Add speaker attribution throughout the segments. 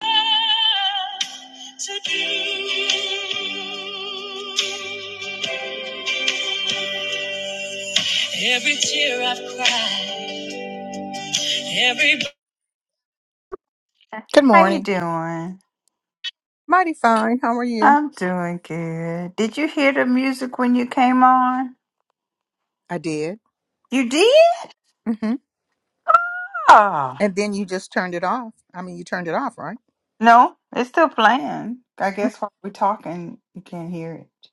Speaker 1: to thee. Every tear I've cried, every
Speaker 2: Good
Speaker 1: How you
Speaker 2: morning.
Speaker 1: doing?
Speaker 2: Mighty fine. How are you?
Speaker 1: I'm doing good. Did you hear the music when you came on?
Speaker 2: I did.
Speaker 1: You did?
Speaker 2: hmm
Speaker 1: Oh,
Speaker 2: And then you just turned it off. I mean, you turned it off, right?
Speaker 1: no, it's still playing. I guess while we're talking, you can't hear it.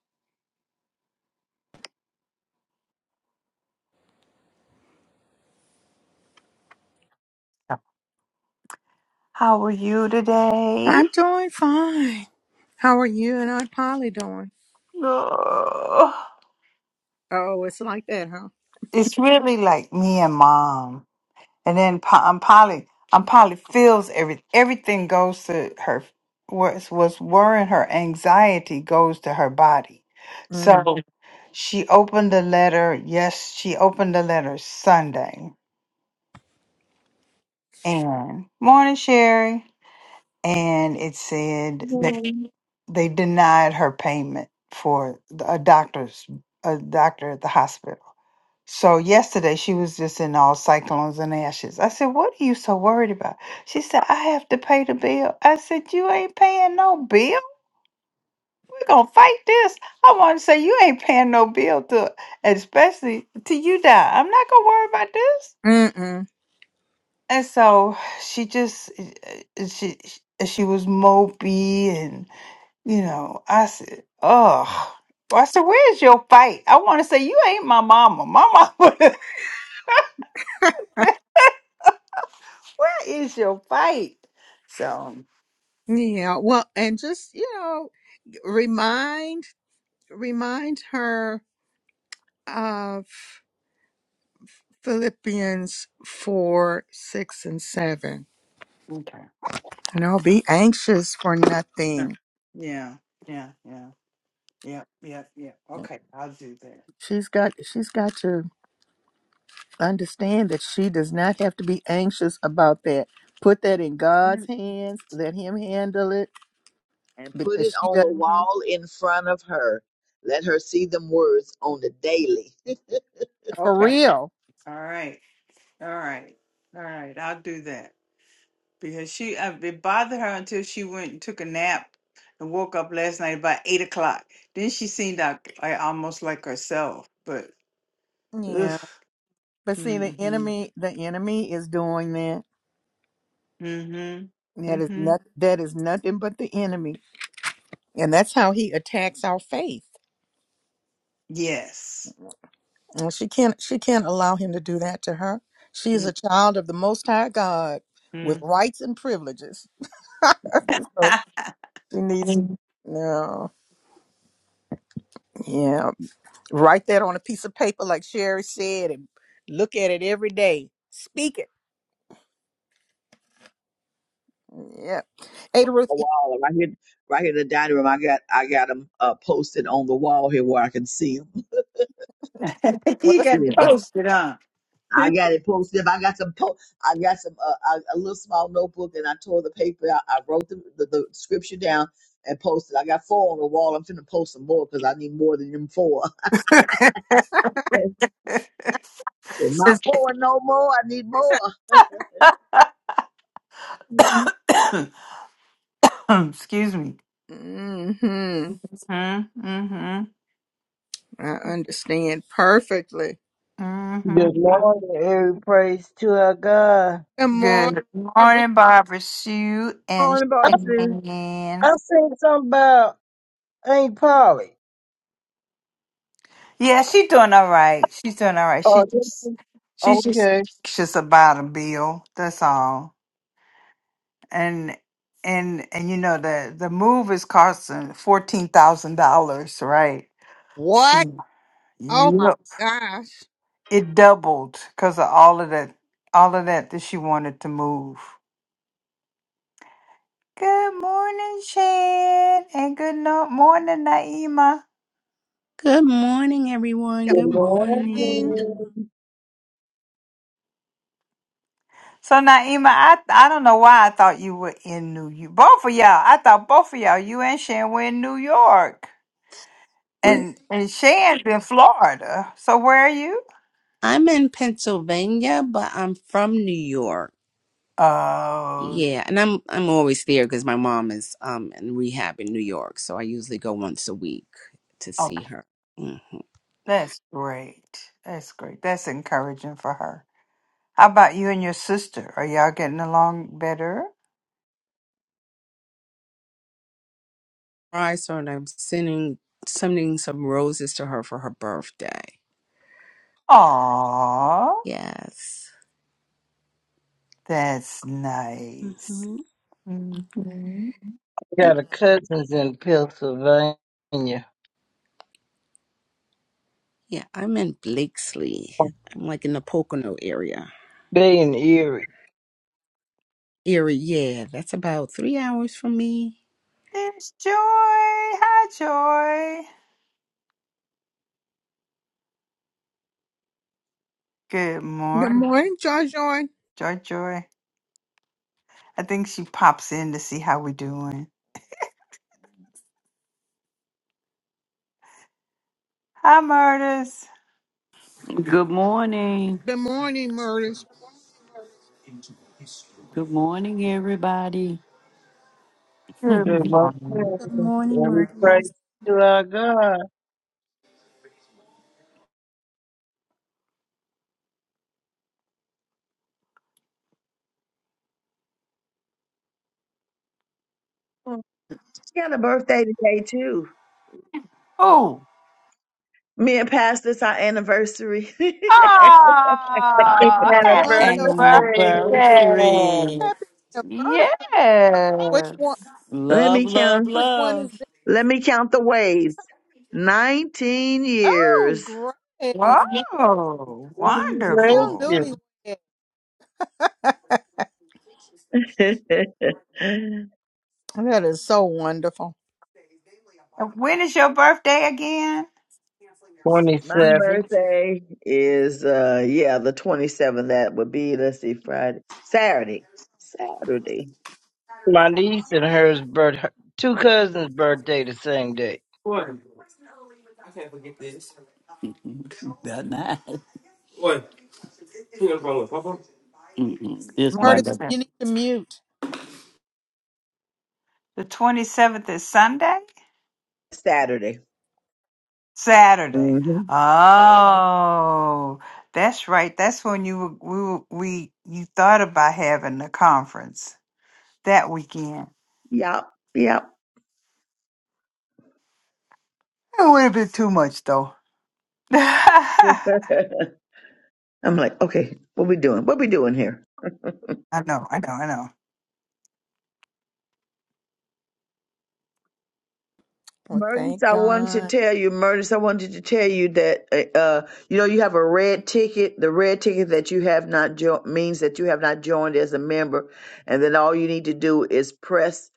Speaker 1: Oh. How are you today?
Speaker 2: I'm doing fine. How are you and Aunt Polly doing?
Speaker 1: Oh,
Speaker 2: Oh, it's like that, huh?
Speaker 1: it's really like me and mom. And then Pa- um, Polly, um, Polly feels every everything goes to her. What's what's worrying her, anxiety goes to her body. So
Speaker 2: Mm.
Speaker 1: Mhm. she opened the letter. Yes, she opened the letter Sunday. And morning, Sherry. And it said that
Speaker 3: Hmm.
Speaker 1: they denied her payment for the- a doctor's a doctor at the hospital. So yesterday she was just in all cyclones and ashes. I said, What are you so worried about? She said, I have to pay the bill. I said, You ain't paying no bill. We're gonna fight this. I wanna say you ain't paying no bill to especially till you die. I'm not gonna worry about this.
Speaker 2: Mm-mm.
Speaker 1: And so she just eh, eh, she she was mopey and you know, I said, Ugh. I said, Where's your fight? I wanna say you ain't my mama. My mama Where is your fight? So
Speaker 2: Yeah. Well, and just you know, remind remind her of Philippians four, six, and seven.
Speaker 1: okay.
Speaker 2: You know, be anxious for
Speaker 1: Yeah,
Speaker 2: nothing.
Speaker 1: yeah, yeah, yeah, yep, yep, yep. Okay, I'll do that.
Speaker 2: She's got. She's got to. understand that she does not have to be anxious about that. Put that in God's hands. Let Him handle it
Speaker 3: and put it
Speaker 2: because she
Speaker 3: on
Speaker 2: does
Speaker 3: the
Speaker 1: Mm-hmm.
Speaker 3: wall in front of her. Let her see them words on the daily.
Speaker 2: for
Speaker 1: Okay,
Speaker 2: real.
Speaker 1: all right, all right, all right. I'll do that because she uh, it bothered her until she went and took a nap and woke up last night about eight o'clock. Then she seemed like, like almost like herself, but ugh.
Speaker 2: Yeah, but see, the
Speaker 1: Mm-hmm.
Speaker 2: enemy, the enemy is doing that.
Speaker 1: Mm-hmm.
Speaker 2: That is
Speaker 1: Mm-hmm.
Speaker 2: not. That is nothing but the enemy, and that's how he attacks our faith.
Speaker 1: Yes.
Speaker 2: And she can't. She can't allow him to do that to her. She is
Speaker 1: Mm-hmm.
Speaker 2: a child of the Most High God with rights and privileges. So she needs. No. Yeah. Write that on a piece of paper, like Sherry said, and look at it every day. Speak it. Yeah. Ada Ruth,
Speaker 3: A wall right here, right here in the dining room. I got, I got them uh, posted on the wall here where I can see them.
Speaker 2: well,
Speaker 1: he
Speaker 2: it's,
Speaker 1: got
Speaker 3: Yeah.
Speaker 2: it's
Speaker 1: toasted, huh?
Speaker 3: I got it posted. up. I got some, po- I got some, uh, a, a little small notebook, and I tore the paper. out. I wrote the, the, the scripture down and posted. I got four on the wall. I'm finna post some more because I need more than them four. That's it. Not
Speaker 1: Sis-
Speaker 3: four no more. I need more.
Speaker 1: Excuse me.
Speaker 2: mm-hmm.
Speaker 1: Mm-hmm, mm-hmm,
Speaker 2: I understand perfectly.
Speaker 1: mm-hmm.
Speaker 4: Good Lord, every praise to our God.
Speaker 2: Good morning,
Speaker 1: Good
Speaker 2: Barbara.
Speaker 1: morning, Barbara Sue and
Speaker 3: Morning,
Speaker 4: I,
Speaker 3: Barbara Sue.
Speaker 4: I
Speaker 1: Shan.
Speaker 4: seen something about Aunt Polly.
Speaker 1: Yeah, she's doing all right. She's doing all right. She
Speaker 4: Oh, this
Speaker 1: just
Speaker 4: is-
Speaker 1: she's just
Speaker 4: okay.
Speaker 1: anxious about a bill. That's all. And and and you know the the move is costing fourteen thousand dollars, right?
Speaker 2: What?
Speaker 1: So,
Speaker 2: Oh my
Speaker 1: yep.
Speaker 2: gosh.
Speaker 1: It doubled because of all of that all of that that she wanted to move. Good morning, Shan, and good no- morning, Naima.
Speaker 5: Good morning, everyone.
Speaker 2: Good
Speaker 4: Good
Speaker 5: Good
Speaker 4: Lord.
Speaker 2: morning.
Speaker 5: morning.
Speaker 1: So, Naima, I I don't know why I thought you were in New York. Both of y'all, I thought both of y'all, you and Shan, were in New York,
Speaker 5: We-
Speaker 1: and and Shan's in Florida. So, where are you?
Speaker 5: I'm in Pennsylvania, but I'm from New York.
Speaker 1: Oh,
Speaker 5: Yeah, and I'm I'm always there because my mom is um in rehab in New York, so I usually go once a week to see
Speaker 1: okay.
Speaker 5: her. Mm.
Speaker 1: That's great. That's great. That's encouraging for her. How about you and your sister? Are y'all getting along better?
Speaker 5: I saw and I'm sending sending some roses to her for her birthday.
Speaker 1: Aw,
Speaker 5: Yes.
Speaker 1: that's nice.
Speaker 5: hmm And
Speaker 4: Got a cousins in Pennsylvania. They
Speaker 5: yeah, I'm in Blakesley. I'm like in the Pocono area.
Speaker 4: in Erie.
Speaker 5: Area, yeah, that's about three hours from me.
Speaker 1: There's Joy. Hi, Joy. Good
Speaker 2: Good
Speaker 1: morning,
Speaker 2: morning, Joy Joy.
Speaker 1: Joy. Joy. I think she pops in to see how we're doing. Hi, Murders.
Speaker 6: Good morning.
Speaker 2: Good morning, Murders.
Speaker 6: Good morning, everybody.
Speaker 4: Good
Speaker 1: Good
Speaker 4: Lord.
Speaker 1: morning.
Speaker 5: Good morning,
Speaker 4: Every praise
Speaker 5: Marcus.
Speaker 4: to our God.
Speaker 3: I got a birthday today too.
Speaker 1: Oh,
Speaker 3: Me and Pastor's our anniversary.
Speaker 4: Happy
Speaker 1: oh, happy
Speaker 2: Wonderful.
Speaker 4: anniversary.
Speaker 6: Anniversary.
Speaker 1: birthday.
Speaker 2: Happy anniversary. Which
Speaker 1: Yes.
Speaker 2: one?
Speaker 3: Let
Speaker 6: Love,
Speaker 3: me
Speaker 6: love,
Speaker 3: count.
Speaker 2: Which one is
Speaker 6: love.
Speaker 2: this?
Speaker 3: Let me count the waves. Nineteen
Speaker 2: Oh,
Speaker 3: years.
Speaker 2: great.
Speaker 1: Wow,
Speaker 2: Still
Speaker 1: wonderful.
Speaker 2: newlywed.
Speaker 4: Congratulations.
Speaker 2: that
Speaker 3: My
Speaker 2: is so wonderful.
Speaker 1: And When is your birthday again?
Speaker 4: 27.
Speaker 3: birthday is uh yeah, the twenty seventh. That would be let's see, Friday. Saturday. Saturday.
Speaker 4: My niece and hers birth, her two cousins' birthday the same day.
Speaker 6: Good night. Mm-mm. This my
Speaker 2: Murtis,
Speaker 6: love.
Speaker 1: 27th.
Speaker 2: you need to mute.
Speaker 1: The 27th is Sunday?
Speaker 3: Saturday.
Speaker 1: Saturday.
Speaker 3: Mm-hmm.
Speaker 1: Oh, that's right. That's when you were- we were, we you thought about having the conference that weekend.
Speaker 3: Yep. Yep.
Speaker 1: It would have been too much though. I
Speaker 3: I'm like, okay, what we doing? What we doing here?
Speaker 1: know, I know, I know.
Speaker 2: Well,
Speaker 3: Murtis,
Speaker 2: thank
Speaker 3: I wanted
Speaker 2: God.
Speaker 3: to tell you, Murtis, I wanted to tell you that uh, uh, you know you have a red ticket. The red ticket that you have not jo- means that you have not joined as a member, and then all you need to do is press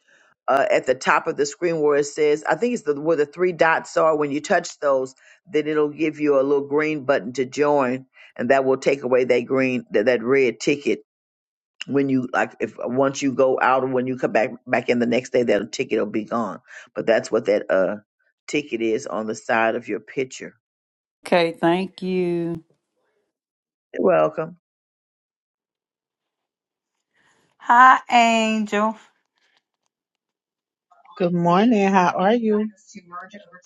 Speaker 3: uh, at the top of the screen where it says, I think it's the where the three dots are. When you touch those, then it'll give you a little green button to join, and that will take away that green that, that red ticket when you like if once you go out or when you come back back in the next day that ticket will be gone but that's what that uh ticket is on the side of your picture
Speaker 6: Okay, thank you.
Speaker 3: You're welcome
Speaker 1: Hi, Angel.
Speaker 7: Good morning. How are you?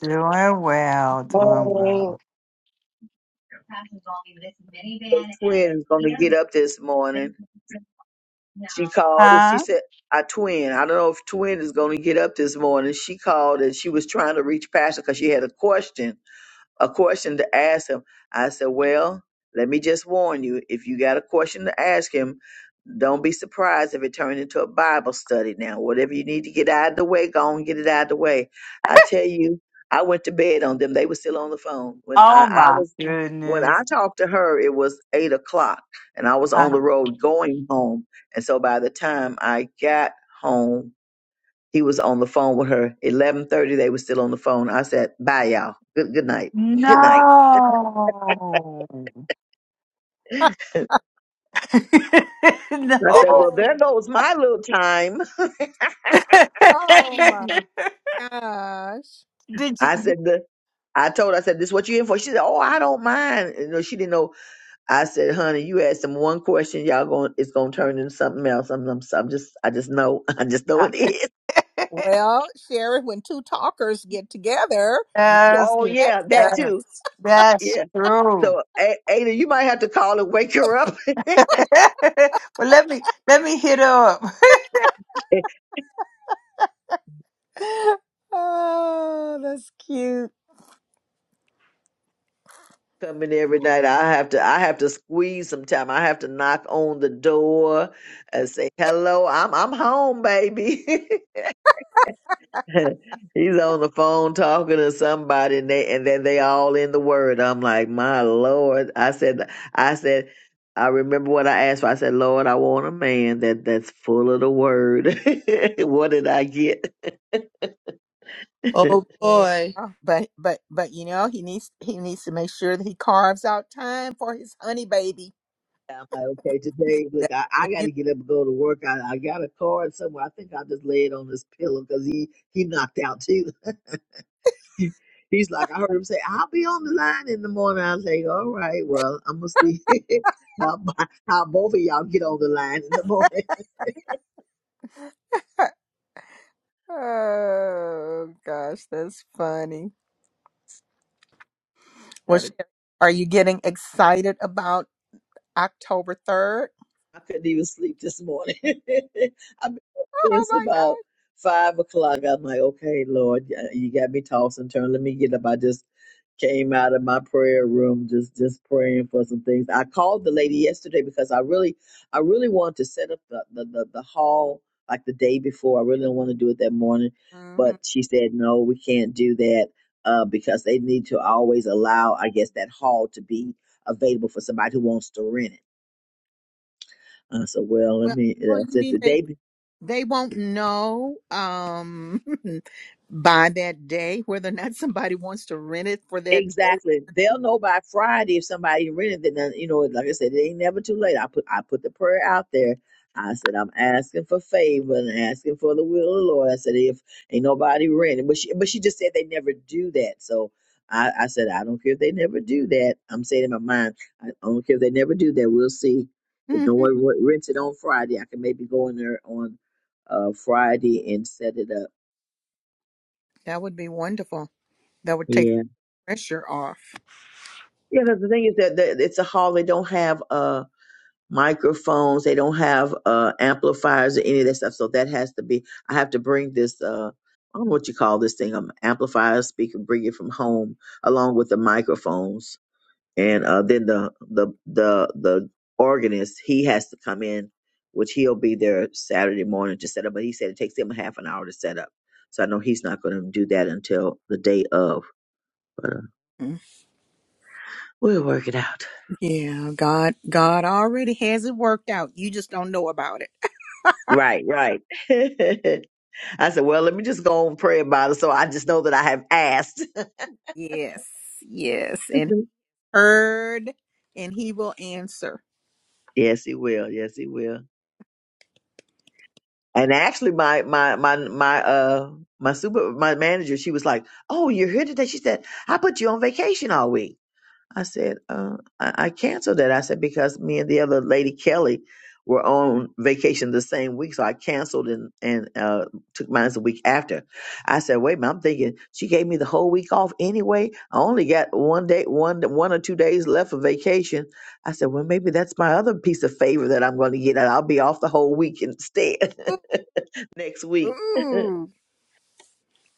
Speaker 1: Doing well, doing
Speaker 4: Oh,
Speaker 1: well.
Speaker 3: your twin is going to get up this morning she called and she
Speaker 1: Huh?
Speaker 3: said I twin. I don't know if twin is going to get up this morning. She called and she was trying to reach Pastor because she had a question a question to ask him. I said, Well, let me just warn you if you got a question to ask him, don't be surprised if it turned into a Bible study now. Whatever you need to get out of the way, go on, get it out of the way. I tell you, I went to bed on them. They were still on the phone. When
Speaker 1: Oh
Speaker 3: I, I
Speaker 1: my
Speaker 3: was when
Speaker 1: goodness.
Speaker 3: I talked to her, it was eight o'clock and I was
Speaker 1: Uh,
Speaker 3: on the road going home. And so by the time I got home, he was on the phone with her. Eleven thirty, they were still on the phone. I said, "Bye, y'all. Good good night. Good night."
Speaker 1: no.
Speaker 3: I said, "Well,
Speaker 1: no.
Speaker 3: there goes my little time."
Speaker 2: Oh my gosh.
Speaker 1: Did
Speaker 3: I
Speaker 1: you?
Speaker 3: said, "The I told her, I said, this what you in for? She said, oh, I don't mind. You know, she didn't know. I said, honey, you asked them one question, y'all going, it's going to turn into something else. I'm, I'm, I'm just, I just know, I just know it is.
Speaker 2: Well, Sherry, when two talkers get together, you can
Speaker 1: Yes,
Speaker 3: Oh yeah,
Speaker 2: expect
Speaker 3: that too.
Speaker 1: yes, that's
Speaker 3: Yeah.
Speaker 1: true.
Speaker 3: So A- Ada, you might have to call and wake her up.
Speaker 1: well, let me let me hit up.
Speaker 2: that. Oh, that's cute.
Speaker 3: coming every night. I have to I have to squeeze some time. I have to knock on the door and say, Hello, I'm I'm home, baby. He's on the phone talking to somebody and they and then they all in the word. I'm like, My Lord. I said I said I remember what I asked for. I said, Lord, I want a man that that's full of the word. what did I get?
Speaker 8: Oh
Speaker 2: Yeah.
Speaker 8: boy.
Speaker 2: But but but you know, he needs he needs to make sure that he carves out time for his honey baby.
Speaker 3: I'm like, okay, today,
Speaker 2: That-
Speaker 3: look, I,
Speaker 2: when
Speaker 3: I got
Speaker 2: you-
Speaker 3: to get up and go to work. I, I got a card somewhere. I think I'll just lay it on this pillow because he, he knocked out too. He's like, I heard him say, I'll be on the line in the morning. I was like, all right, well, I'm going to see how, bo- how both of y'all get on the line in the morning.
Speaker 2: Oh gosh, that's funny. Well, Sherry, are you getting excited about October 3rd?
Speaker 3: I couldn't even sleep this morning. I've been up
Speaker 2: Oh
Speaker 3: since
Speaker 2: my gosh!
Speaker 3: about five o'clock. I'm like, okay, Lord, y- you got me tossed and turned. Let me get up. I just came out of my prayer room, just just praying for some things. I called the lady yesterday because I really, I really wanted to set up the the the, the hall like the day before. I really don't want to do it that morning,
Speaker 2: hmm
Speaker 3: but she said, no, we can't do that uh, because they need to always allow, I guess, that hall to be available for somebody who wants to rent it. I said, well, let
Speaker 2: Well,
Speaker 3: me,
Speaker 2: well,
Speaker 3: I
Speaker 2: you
Speaker 3: said,
Speaker 2: mean
Speaker 3: the
Speaker 2: they
Speaker 3: day, be-
Speaker 2: they won't know um by that day whether or not somebody wants to rent it for that
Speaker 3: exactly.
Speaker 2: day.
Speaker 3: They'll know by Friday if somebody rented it. Then, you know, like I said, it ain't never too late. I put, I put the prayer out there. I said, I'm asking for favor and asking for the will of the Lord. I said, if ain't nobody rented, but she, but she just said they never do that. So I, I said, I don't care if they never do that. I'm saying in my mind, I don't care if they never do that. We'll see. If no
Speaker 2: hmm
Speaker 3: one re- rents it on Friday, I can maybe go in there on uh, Friday and set it up.
Speaker 2: That would be wonderful. That would take pressure off.
Speaker 3: Yeah, that's the thing is that that it's a hall. They don't have uh microphones. They don't have uh amplifiers or any of that stuff. So that has to be. I have to bring this. uh I don't know what you call this thing. Um, amplifier speaker. Bring it from home along with the microphones, and uh then the the the the organist. He has to come in, which he'll be there Saturday morning to set up. But he said it takes him a half an hour to set up. So I know he's not going to do that until the day of. But uh,
Speaker 2: Mm.
Speaker 3: we'll work it out.
Speaker 2: Yeah, God God already has it worked out. You just don't know about it.
Speaker 3: Right, right. I said, well, let me just go and pray about it. So I just know that I have asked.
Speaker 2: Yes. Yes. And heard and he will answer.
Speaker 3: yes, he will. Yes, he will. And actually, my, my, my, my, uh, my super, my manager, she was like, oh, you're here today. She said, I put you on vacation all week. I said, uh, I, I canceled it. I said, because me and the other lady, Kelly, were on vacation the same week. So I canceled and, and uh, took mine the week after. I said, wait a minute, I'm thinking she gave me the whole week off anyway. I only got one day, one, one or two days left of vacation. I said, well, maybe that's my other piece of favor that I'm going to get. I'll be off the whole week instead next week.
Speaker 2: Ooh.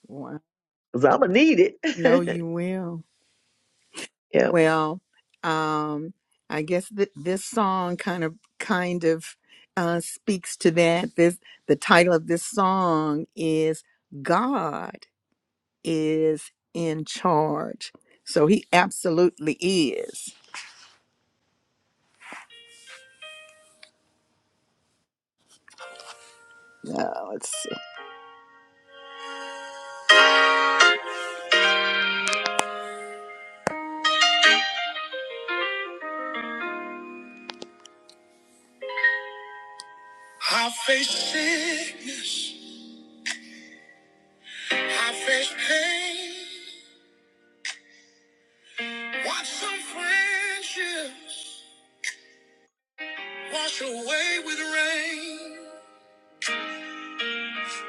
Speaker 2: Well,
Speaker 3: Cause I'm going to need it.
Speaker 2: I you will.
Speaker 3: yeah.
Speaker 2: Well, um, I guess that this song kind of kind of uh, speaks to that. This the title of this song is "God is in charge," so He absolutely is. Uh, let's see. Face sickness, I face pain. Watch some friendships wash away with rain.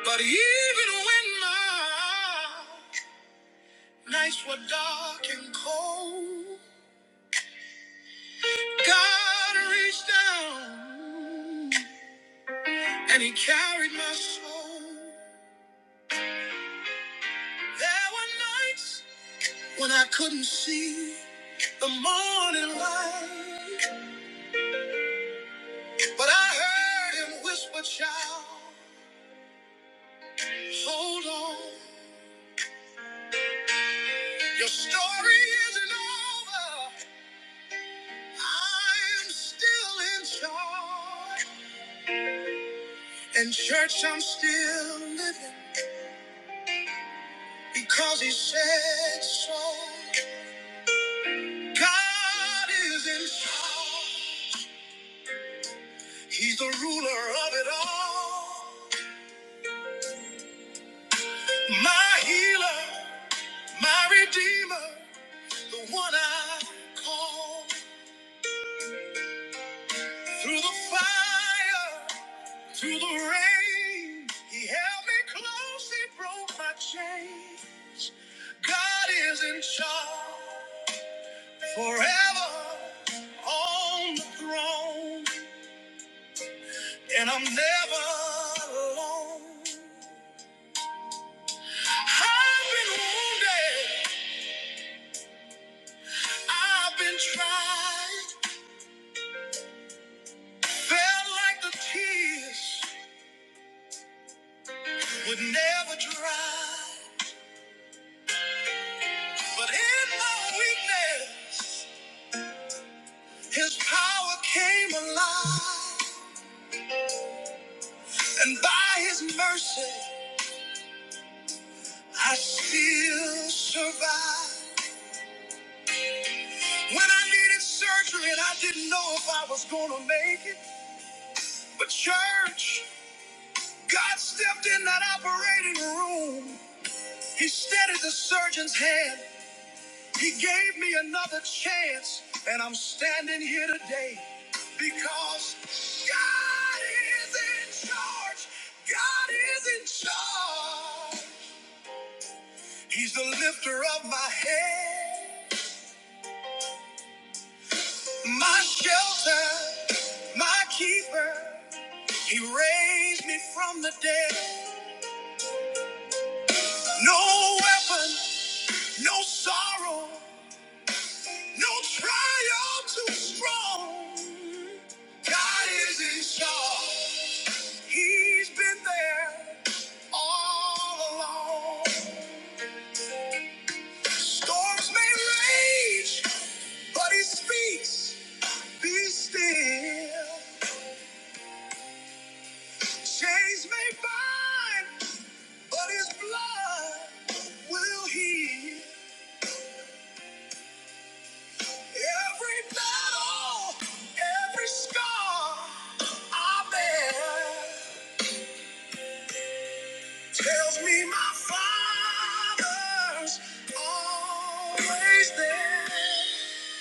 Speaker 2: But even when Nights were dark and cold. God reached down and he carried my soul. There were nights when I couldn't see the morning light, but I heard him whisper, child, hold on. Your story isn't over. I'm still in charge. And church, I'm still living. Because he said so. God is in charge. He's the ruler of it all. My healer, my redeemer, the one I call. Through the fire, through the rain, he held me close, he broke my chains. God is in charge forever on the throne. And I'm never alone. I've been wounded. I've been tried. Felt like the tears would never dry. But in my weakness, his power came alive. And by his mercy, I still survive. When I needed surgery and I didn't know if I was gonna make it. But church, God stepped in that operating room. He steadied the surgeon's hand. He gave me another chance, and I'm standing here today because God is in charge. God is in charge. He's the lifter of my head, my shelter, my keeper. He raised me from the dead. No weapon, no sorrow. No trial too strong. God is in charge. He's been there all along. Storms may rage, but he speaks. Be still. Chains may bind, but his blood will heal. Every battle, every scar I bear. Tells me my father's always there.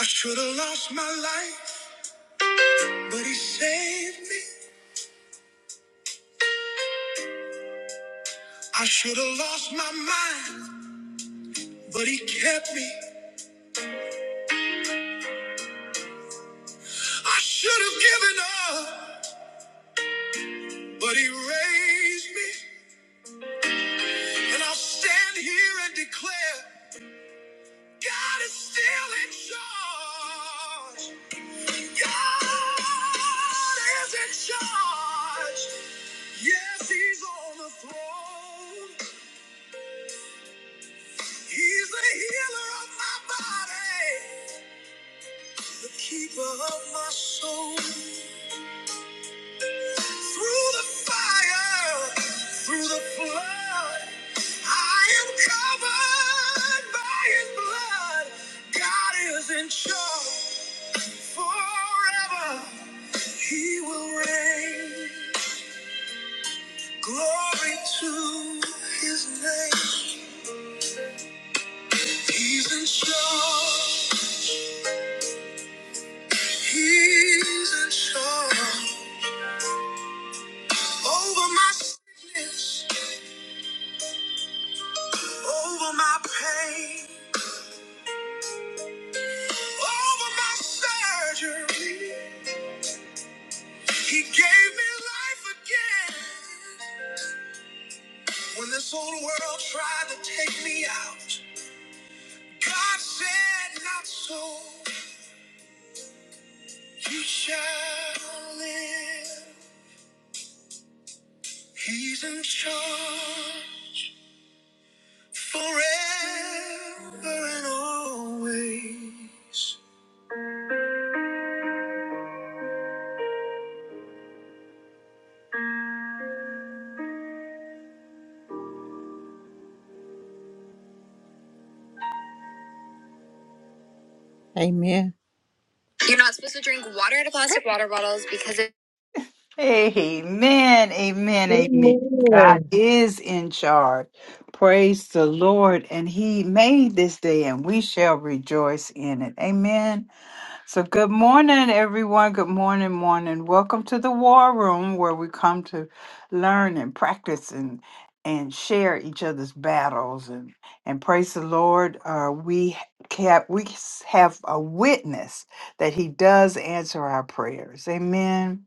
Speaker 2: I should have lost my life, but he saved me. I should have lost my mind, but he kept me. I should have given up, but he raised me. And I'll stand here and declare God is still in charge. God is in charge. Yes, he's on the throne. He's the healer of my body, the keeper of my soul. Through the fire, through the flood, I am covered by his blood. God is in charge forever. He will reign. Glory to his name. He's in charge. He's in charge. Over my sickness, over my pain, over my surgery. He gave me life again. When this old world tried to take me out, God said, Not so. You shall live. He's in charge forever and always. Amen. You're not supposed to drink water out of plastic water bottles because it.
Speaker 1: Amen, amen, amen. God
Speaker 4: Amen.
Speaker 1: is in charge. Praise the Lord, and He made this day, and we shall rejoice in it. Amen. So, good morning, everyone. Good morning, morning. Welcome to the War Room, where we come to learn and practice and and share each other's battles and and praise the Lord. Uh, we have we s- have a witness that He does answer our prayers. Amen.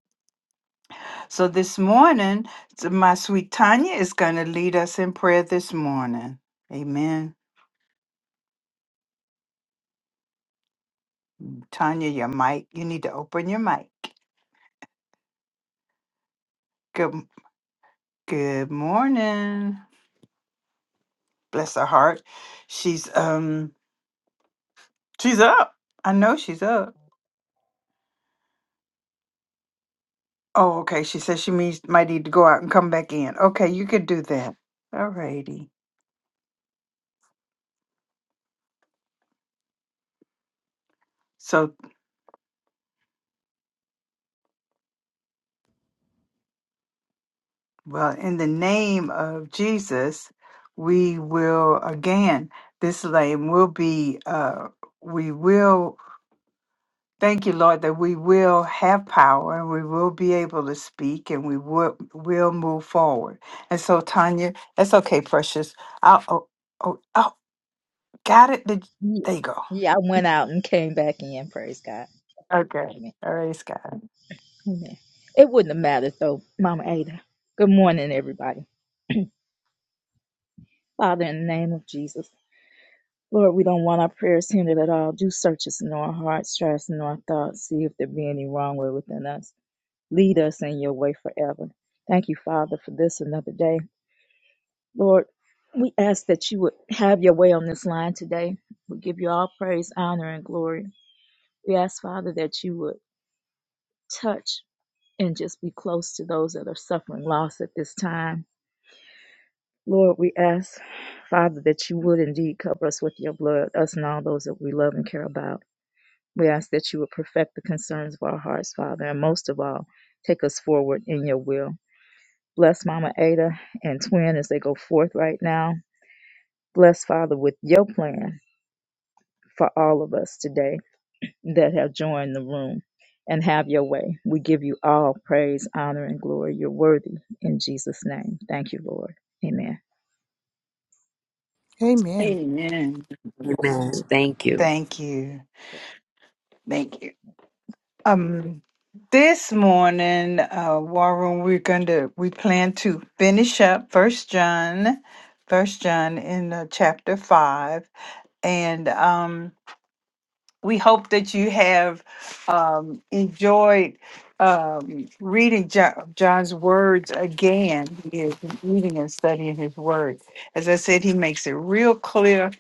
Speaker 1: So this morning, so my sweet Tanya is going to lead us in prayer this morning. Amen. Tanya, your mic. You need to open your mic. Good good morning. bless her heart. She's um she's up. I know she's up. Oh, okay. She says she means might need to go out and come back in. Okay, you could do that. Alrighty. So well, in the name of Jesus, we will again this lane will be uh we will thank you, Lord, that we will have power and we will be able to speak and we will will move forward. And so Tanya, that's okay, precious. I'll oh, oh, oh, Got it? Did
Speaker 9: Ye-
Speaker 1: there you go.
Speaker 9: Yeah, I went out and came back in. Praise God.
Speaker 1: Okay.
Speaker 9: Amen.
Speaker 1: All right, Scott.
Speaker 9: Amen. It wouldn't have mattered though, Mama Ada. Good morning, everybody. Father, in the name of Jesus, Lord, we don't want our prayers hindered at all. Do search us in our hearts, try us in our thoughts, see if there be any wrong way within us. Lead us in your way forever. Thank you, Father, for this another day. Lord, we ask that you would have your way on this line today. We give you all praise, honor, and glory. We ask, Father, that you would touch. and just be close to those that are suffering loss at this time. Lord, we ask, Father, that you would indeed cover us with your blood, us and all those that we love and care about. We ask that you would perfect the concerns of our hearts, Father, and most of all, take us forward in your will. Bless Mama Ada and Twin as they go forth right now. Bless, Father, with your plan for all of us today. that have joined the room. And have your way. We give you all praise, honor, and glory. You're worthy in Jesus' name. Thank you, Lord. Amen.
Speaker 2: Amen.
Speaker 1: Amen.
Speaker 10: Amen. Thank you.
Speaker 1: Thank you. Thank you. Um this morning, uh War Room, we're gonna we plan to finish up first John, first John in uh, chapter five. And um we hope that you have um, enjoyed um, reading jo- John's words again. He is reading and studying his word. As I said, he makes it real clear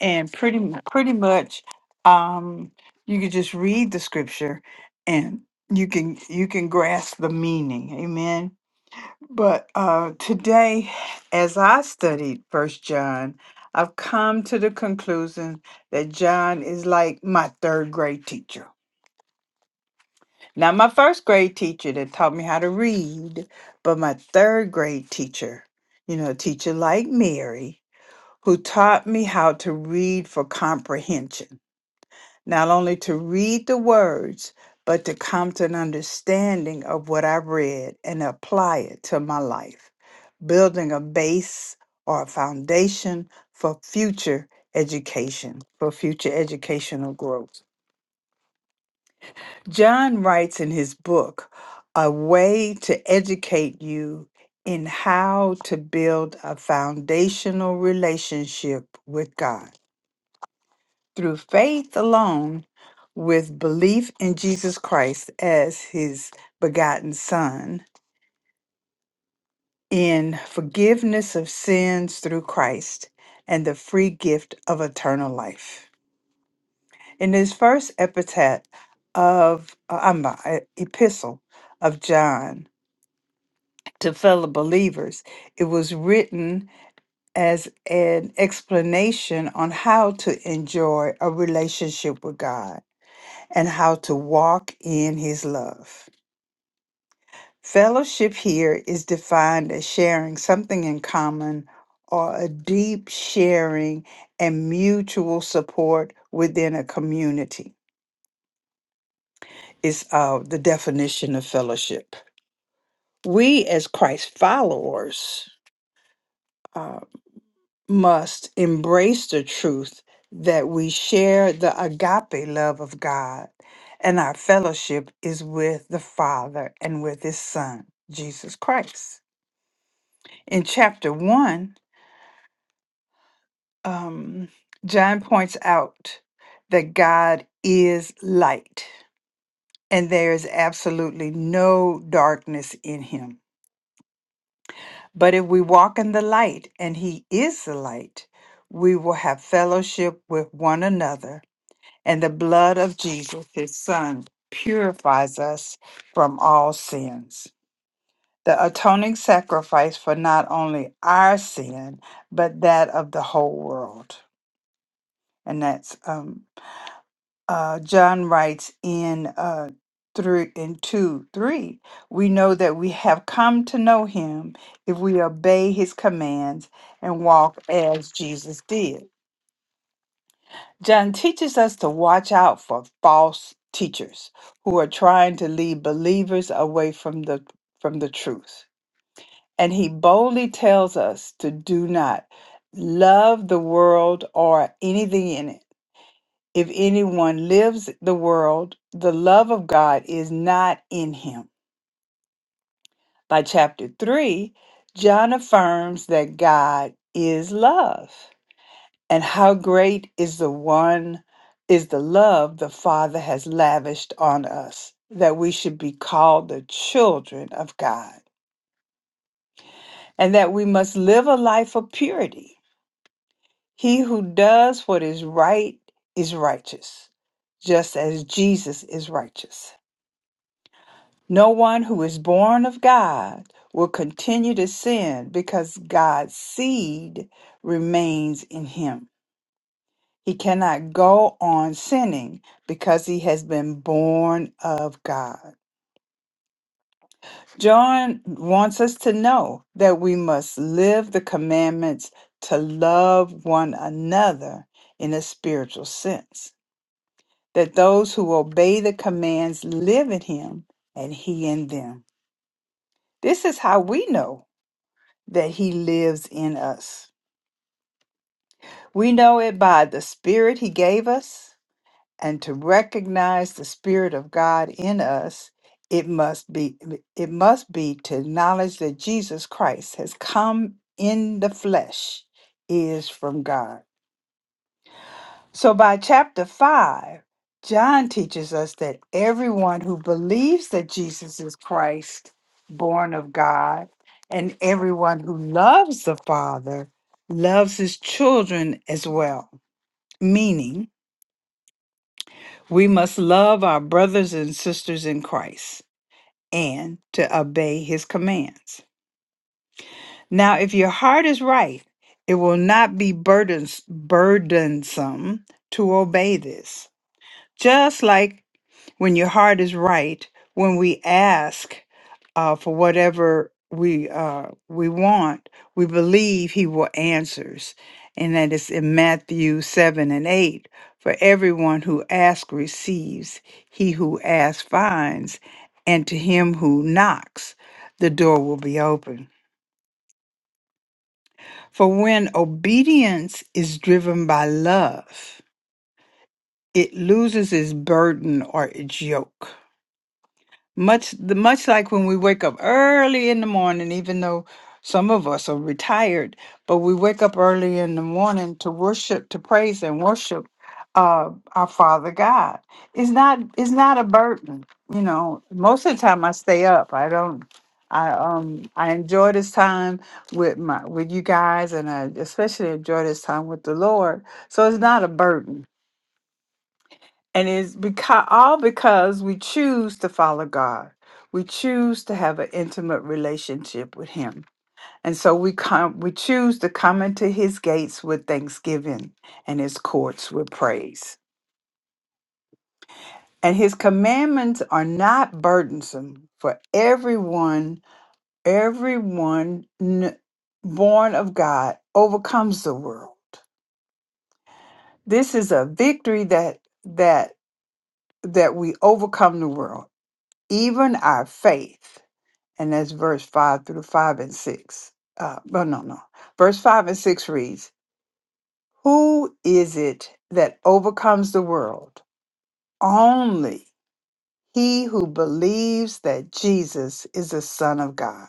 Speaker 1: and pretty mu- pretty much um, you can just read the scripture and you can you can grasp the meaning. Amen. But uh, today, as I studied First John, I've come to the conclusion that John is like my third grade teacher. Not my first grade teacher that taught me how to read, but my third grade teacher, you know, a teacher like Mary, who taught me how to read for comprehension not only to read the words, but to come to an understanding of what I read and apply it to my life, building a base or a foundation for future education, for future educational growth. John writes in his book, A Way to Educate You in How to Build a Foundational Relationship with God. through faith alone with belief in Jesus Christ as his begotten Son, in forgiveness of sins through Christ, and the free gift of eternal life. In this first epitaph of, uh, I'm not, uh, epistle of John to fellow believers, it was written as an explanation on how to enjoy a relationship with God and how to walk in his love. Fellowship here is defined as sharing something in common or a deep sharing and mutual support within a community, is uh, the definition of fellowship. We, as Christ followers, uh, must embrace the truth that we share the agape love of God and our fellowship is with the Father and with His Son, Jesus Christ. In chapter one, um, John points out that God is light and there is absolutely no darkness in Him. But if we walk in the light and He is the light, we will have fellowship with one another and the blood of Jesus, his son, purifies us from all sins. The atoning sacrifice for not only our sin, but that of the whole world. And that's um, uh, John writes in uh, three in two three. We know that we have come to know him if we obey his commands and walk as Jesus did. John teaches us to watch out for false teachers who are trying to lead believers away from the from the truth. And he boldly tells us to do not love the world or anything in it. If anyone lives the world, the love of God is not in him. By chapter 3, John affirms that God is love. And how great is the one, is the love the Father has lavished on us, that we should be called the children of God, and that we must live a life of purity. He who does what is right is righteous, just as Jesus is righteous. No one who is born of God will continue to sin because God's seed remains in him. He cannot go on sinning because he has been born of God. John wants us to know that we must live the commandments to love one another in a spiritual sense, that those who obey the commands live in him and he in them. This is how we know that he lives in us. We know it by the spirit he gave us and to recognize the spirit of god in us it must be it must be to acknowledge that jesus christ has come in the flesh is from god so by chapter 5 john teaches us that everyone who believes that jesus is christ born of god and everyone who loves the father loves his children as well meaning We must love our brothers and sisters in Christ and to obey his commands. Now, if your heart is right, it will not be burdens, burdensome to obey this. Just like when your heart is right, when we ask uh, for whatever we uh, we want, we believe He will answers, and that is in Matthew seven and eight. For everyone who asks receives, he who asks finds, and to him who knocks, the door will be open. For when obedience is driven by love, it loses its burden or its yoke. Much the much like when we wake up early in the morning, even though some of us are retired, but we wake up early in the morning to worship, to praise and worship uh, our Father God. It's not it's not a burden, you know. Most of the time, I stay up. I don't. I um I enjoy this time with my with you guys, and I especially enjoy this time with the Lord. So it's not a burden and it's because all because we choose to follow God. We choose to have an intimate relationship with Him. And so we come we choose to come into his gates with thanksgiving and his courts with praise. And his commandments are not burdensome for everyone, everyone n- born of God overcomes the world. This is a victory that that that we overcome the world, even our faith. and that's verse 5 through 5 and 6. Uh, but no, no. Verse 5 and 6 reads, Who is it that overcomes the world? Only he who believes that Jesus is the Son of God.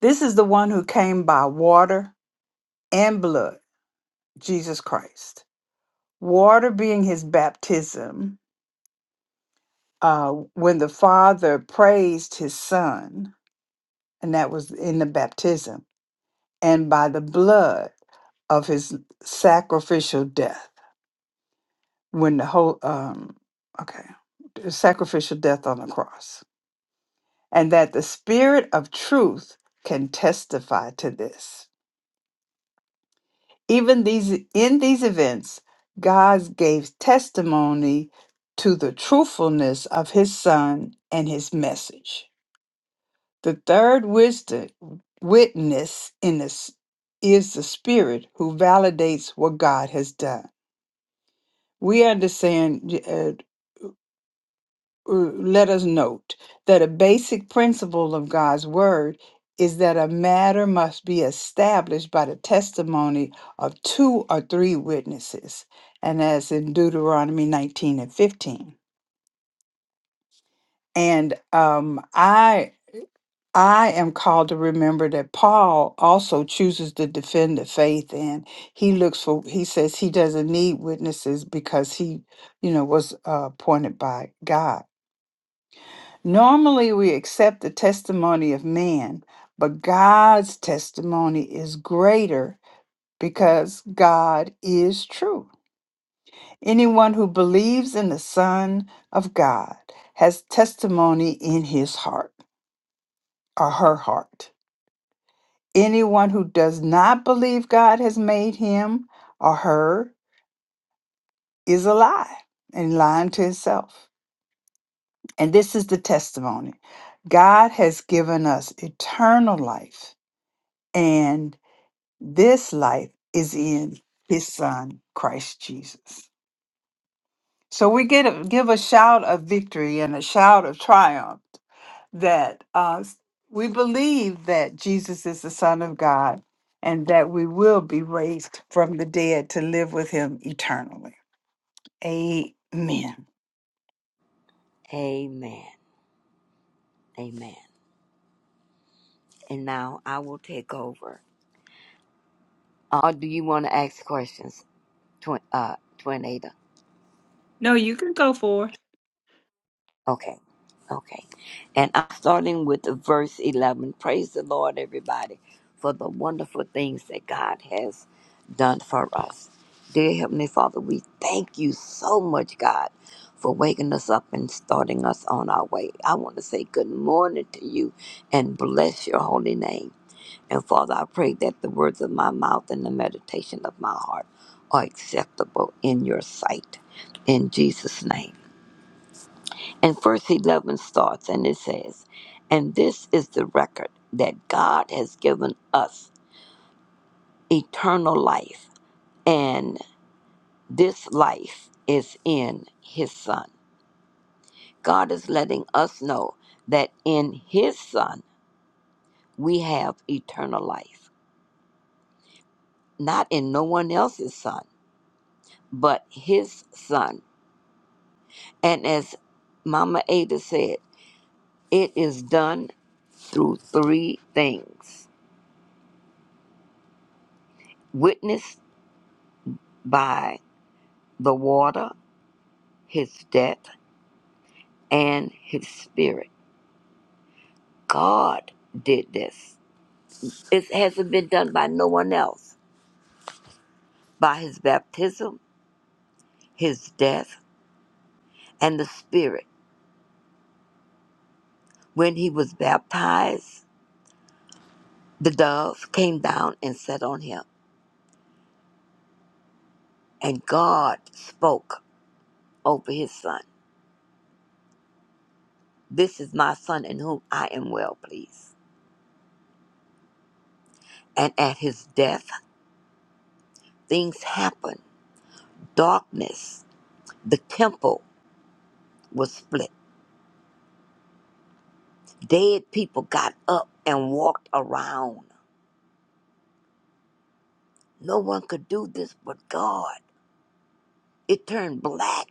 Speaker 1: This is the one who came by water and blood, Jesus Christ. Water being his baptism, uh, when the Father praised his Son, and that was in the baptism, and by the blood. of his sacrificial death when the whole um okay the sacrificial death on the cross and that the spirit of truth can testify to this even these in these events god gave testimony to the truthfulness of his son and his message the third wisdom witness in this is the spirit who validates what god has done we understand uh, uh, let us note that a basic principle of God's word is that a matter must be established by the testimony of two or three witnesses, and as in Deuteronomy 19 and 15. And um, I I am called to remember that Paul also chooses to defend the faith, and he looks for he says he doesn't need witnesses because he, you know, was uh, appointed by God Normally, we accept the testimony of man, but God's testimony is greater because God is true. Anyone who believes in the Son of God has testimony in his heart or her heart. Anyone who does not believe God has made him or her is a lie and lying to himself. And this is the testimony God has given us eternal life. And This life is in his son, Christ Jesus. So we get a, give a shout of victory and a shout of triumph that uh, we believe that Jesus is the Son of God and that we will be raised from the dead to live with him eternally. Amen.
Speaker 10: Amen. Amen. And now I will take over. Uh, do you want to ask questions, Twin, uh, Twin Ada?
Speaker 1: No, you can go for it.
Speaker 10: Okay. Okay. And I'm starting with the verse 11. Praise the Lord, everybody, for the wonderful things that God has done for us. Dear Heavenly Father, we thank you so much, God, for waking us up and starting us on our way. I want to say good morning to you and bless your holy name. And Father, I pray that the words of my mouth and the meditation of my heart are acceptable in your sight. In Jesus' name. And verse 11 starts and it says, And this is the record that God has given us eternal life. And this life is in his Son. God is letting us know that in his Son we have eternal life, not in no one else's Son, but his Son And as Mama Ada said, it is done through three things witnessed by the water, his death, and his spirit. God did this. It hasn't been done by no one else. By his baptism, his death, and the spirit. When he was baptized, the dove came down and sat on him, and God spoke over his son. This is my son in whom I am well pleased. And at his death, things happened. Darkness, the temple was split. Dead people got up and walked around. No one could do this but God. It turned black.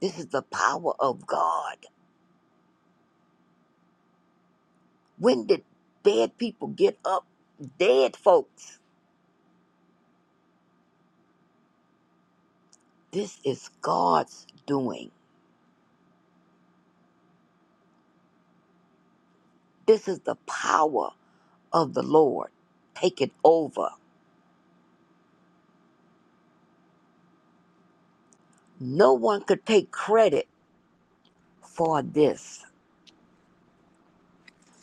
Speaker 10: This is the power of God. When did dead people get up? Dead folks. This is God's doing. This is the power of the Lord. Take it over. No one could take credit for this.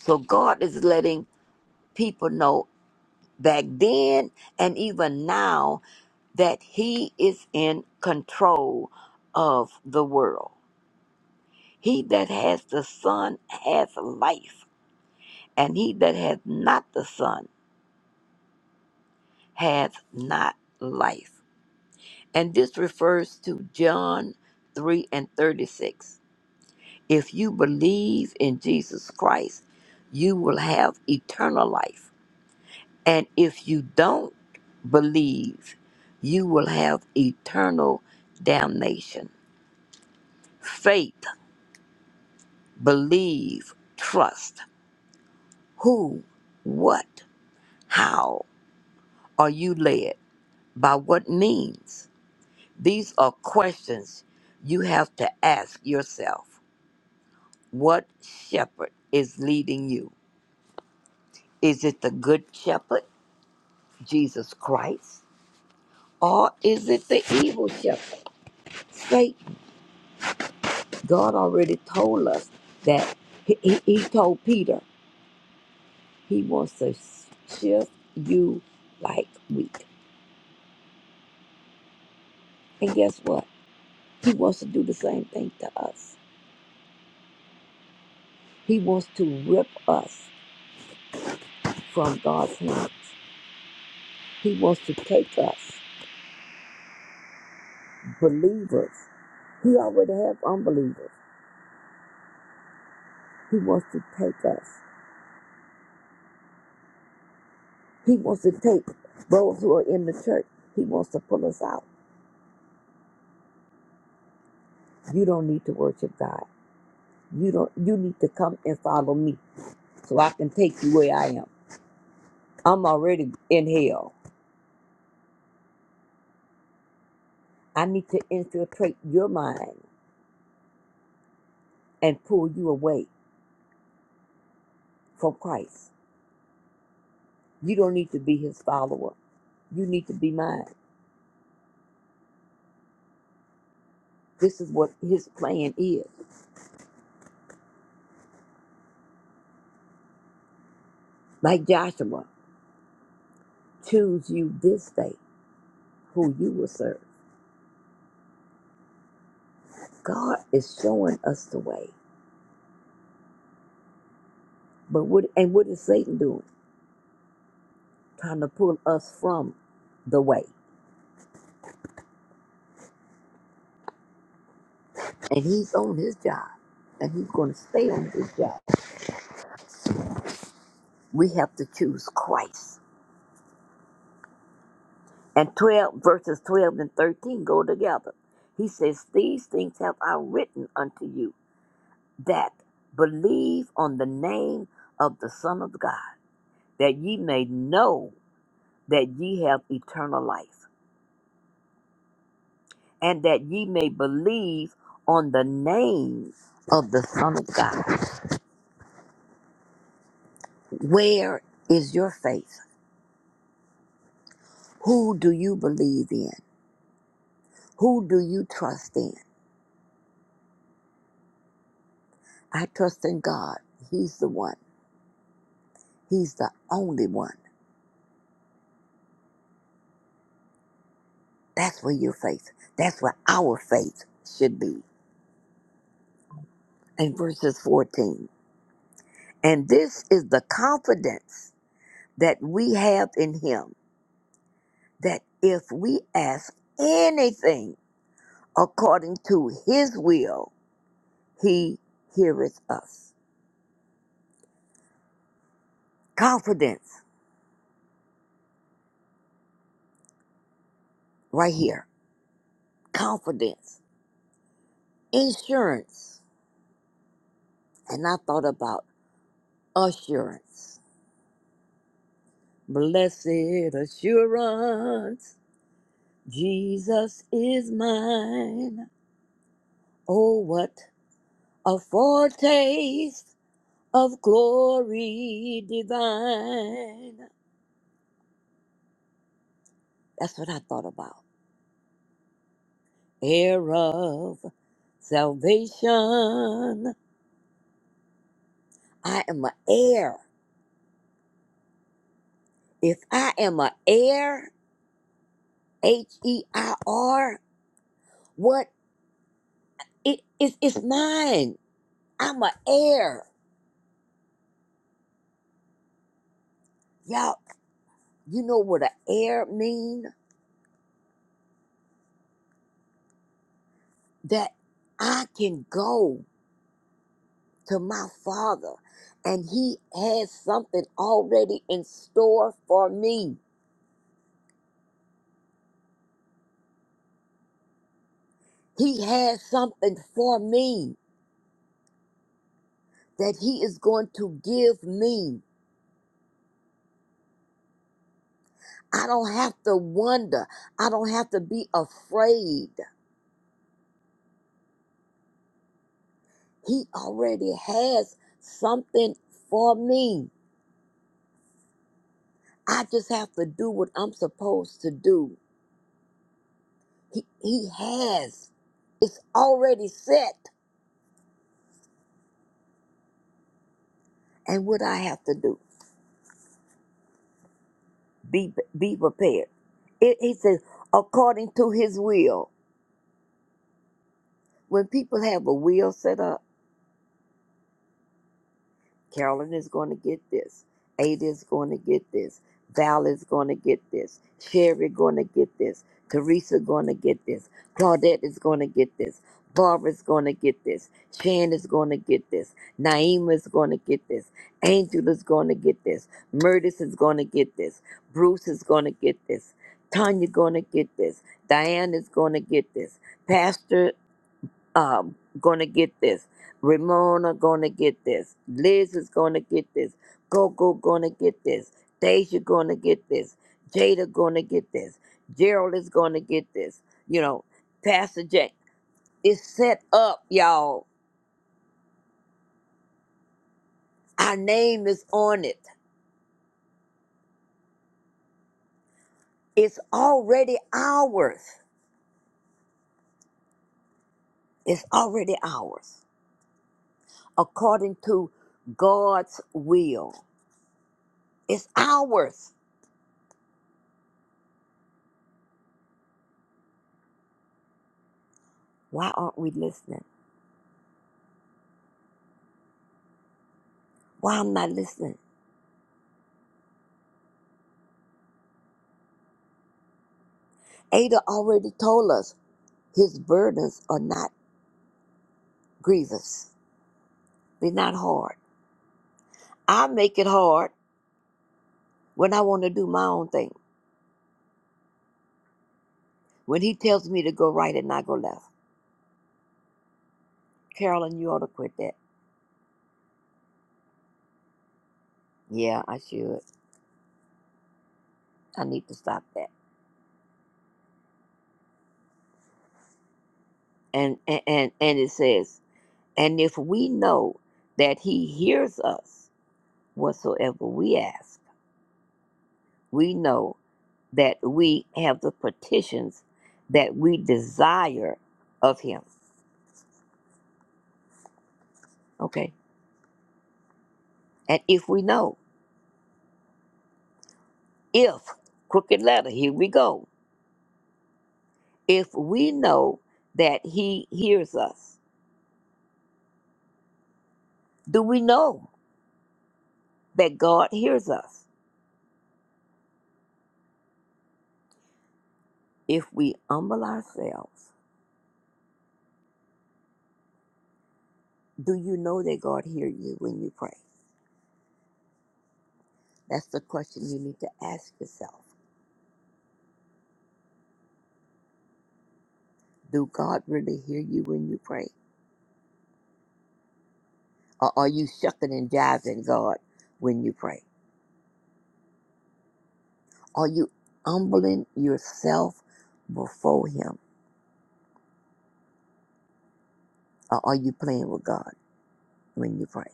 Speaker 10: So God is letting people know back then and even now that he is in control of the world. He that has the Son has life, and he that has not the Son has not life. And this refers to John 3 and 36. If you believe in Jesus Christ, you will have eternal life And if you don't believe, you will have eternal damnation. Faith, believe, trust. Who, what, how are you led? By what means? These are questions you have to ask yourself. What shepherd is leading you? Is it the good shepherd, Jesus Christ? Or is it the evil shepherd, Satan? God already told us that he, he, he told Peter he wants to shift you like wheat. And guess what? He wants to do the same thing to us. He wants to rip us from God's hands. He wants to take us, believers. He already has unbelievers. He wants to take us. He wants to take those who are in the church. He wants to pull us out. You don't need to worship God. You don't you need to come and follow me. so I can take you where I am. I'm already in hell. I need to infiltrate your mind and pull you away from Christ. You don't need to be his follower. You need to be mine. This is what his plan is. Like Joshua, choose you this day who you will serve. God is showing us the way. But what and what is Satan doing? Trying to pull us from the way. And he's on his job. And he's gonna stay on his job. We have to choose Christ And 12 verses 12 and 13 go together. He says, These things have I written unto you that believe on the name of the Son of God, that ye may know that ye have eternal life, and that ye may believe on the name of the Son of God. Where is your faith? Who do you believe in? Who do you trust in? I trust in God. He's the one. He's the only one. That's where your faith, that's where our faith should be. In verses 14. And this is the confidence that we have in him that if we ask anything according to his will, he heareth us. Confidence, right here. Confidence. Insurance. And I thought about assurance. Blessed assurance, Jesus is mine. Oh, what a foretaste of glory divine. That's what I thought about. Heir of salvation. I am an heir. If I am an heir, H E I R, what? It, it, it's mine. I'm an heir. Y'all, you know what an heir mean? That I can go. to my father and he has something already in store for me. He has something for me that he is going to give me. I don't have to wonder. I don't have to be afraid. He already has something for me. I just have to do what I'm supposed to do. He, he has. It's already set. And what I have to do. be be prepared. It, he says, according to his will. When people have a will set up, Carolyn is going to get this. Ada is going to get this. Val is going to get this. Sherry going to get this. Teresa going to get this. Claudette is going to get this. Barbara's going to get this. Shan is going to get this. Naima is going to get this. Angel is going to get this. Murtis is going to get this. Bruce is going to get this. Tanya going to get this. Diane is going to get this. Pastor um, gonna get this. Ramona gonna get this. Liz is gonna get this. Coco gonna get this. Deja gonna get this. Jada gonna get this. Gerald is gonna get this. You know, Pastor J. It's set up, y'all. Our name is on it. It's already ours. It's already ours. According to God's will. It's ours. Why aren't we listening? Why I'm not listening? Ada already told us his burdens are not grievous. They're not hard. I make it hard when I want to do my own thing. When he tells me to go right and not go left. Carolyn, you ought to quit that. Yeah, I should. I need to stop that. And and and, and it says, and if we know that he hears us whatsoever we ask, we know that we have the petitions that we desire of him. Okay. And if we know. if crooked letter here we go if we know that he hears us do we know that god hears us if we humble ourselves do you know that god hears you when you pray that's the question you need to ask yourself do god really hear you when you pray or are you shucking and jiving god when you pray are you humbling yourself before him or are you playing with god when you pray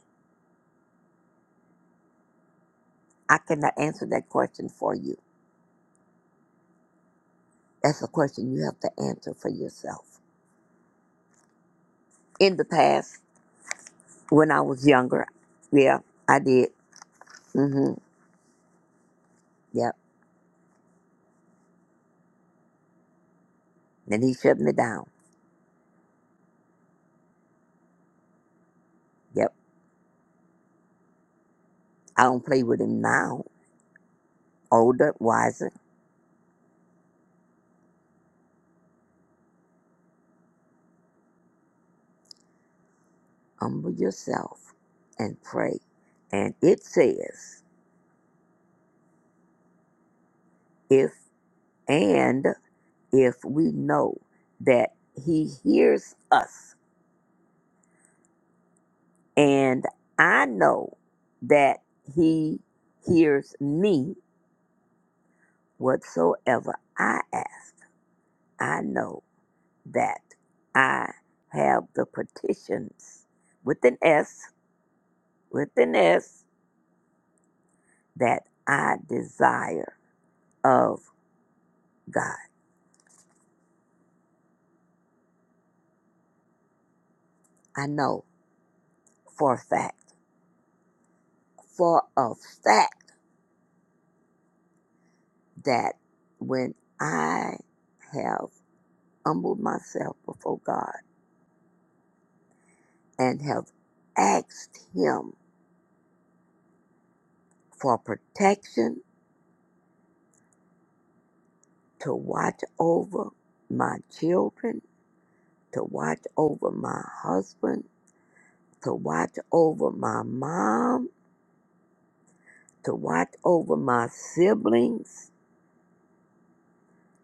Speaker 10: i cannot answer that question for you That's a question you have to answer for yourself. In the past, when I was younger, yeah, I did. hmm Yep. And he shut me down. Yep. I don't play with him now. Older, wiser, humble yourself and pray. And it says, if and if we know that he hears us, and I know that he hears me whatsoever I ask. I know that I have the petitions with an S, with an S, that I desire of God. I know for a fact, for a fact that when I have humbled myself before God and have asked Him for protection to watch over my children, to watch over my husband, to watch over my mom, to watch over my siblings,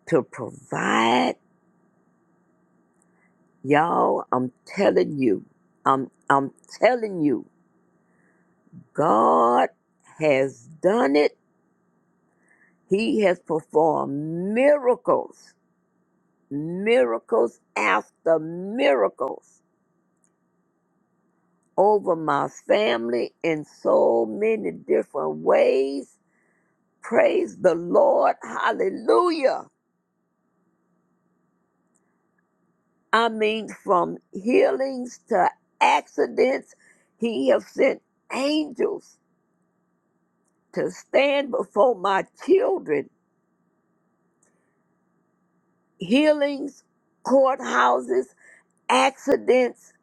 Speaker 10: to provide. Y'all, I'm telling you, I'm, I'm telling you, God has done it. He has performed miracles, miracles after miracles over my family in so many different ways. Praise the Lord. Hallelujah. I mean, from healings to accidents, he has sent angels to stand before my children. Healings, courthouses, accidents,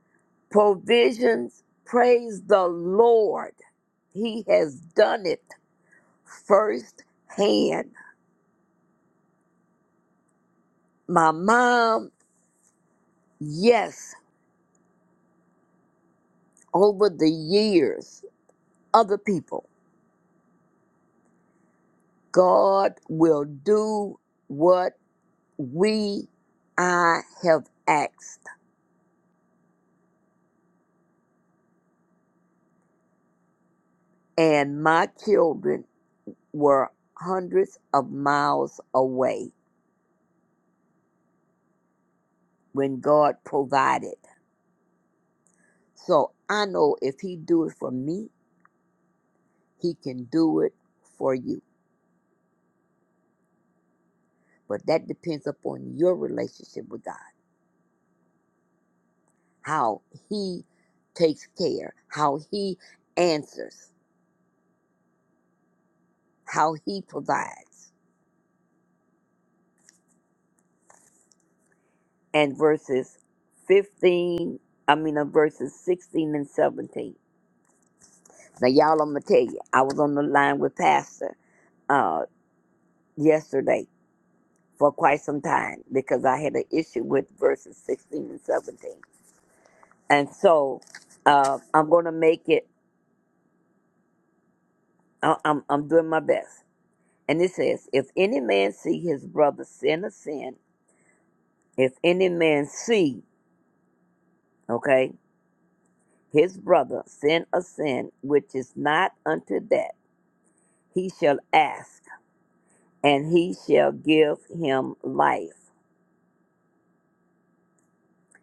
Speaker 10: provisions. Praise the Lord. He has done it first hand. My mom, yes, over the years, other people, God will do what. we I have asked, and my children were hundreds of miles away when God provided. So I know if He do it for me, He can do it for you. But that depends upon your relationship with God, how He takes care, how He answers, how He provides. And verses 15, I mean, uh, verses 16 and 17. Now, y'all, I'm gonna tell you, I was on the line with Pastor uh, yesterday for quite some time because I had an issue with verses 16 and 17, and so uh, I'm gonna make it. I- I'm I'm doing my best. And it says, if any man see his brother sin a sin, if any man see, okay, his brother sin a sin which is not unto death, he shall ask, and he shall give him life,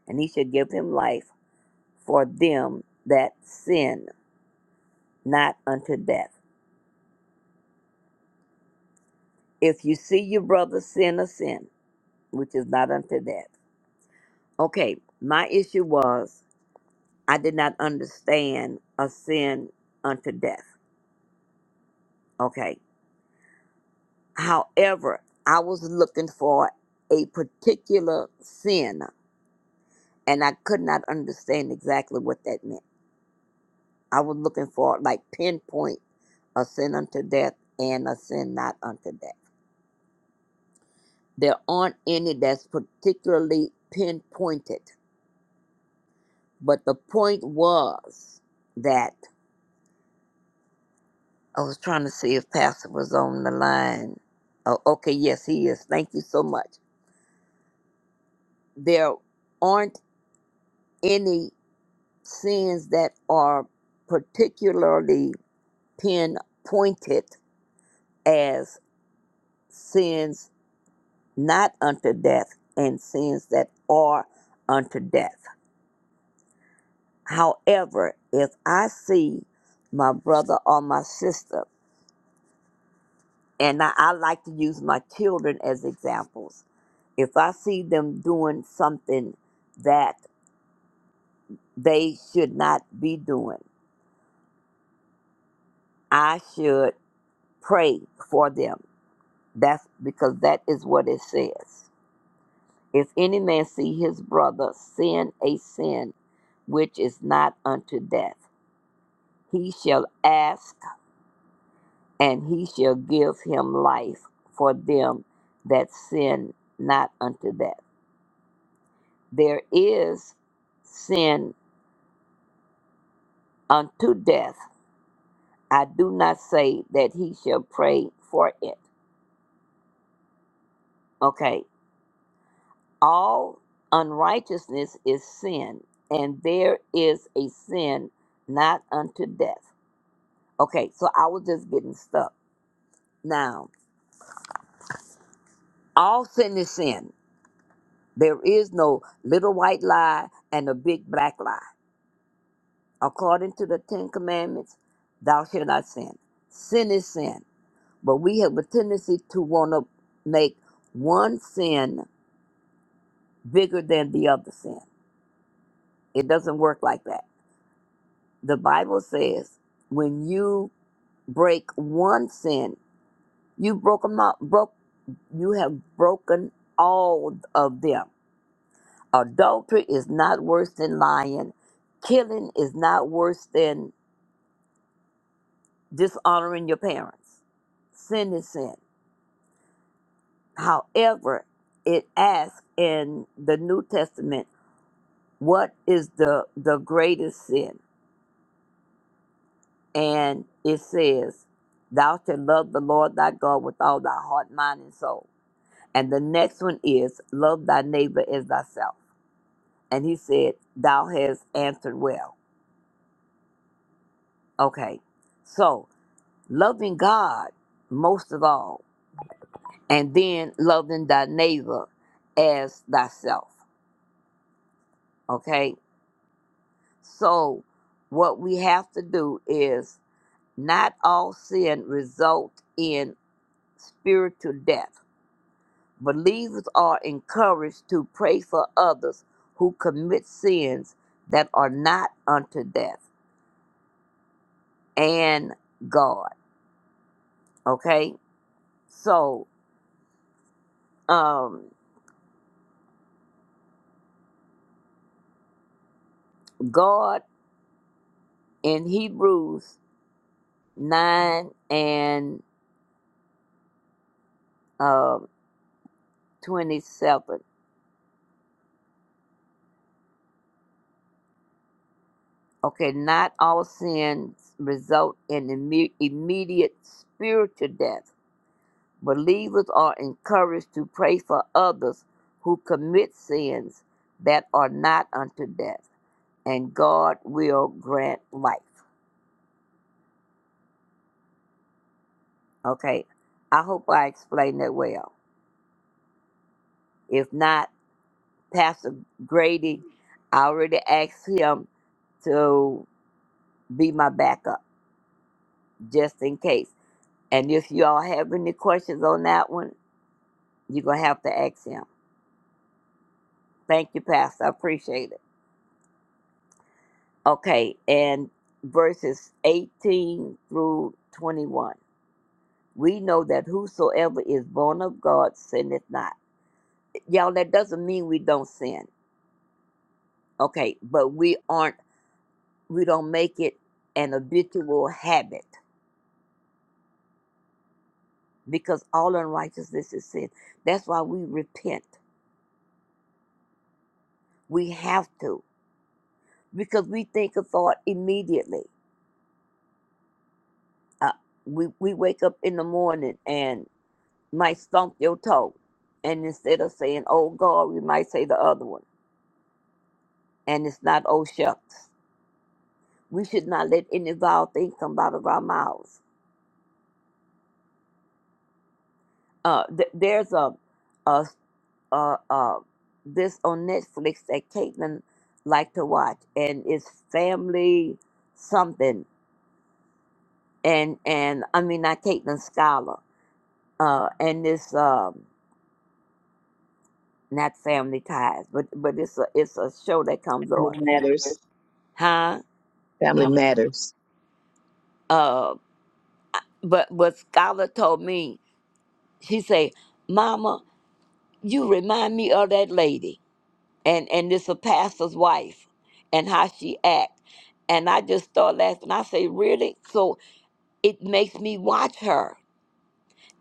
Speaker 10: and he shall give him life for them that sin not unto death. If you see your brother sin a sin, which is not unto death. Okay, my issue was I did not understand a sin unto death. Okay. However, I was looking for a particular sin and I could not understand exactly what that meant. I was looking for like pinpoint a sin unto death and a sin not unto death. There aren't any that's particularly pinpointed. But the point was that I was trying to see if Pastor was on the line. Oh, okay, yes, he is. Thank you so much. There aren't any sins that are particularly pinpointed as sins not unto death and sins that are unto death. However, if I see my brother or my sister, and I, I like to use my children as examples, if I see them doing something that they should not be doing, I should pray for them. That's because that is what it says. If any man see his brother sin a sin which is not unto death, he shall ask and he shall give him life for them that sin not unto death. There is sin unto death. I do not say that he shall pray for it. Okay. All unrighteousness is sin, and there is a sin not unto death. Okay, so I was just getting stuck. Now, all sin is sin. There is no little white lie and a big black lie. according to the Ten Commandments, thou shalt not sin. Sin is sin. But we have a tendency to want to make one sin bigger than the other sin. It doesn't work like that. The Bible says when you break one sin, you broke them out, broke, you have broken all of them. Adultery is not worse than lying. Killing is not worse than dishonoring your parents. Sin is sin However, it asks in the New Testament, what is the, the greatest sin? And it says, Thou shalt love the Lord thy God with all thy heart, mind, and soul. And the next one is, Love thy neighbor as thyself. And he said, Thou hast answered well. Okay, so loving God most of all, and then loving thy neighbor as thyself. Okay, So, what we have to do is not all sin result in spiritual death. Believers are encouraged to pray for others who commit sins that are not unto death and God. Okay, so um, God in Hebrews nine and um, twenty-seven Okay, not all sins result in imme- immediate spiritual death. Believers are encouraged to pray for others who commit sins that are not unto death, and God will grant life. Okay, I hope I explained that well. If not, Pastor Grady, I already asked him to be my backup just in case. And if you all have any questions on that one, you're going to have to ask him. Thank you, Pastor. I appreciate it. Okay, and verses 18 through 21. We know that whosoever is born of God sinneth not. Y'all, that doesn't mean we don't sin. Okay, but we aren't, we don't make it an habitual habit because all unrighteousness is sin. That's why we repent. We have to because we think a thought immediately. Uh, we, we wake up in the morning and. might stump your toe. And instead of saying, oh God, we might say the other one. And it's not, oh shucks. We should not let any vile thing come out of our mouths. Uh, th- there's a, a, a, a, this on Netflix that Caitlin liked to watch, and it's Family Something. And, and I mean, not Caitlin Scholar. Uh, and it's um, not Family Ties, but, but it's, a, it's a show that comes
Speaker 3: Family
Speaker 10: on.
Speaker 3: matters.
Speaker 10: Huh?
Speaker 3: Family matters.
Speaker 10: But what Scholar told me, she say, "Mama, you remind me of that lady, and and this a pastor's wife, and how she act." And I just start laughing. I say, "Really?" So it makes me watch her,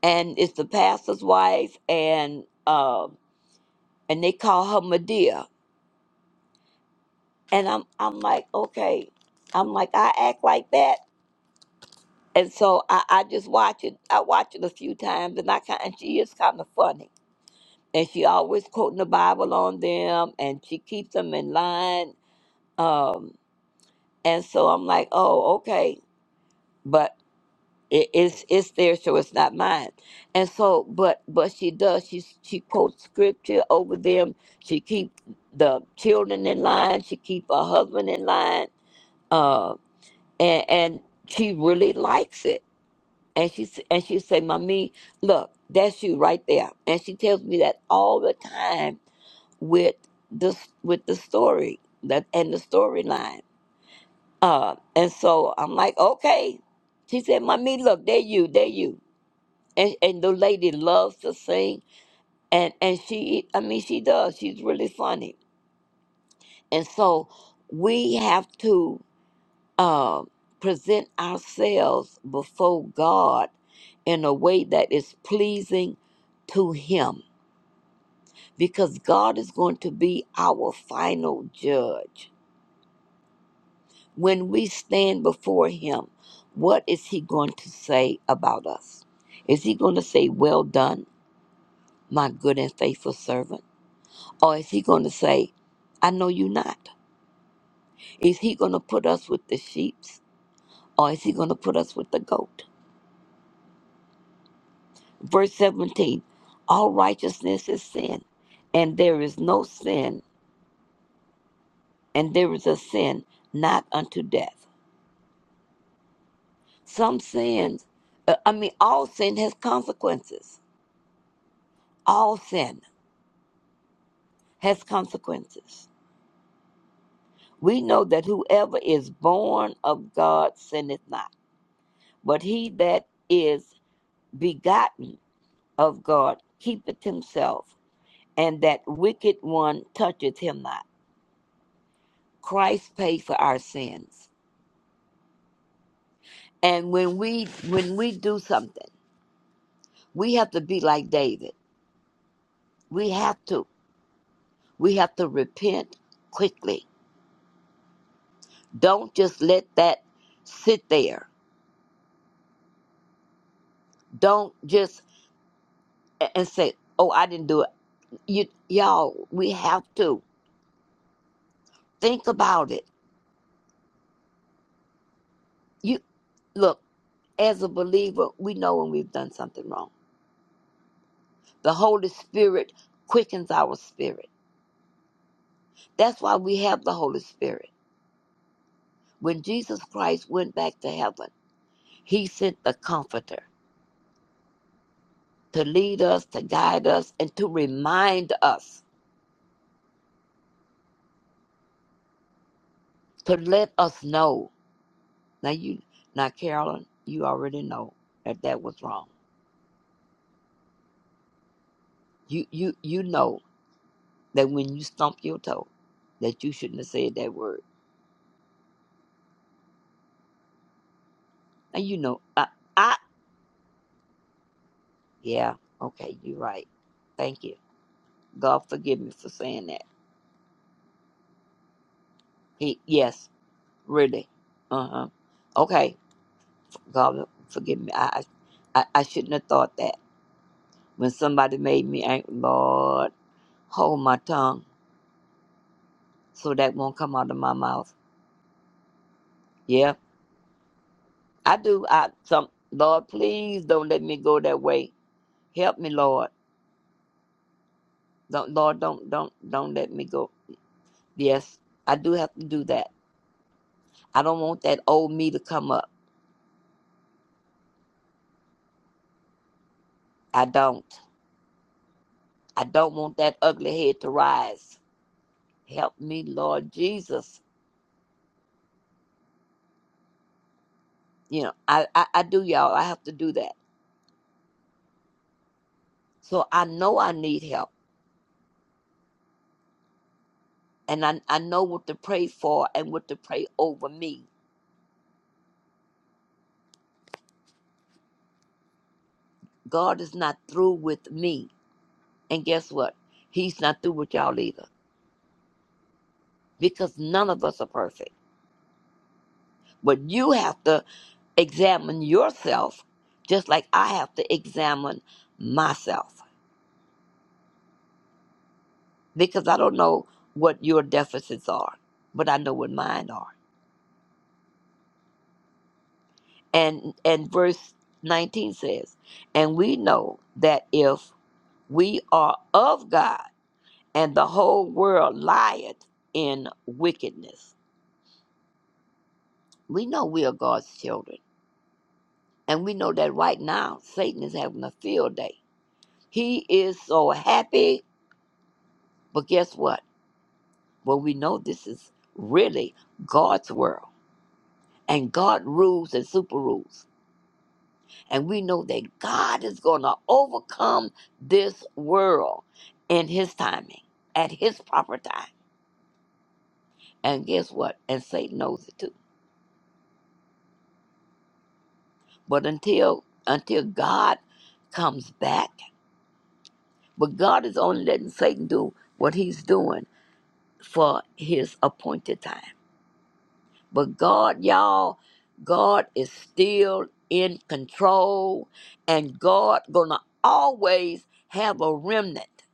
Speaker 10: and it's the pastor's wife, and uh, and they call her Medea, and I'm I'm like, okay, I'm like I act like that, and so I, I just watch it. I watch it a few times, and I kind and she is kind of funny and she always quoting the Bible on them, and she keeps them in line. Um, and so I'm like, oh, okay, but it, it's it's there, so it's not mine. And so, but but she does. She she quotes scripture over them. She keep the children in line. She keep her husband in line. Uh, and and she really likes it. And she s- and she say, "Mommy, look, that's you right there." And she tells me that all the time with this with the story that and the storyline. Uh, and so I'm like, okay. She said, "Mommy, look, there you, there you." And and the lady loves to sing, and and she, I mean, she does. She's really funny. And so we have to uh, present ourselves before God in a way that is pleasing to Him, because God is going to be our final judge when we stand before him, what is he going to say about us? Is he going to say, Well done, my good and faithful servant? Or is he going to say, I know you not? Is he going to put us with the sheep? Or is he going to put us with the goat? Verse 17 All righteousness is sin, and there is no sin, and there is a sin not unto death. Some sins, uh, I mean, all sin has consequences. All sin. has consequences. We know that whoever is born of God sinneth not, but he that is begotten of God keepeth himself, and that wicked one toucheth him not. Christ paid for our sins. And when we when we do something, we have to be like David. We have to we have to repent quickly. Don't just let that sit there. Don't just a- and say, "Oh, I didn't do it. you y'all we have to think about it you look as a believer we know when we've done something wrong the holy spirit quickens our spirit that's why we have the holy spirit when jesus christ went back to heaven he sent the comforter to lead us to guide us and to remind us to let us know now you now carolyn you already know that that was wrong you you you know that when you stomp your toe, that you shouldn't have said that word. And you know, I, I yeah, okay, you're right. Thank you. God forgive me for saying that. He, yes, really. Uh huh. Okay, God forgive me. I, I I shouldn't have thought that. When somebody made me angry, Lord, hold my tongue so that won't come out of my mouth. Yeah, I do. I some Lord, please don't let me go that way. Help me, Lord. Don't, Lord, don't, don't, don't let me go. Yes, I do have to do that. I don't want that old me to come up. I don't. I don't want that ugly head to rise. Help me, Lord Jesus. You know, I, I, I do, y'all. I have to do that. So I know I need help. And I, I know what to pray for and what to pray over me. God is not through with me. And guess what? He's not through with y'all either. Because none of us are perfect. But you have to examine yourself just like I have to examine myself because I don't know what your deficits are, but I know what mine are. And and verse 19 says, and we know that if we are of God and the whole world lieth in wickedness, we know we are God's children. And we know that right now Satan is having a field day. He is so happy, but guess what? Well, we know this is really God's world, and God rules and super rules. And we know that God is going to overcome this world in His timing, at His proper time. And guess what? And Satan knows it too. But until until God comes back, but God is only letting Satan do what he's doing for his appointed time. But God, y'all, God is still in control, and God gonna always have a remnant.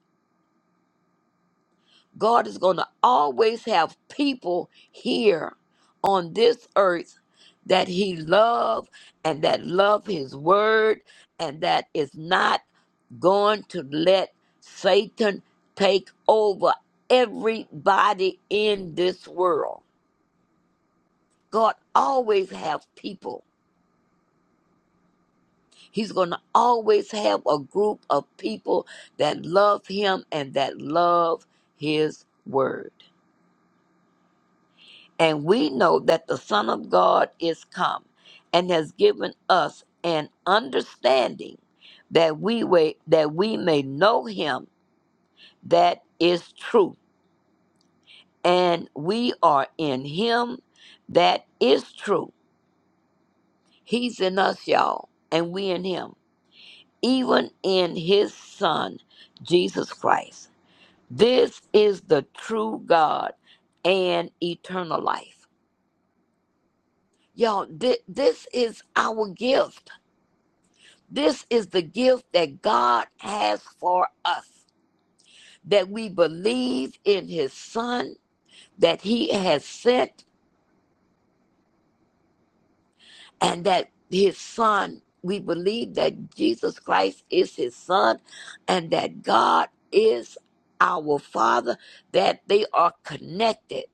Speaker 10: God is gonna always have people here on this earth that He love and that love His word, and that is not going to let Satan take over everybody in this world. God always have people He's going to always have a group of people that love him and that love his word. And we know that the Son of God is come and has given us an understanding that we wait, that we may know him that is true. And we are in him that is true. He's in us, y'all, and we in him, even in his son, Jesus Christ. This is the true God and eternal life. Y'all, thi- this is our gift. This is the gift that God has for us that we believe in his son that he has sent and that his son we believe that Jesus Christ is his son and that God is our father that they are connected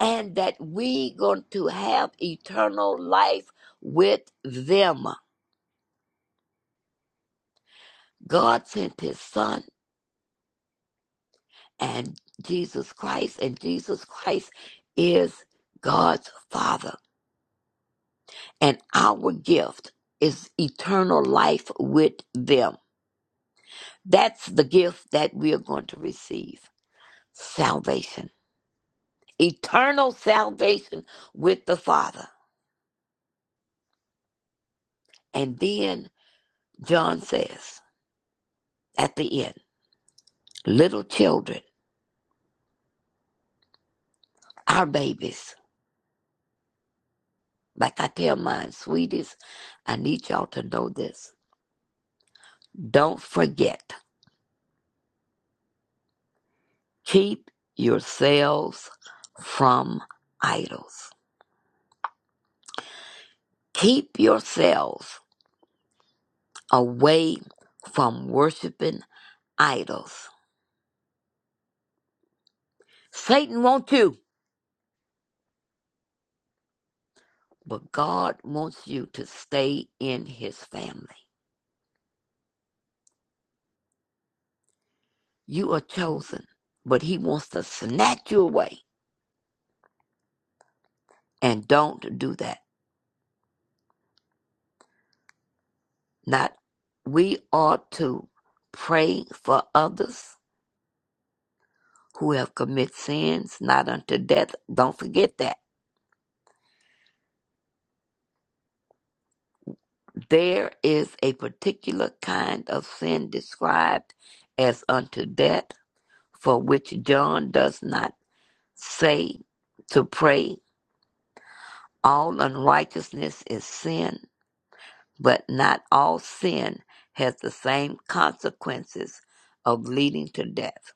Speaker 10: and that we going to have eternal life with them. God sent his son and Jesus Christ, and Jesus Christ is God's Father. And our gift is eternal life with them. That's the gift that we are going to receive salvation, eternal salvation with the Father. And then John says at the end, little children, our babies. Like I tell my sweeties, I need y'all to know this. Don't forget, keep yourselves from idols. Keep yourselves away from worshiping idols. Satan wants you, but God wants you to stay in his family. You are chosen, but he wants to snatch you away. And don't do that. Not we ought to pray for others who have committed sins not unto death. Don't forget that. There is a particular kind of sin described as unto death, for which John does not say to pray. All unrighteousness is sin, but not all sin has the same consequences of leading to death.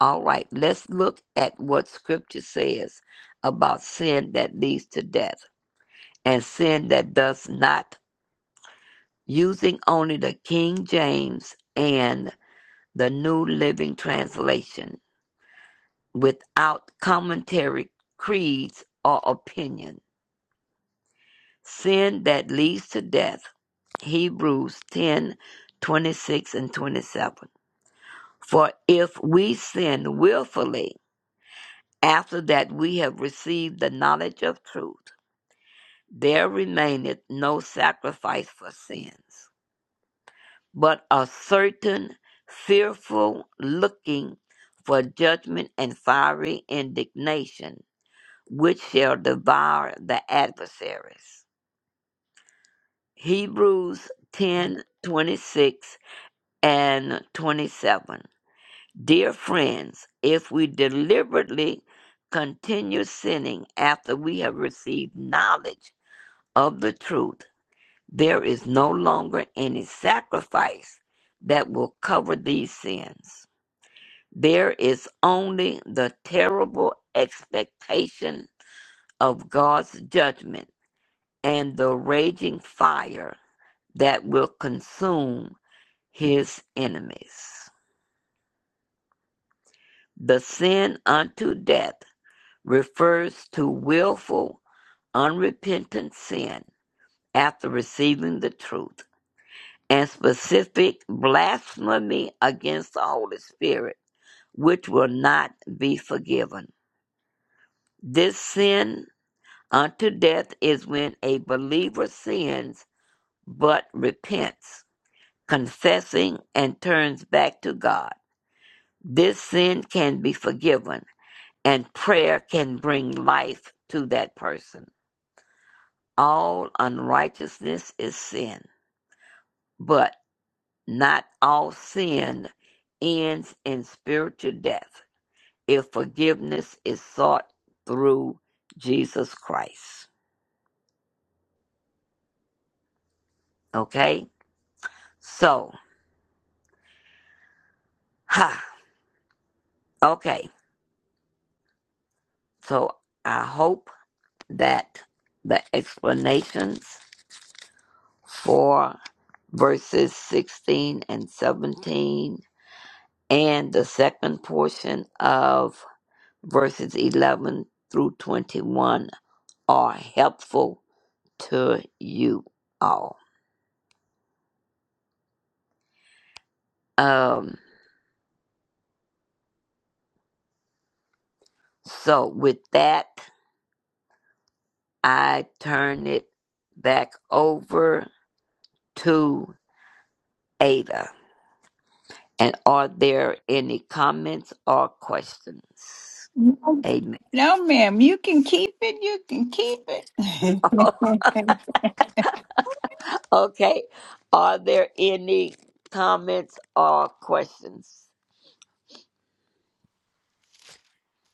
Speaker 10: All right, let's look at what scripture says about sin that leads to death and sin that does not using only the King James and the New Living Translation without commentary, creeds, or opinion. Sin that leads to death. Hebrews 10, 26 and 27. For if we sin willfully after that we have received the knowledge of truth, there remaineth no sacrifice for sins but are certain, fearful, looking for judgment and fiery indignation, which shall devour the adversaries. Hebrews 10 26 and 27. Dear friends, if we deliberately continue sinning after we have received knowledge of the truth, there is no longer any sacrifice that will cover these sins There is only the terrible expectation of God's judgment and the raging fire that will consume his enemies. The sin unto death refers to willful, unrepentant sin after receiving the truth, and specific blasphemy against the Holy Spirit, which will not be forgiven. This sin Unto death is when a believer sins but repents, confessing and turns back to God. This sin can be forgiven, and prayer can bring life to that person. All unrighteousness is sin, but not all sin ends in spiritual death if forgiveness is sought through Jesus Christ. Okay? So, ha, okay. So I hope that the explanations for verses 16 and 17 and the second portion of verses 11 through 21 are helpful to you all. Um, so, with that, I turn it back over to Ada. And are there any comments or questions?
Speaker 1: No,
Speaker 10: Amen.
Speaker 1: no, ma'am. You can keep it. You can keep it.
Speaker 10: okay. Are there any comments or questions?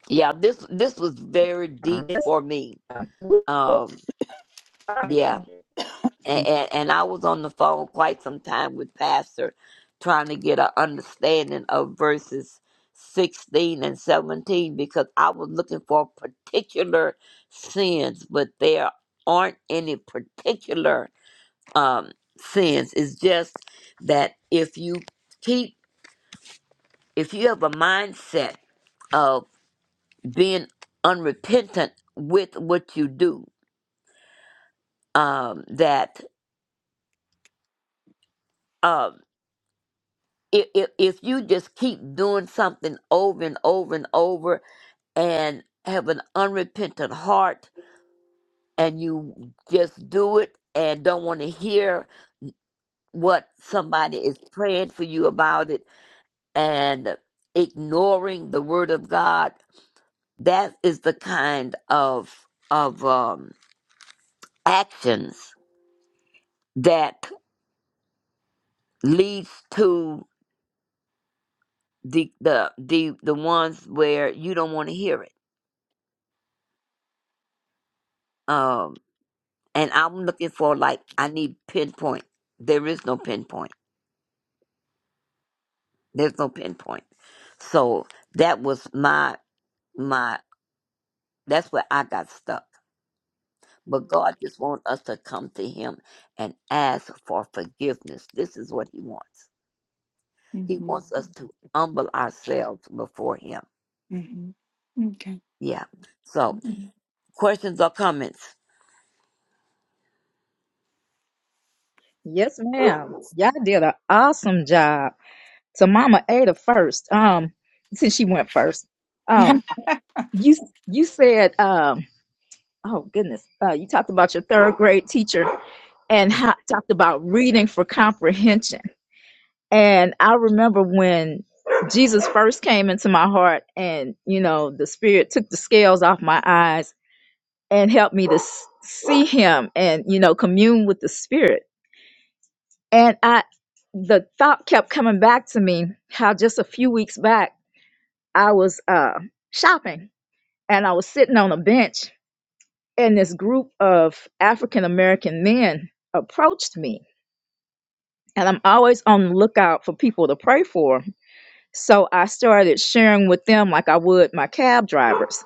Speaker 10: Yeah, this this was very deep
Speaker 9: Yes,
Speaker 10: for me.
Speaker 9: ma'am.
Speaker 10: Um, yeah, and, and, and I was on the phone quite some time with Pastor, trying to get an understanding of verses sixteen and seventeen because I was looking for particular sins, but there aren't any particular um sins. It's just that if you keep if you have a mindset of being unrepentant with what you do, um, that um, if, if, if you just keep doing something over and over and over and have an unrepentant heart and you just do it and don't want to hear what somebody is praying for you about it and ignoring the word of God, that is the kind of of um, actions that leads to the the the the ones where you don't want to hear it. Um, and I'm looking for like I need pinpoint. There is no pinpoint. There's no pinpoint. So that was my my. That's where I got stuck. But God just wants us to come to Him and ask for forgiveness. This is what He wants. He
Speaker 1: Mhm,
Speaker 10: wants us to humble ourselves before Him.
Speaker 1: mhm. Okay.
Speaker 10: Yeah. So questions or comments?
Speaker 9: Yes, ma'am. Y'all did an awesome job. So Mama Ada first. Um, since she went first. Um, you you said um, oh goodness, uh, you talked about your third grade teacher and how, talked about reading for comprehension. And I remember when Jesus first came into my heart, and you know, the Spirit took the scales off my eyes and helped me to s- see Him and you know, commune with the Spirit. And I, the thought kept coming back to me how just a few weeks back I was uh, shopping and I was sitting on a bench, and this group of African American men approached me. And I'm always on the lookout for people to pray for So I started sharing with them like I would my cab drivers.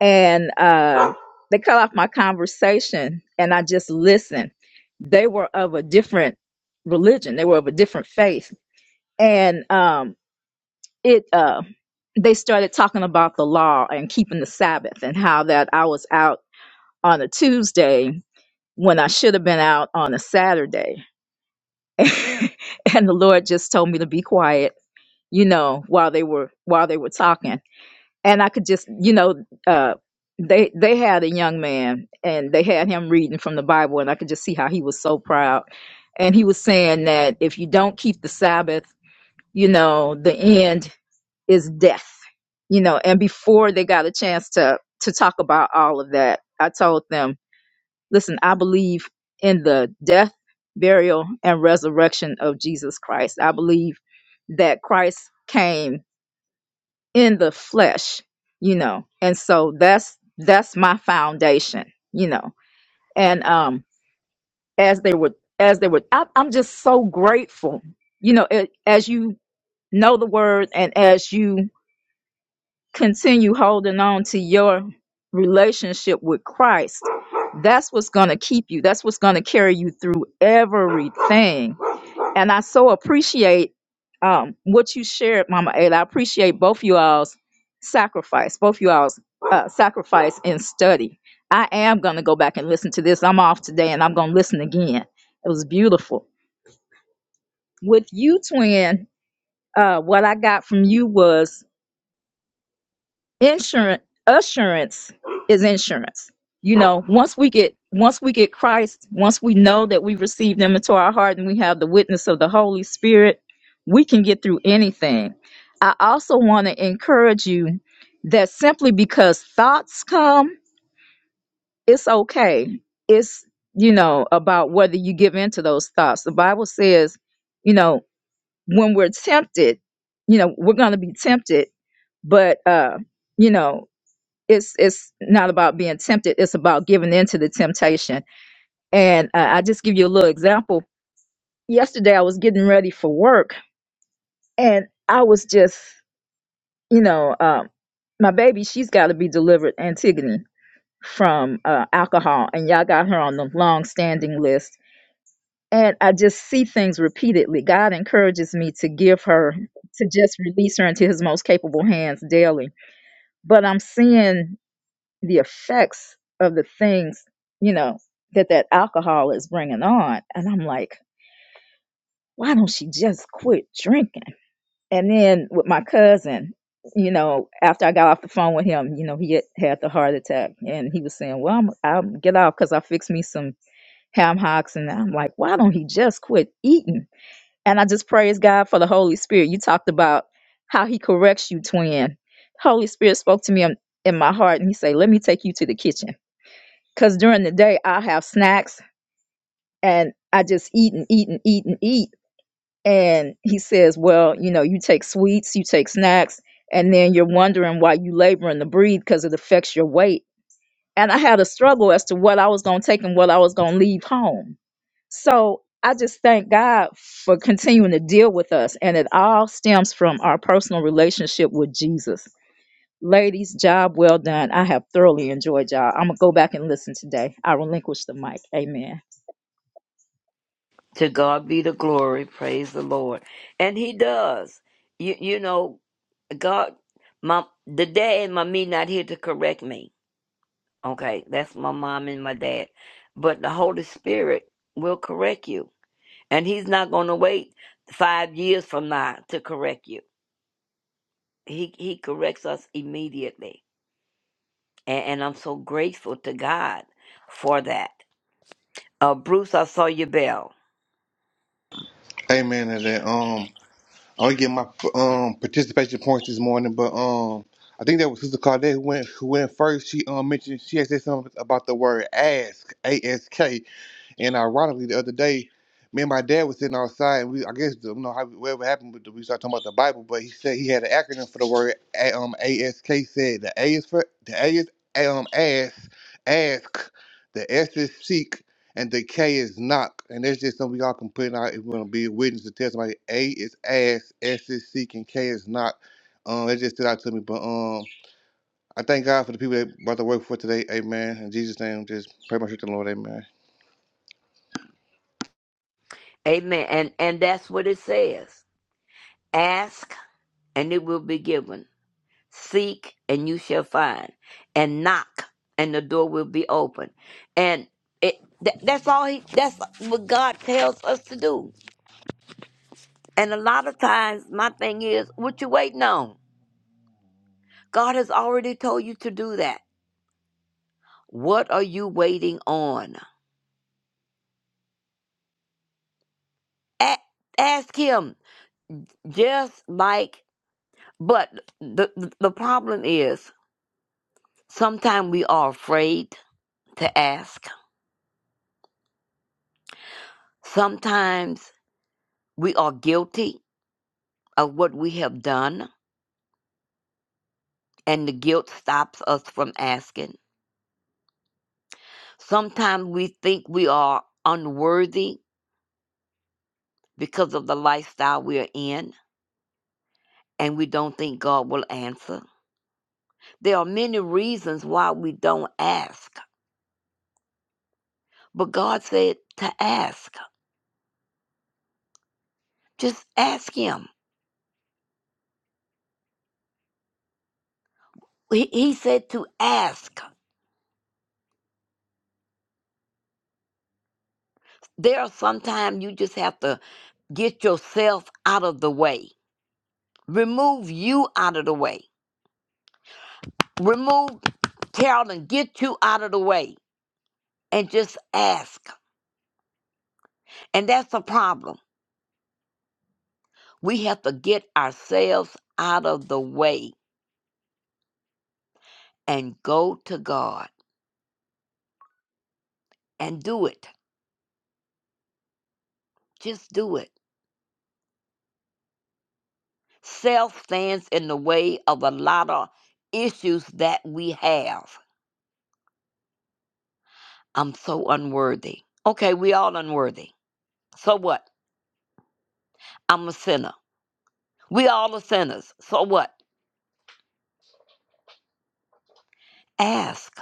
Speaker 9: And uh, they cut off my conversation and I just listened. They were of a different religion, they were of a different faith. And um, it, uh, they started talking about the law and keeping the Sabbath and how that I was out on a Tuesday when I should have been out on a Saturday. and the Lord just told me to be quiet, you know, while they were while they were talking and I could just, you know, uh, they they had a young man and they had him reading from the Bible, and I could just see how he was so proud, and he was saying that if you don't keep the Sabbath, you know, the end is death, you know. And before they got a chance to to talk about all of that, I told them, listen, I believe in the death, burial, and resurrection of Jesus Christ. I believe that Christ came in the flesh you know and so that's that's my foundation you know and um as they were, as they were, I, i'm just so grateful you know it, as you know the word and as you continue holding on to your relationship with christ that's what's going to keep you that's what's going to carry you through everything and I so appreciate um, what you shared, Mama Ada. I appreciate both you all's sacrifice, both you all's uh, sacrifice and study. I am going to go back and listen to this. I'm off today and I'm going to listen again. It was beautiful. With you, twin, uh, what I got from you was insurance assurance is insurance you know once we get once we get christ once we know that we receive them into our heart and we have the witness of the holy spirit we can get through anything i also want to encourage you that simply because thoughts come it's okay it's you know about whether you give in to those thoughts the bible says you know when we're tempted you know we're going to be tempted but uh you know it's it's not about being tempted it's about giving in to the temptation and uh, i just give you a little example yesterday i was getting ready for work and i was just you know um, my baby she's got to be delivered antigone from uh, alcohol and y'all got her on the long standing list and i just see things repeatedly god encourages me to give her to just release her into his most capable hands daily but i'm seeing the effects of the things you know that that alcohol is bringing on and i'm like why don't she just quit drinking and then with my cousin you know after i got off the phone with him you know he had, had the heart attack and he was saying well i'm i'll get off because i fixed me some ham hocks and i'm like why don't he just quit eating and i just praise god for the holy spirit you talked about how he corrects you twin holy spirit spoke to me in, in my heart and he said let me take you to the kitchen Cause during the day I have snacks and I just eat and eat and eat and eat. And he says, Well, you know, you take sweets, you take snacks, and then you're wondering why you laboring to breathe because it affects your weight. And I had a struggle as to what I was gonna take and what I was gonna leave home. So I just thank God for continuing to deal with us. And it all stems from our personal relationship with Jesus. Ladies, job well done. I have thoroughly enjoyed y'all. I'm gonna go back and listen today. I relinquish the mic. Amen.
Speaker 10: To God be the glory. Praise the Lord. And He does. You you know, God, my the dad and my me not here to correct me. Okay, that's my mom and my dad. But the Holy Spirit will correct you, and He's not going to wait five years from now to correct you. He He corrects us immediately, and, and I'm so grateful to God for that. Uh, Bruce, I saw your bell.
Speaker 11: Amen to that. Um, I only get my um participation points this morning, but um, I think that was Sister Claudette who went who went first. She um mentioned she had said something about the word ask, A S K. And ironically, the other day, me and my dad was sitting outside, and we I guess you know how whatever happened with the, we started talking about the Bible, but he said he had an acronym for the word A- um ASK. Said the A is for the A is um ask ask, the S is seek, and the K is knock. And that's just something we all can put in our. if we want to be a witness to tell somebody. A is ask, S is seek, and K is knock. Um, it just stood out to me, but um. I thank God for the people that brought the word for today. Amen. In Jesus' name, just pray my strength to the Lord. Amen.
Speaker 10: Amen. And and that's what it says. Ask and it will be given. Seek, and you shall find. And knock, and the door will be open. And it, tha- that's all he, that's what God tells us to do. And a lot of times, my thing is, what you waiting on? God has already told you to do that. What are you waiting on? A- ask Him. Just like, but the the problem is, sometimes we are afraid to ask. Sometimes we are guilty of what we have done, and the guilt stops us from asking. Sometimes we think we are unworthy because of the lifestyle we are in, and we don't think God will answer. There are many reasons why we don't ask, but God said to ask. Just ask Him. He, he said to ask. There are sometimes you just have to get yourself out of the way, remove you out of the way, remove Carolyn, get you out of the way and just ask. And that's the problem. We have to get ourselves out of the way and go to God and do it. Just do it. Self stands in the way of a lot of issues that we have. I'm so unworthy. Okay, we all unworthy. So what? I'm a sinner. We all are sinners. So what? Ask.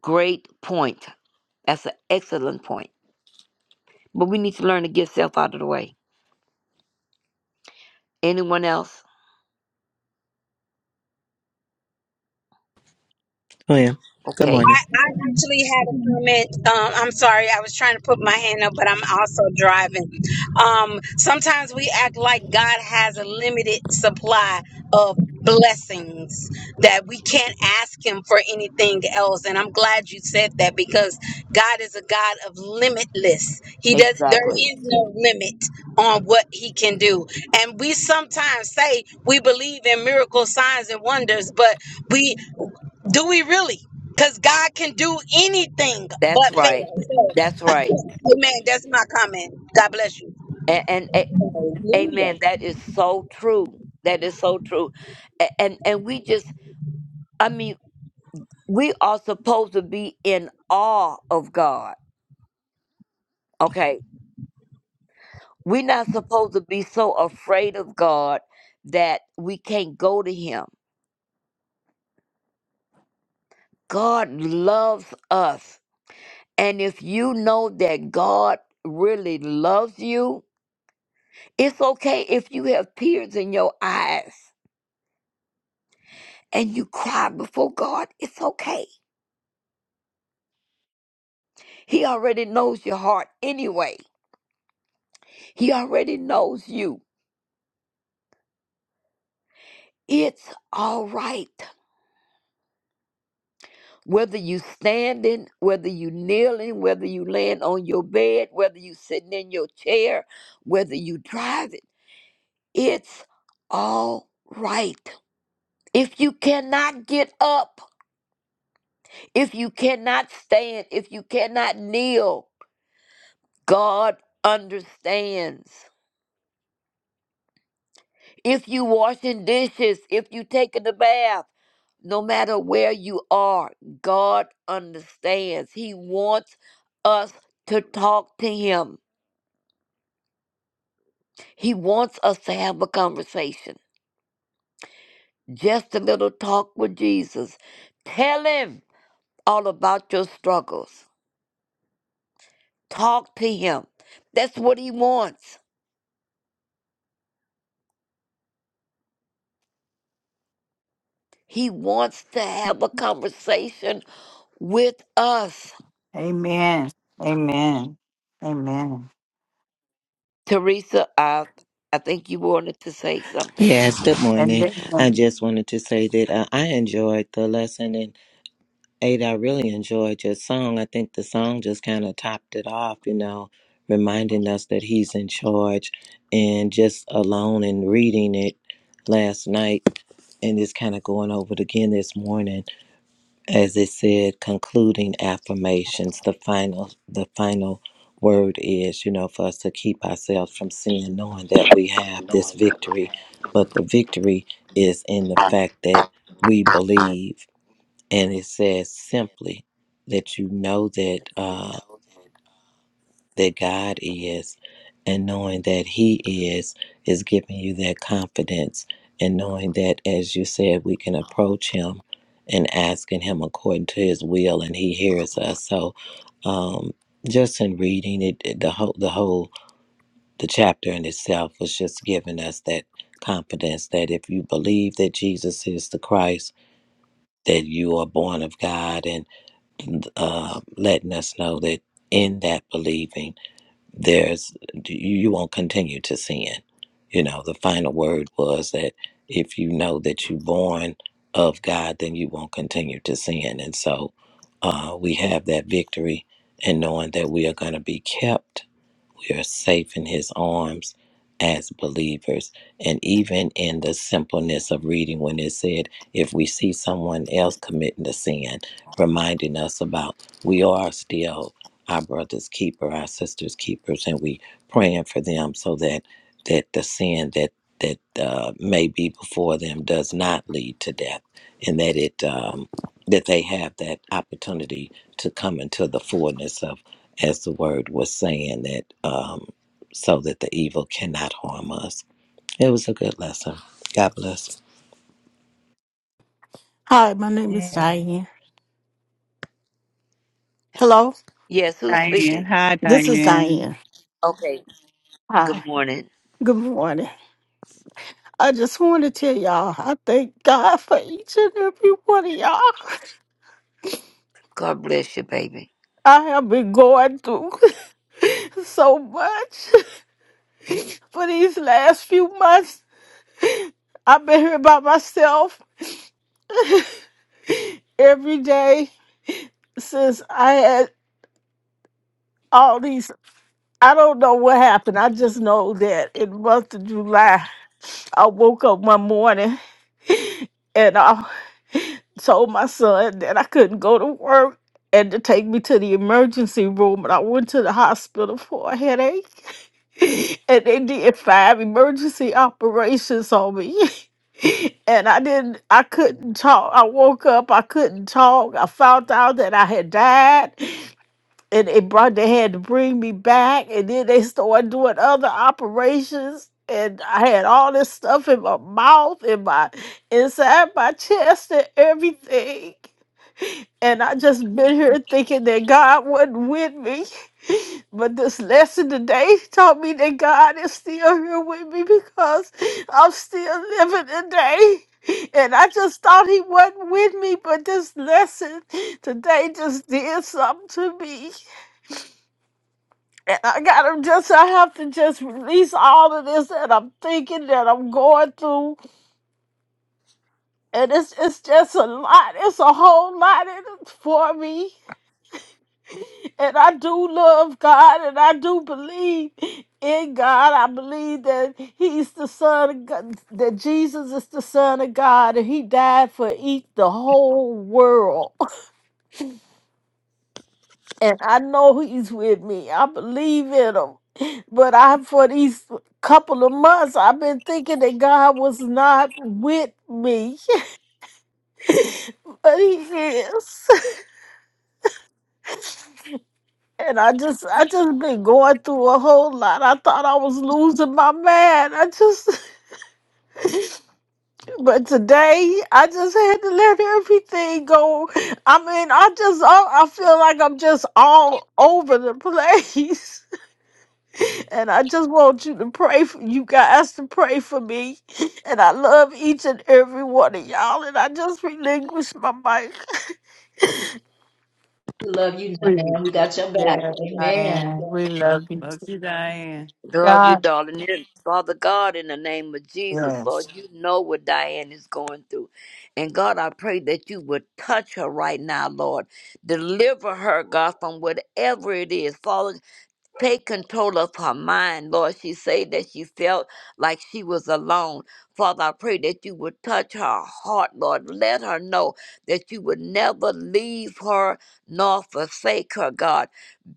Speaker 10: Great point. That's an excellent point. But we need to learn to get self out of the way. Anyone else?
Speaker 12: Well, good
Speaker 10: Okay.
Speaker 12: morning.
Speaker 13: I, I actually had a comment. Um, I'm sorry, I was trying to put my hand up, but I'm also driving. Um, sometimes we act like God has a limited supply of blessings that we can't ask Him for anything else. And I'm glad you said that because God is a God of limitless. He does. There
Speaker 10: Exactly.
Speaker 13: is no limit on what He can do. And we sometimes say we believe in miracles, signs, and wonders, but we do we really? Because God can do anything
Speaker 10: That's
Speaker 13: but
Speaker 10: right.
Speaker 13: fail. So,
Speaker 10: That's right.
Speaker 13: amen. That's my comment. God bless you.
Speaker 10: And, and a-
Speaker 9: Hallelujah.
Speaker 10: amen. That is so true. That is so true. A- And and we just, I mean, we are supposed to be in awe of God. Okay. We're not supposed to be so afraid of God that we can't go to Him. God loves us. And if you know that God really loves you, it's okay if you have tears in your eyes and you cry before God, it's okay. He already knows your heart anyway. He already knows you. It's all right. Whether you standing, whether you kneeling, whether you laying on your bed, whether you sitting in your chair, whether you driving, it's all right. If you cannot get up, if you cannot stand, if you cannot kneel, God understands. if you washing dishes, if you taking a bath, no matter where you are, God understands. He wants us to talk to him. He wants us to have a conversation. Just a little talk with Jesus. Tell him all about your struggles. Talk to him. That's what he wants. He wants to have a conversation with us.
Speaker 1: Amen. Amen. Amen.
Speaker 10: Teresa, I, I think you wanted to say something.
Speaker 12: Yes, good
Speaker 1: And
Speaker 12: morning.
Speaker 1: then
Speaker 12: I
Speaker 1: um,
Speaker 12: just wanted to say that uh, I enjoyed the lesson, and Ada, I really enjoyed your song. I think the song just kind of topped it off, you know, reminding us that he's in charge. And just alone and reading it last night, and it's kind of going over it again this morning. as it said, concluding affirmations, the final the final word is, you know, for us to keep ourselves from sin, knowing that we have this victory. But the victory is in the fact that we believe, and it says simply that you know that. Uh, that God is and knowing that He is, is giving you that confidence and knowing that, as you said, we can approach Him and asking Him according to His will, and He hears us. So, um, just in reading it, it- the whole, the whole, the chapter in itself was just giving us that confidence that if you believe that Jesus is the Christ, that you are born of God, and uh, letting us know that in that believing there's you won't continue to sin. You know, the final word was that if you know that you're born of God, then you won't continue to sin. And so uh, we have that victory in knowing that we are going to be kept we are safe in his arms as believers and even in the simpleness of reading when it said if we see someone else committing the sin reminding us about we are still our brother's keeper our sister's keepers and we praying for them so that that the sin that that uh, may be before them does not lead to death and that it um, that they have that opportunity to come into the fullness of as the word was saying that um, so that the evil cannot harm us. It was a good lesson. God bless.
Speaker 14: Hi, my name is Diane. Hello,
Speaker 10: Yes, who's
Speaker 1: Diane.
Speaker 10: speaking?
Speaker 1: Hi,
Speaker 14: this is
Speaker 1: Diane.
Speaker 14: Diane.
Speaker 10: Okay.
Speaker 14: Hi,
Speaker 10: Good morning.
Speaker 14: good morning. I just want to tell y'all I thank God for each and every one of y'all.
Speaker 10: God bless you, baby.
Speaker 14: I have been going through so much for these last few months. I've been here by myself every day since I had all these. I don't know what happened. I just know that in the month of July, I woke up one morning and I. told my son that I couldn't go to work and to take me to the emergency room. And I went to the hospital for a headache. And they did five emergency operations on me. And I didn't, I couldn't talk. I woke up, I couldn't talk. I found out that I had died, and they brought, they had to bring me back. And then they started doing other operations, and I had all this stuff in my mouth, in my inside my chest and everything. And I just been here thinking that God wasn't with me. But this lesson today taught me that God is still here with me because I'm still living today. And I just thought he wasn't with me, but this lesson today just did something to me. And I gotta just, I have to just release all of this that I'm thinking that I'm going through. And it's, it's just a lot, it's a whole lot in it for me. And I do love God and I do believe in God. I believe that He's the Son of God, that Jesus is the Son of God and He died for each, the whole world. And I know He's with me. I believe in Him. But I, for these couple of months, I've been thinking that God was not with me, but He is. And I just, I just been going through a whole lot. I thought I was losing my mind. I just. But today, I just had to let everything go. I mean, I just, I, I feel like I'm just all over the place. And I just want you to pray for you guys to pray for me. And I love each and every one of y'all. And I just relinquish my mic.
Speaker 1: We, yeah,
Speaker 9: Yeah.
Speaker 1: Diane. We love you.
Speaker 6: Love you, Diane.
Speaker 10: Love you,
Speaker 1: God
Speaker 10: darling. And Father God, in the name of Jesus,
Speaker 1: bless.
Speaker 10: Lord, you know what Diane is going through. And God, I pray that you would touch her right now, Lord. Deliver her, God, from whatever it is. Father, take control of her mind, Lord. She said that she felt like she was alone. Father, I pray that you would touch her heart, Lord. Let her know that you would never leave her nor forsake her, God.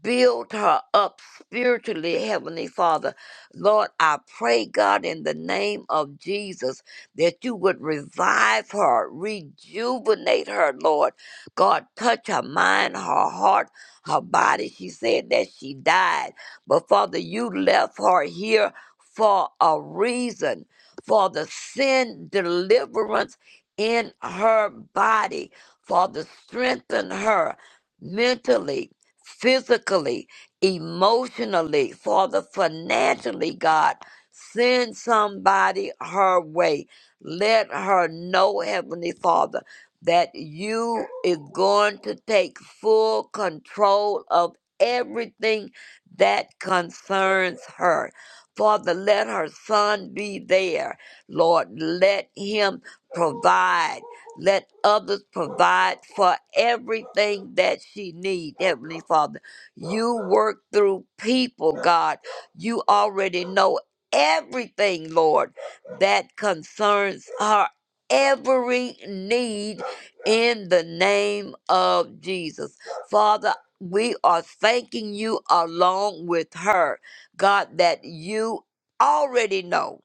Speaker 10: Build her up spiritually, Heavenly Father. Lord, I pray, God, in the name of Jesus, that you would revive her, rejuvenate her, Lord. God, touch her mind, her heart her body. She said that she died. But Father, you left her here for a reason, for the sin deliverance in her body. Father, strengthen her mentally, physically, emotionally, Father, financially, God. Send somebody her way. Let her know, Heavenly Father that you is going to take full control of everything that concerns her. Father, let her son be there. Lord, let him provide. Let others provide for everything that she needs, Heavenly Father. You work through people, God. You already know everything, Lord, that concerns her every need in the name of Jesus. Father, we are thanking you along with her, God, that you already know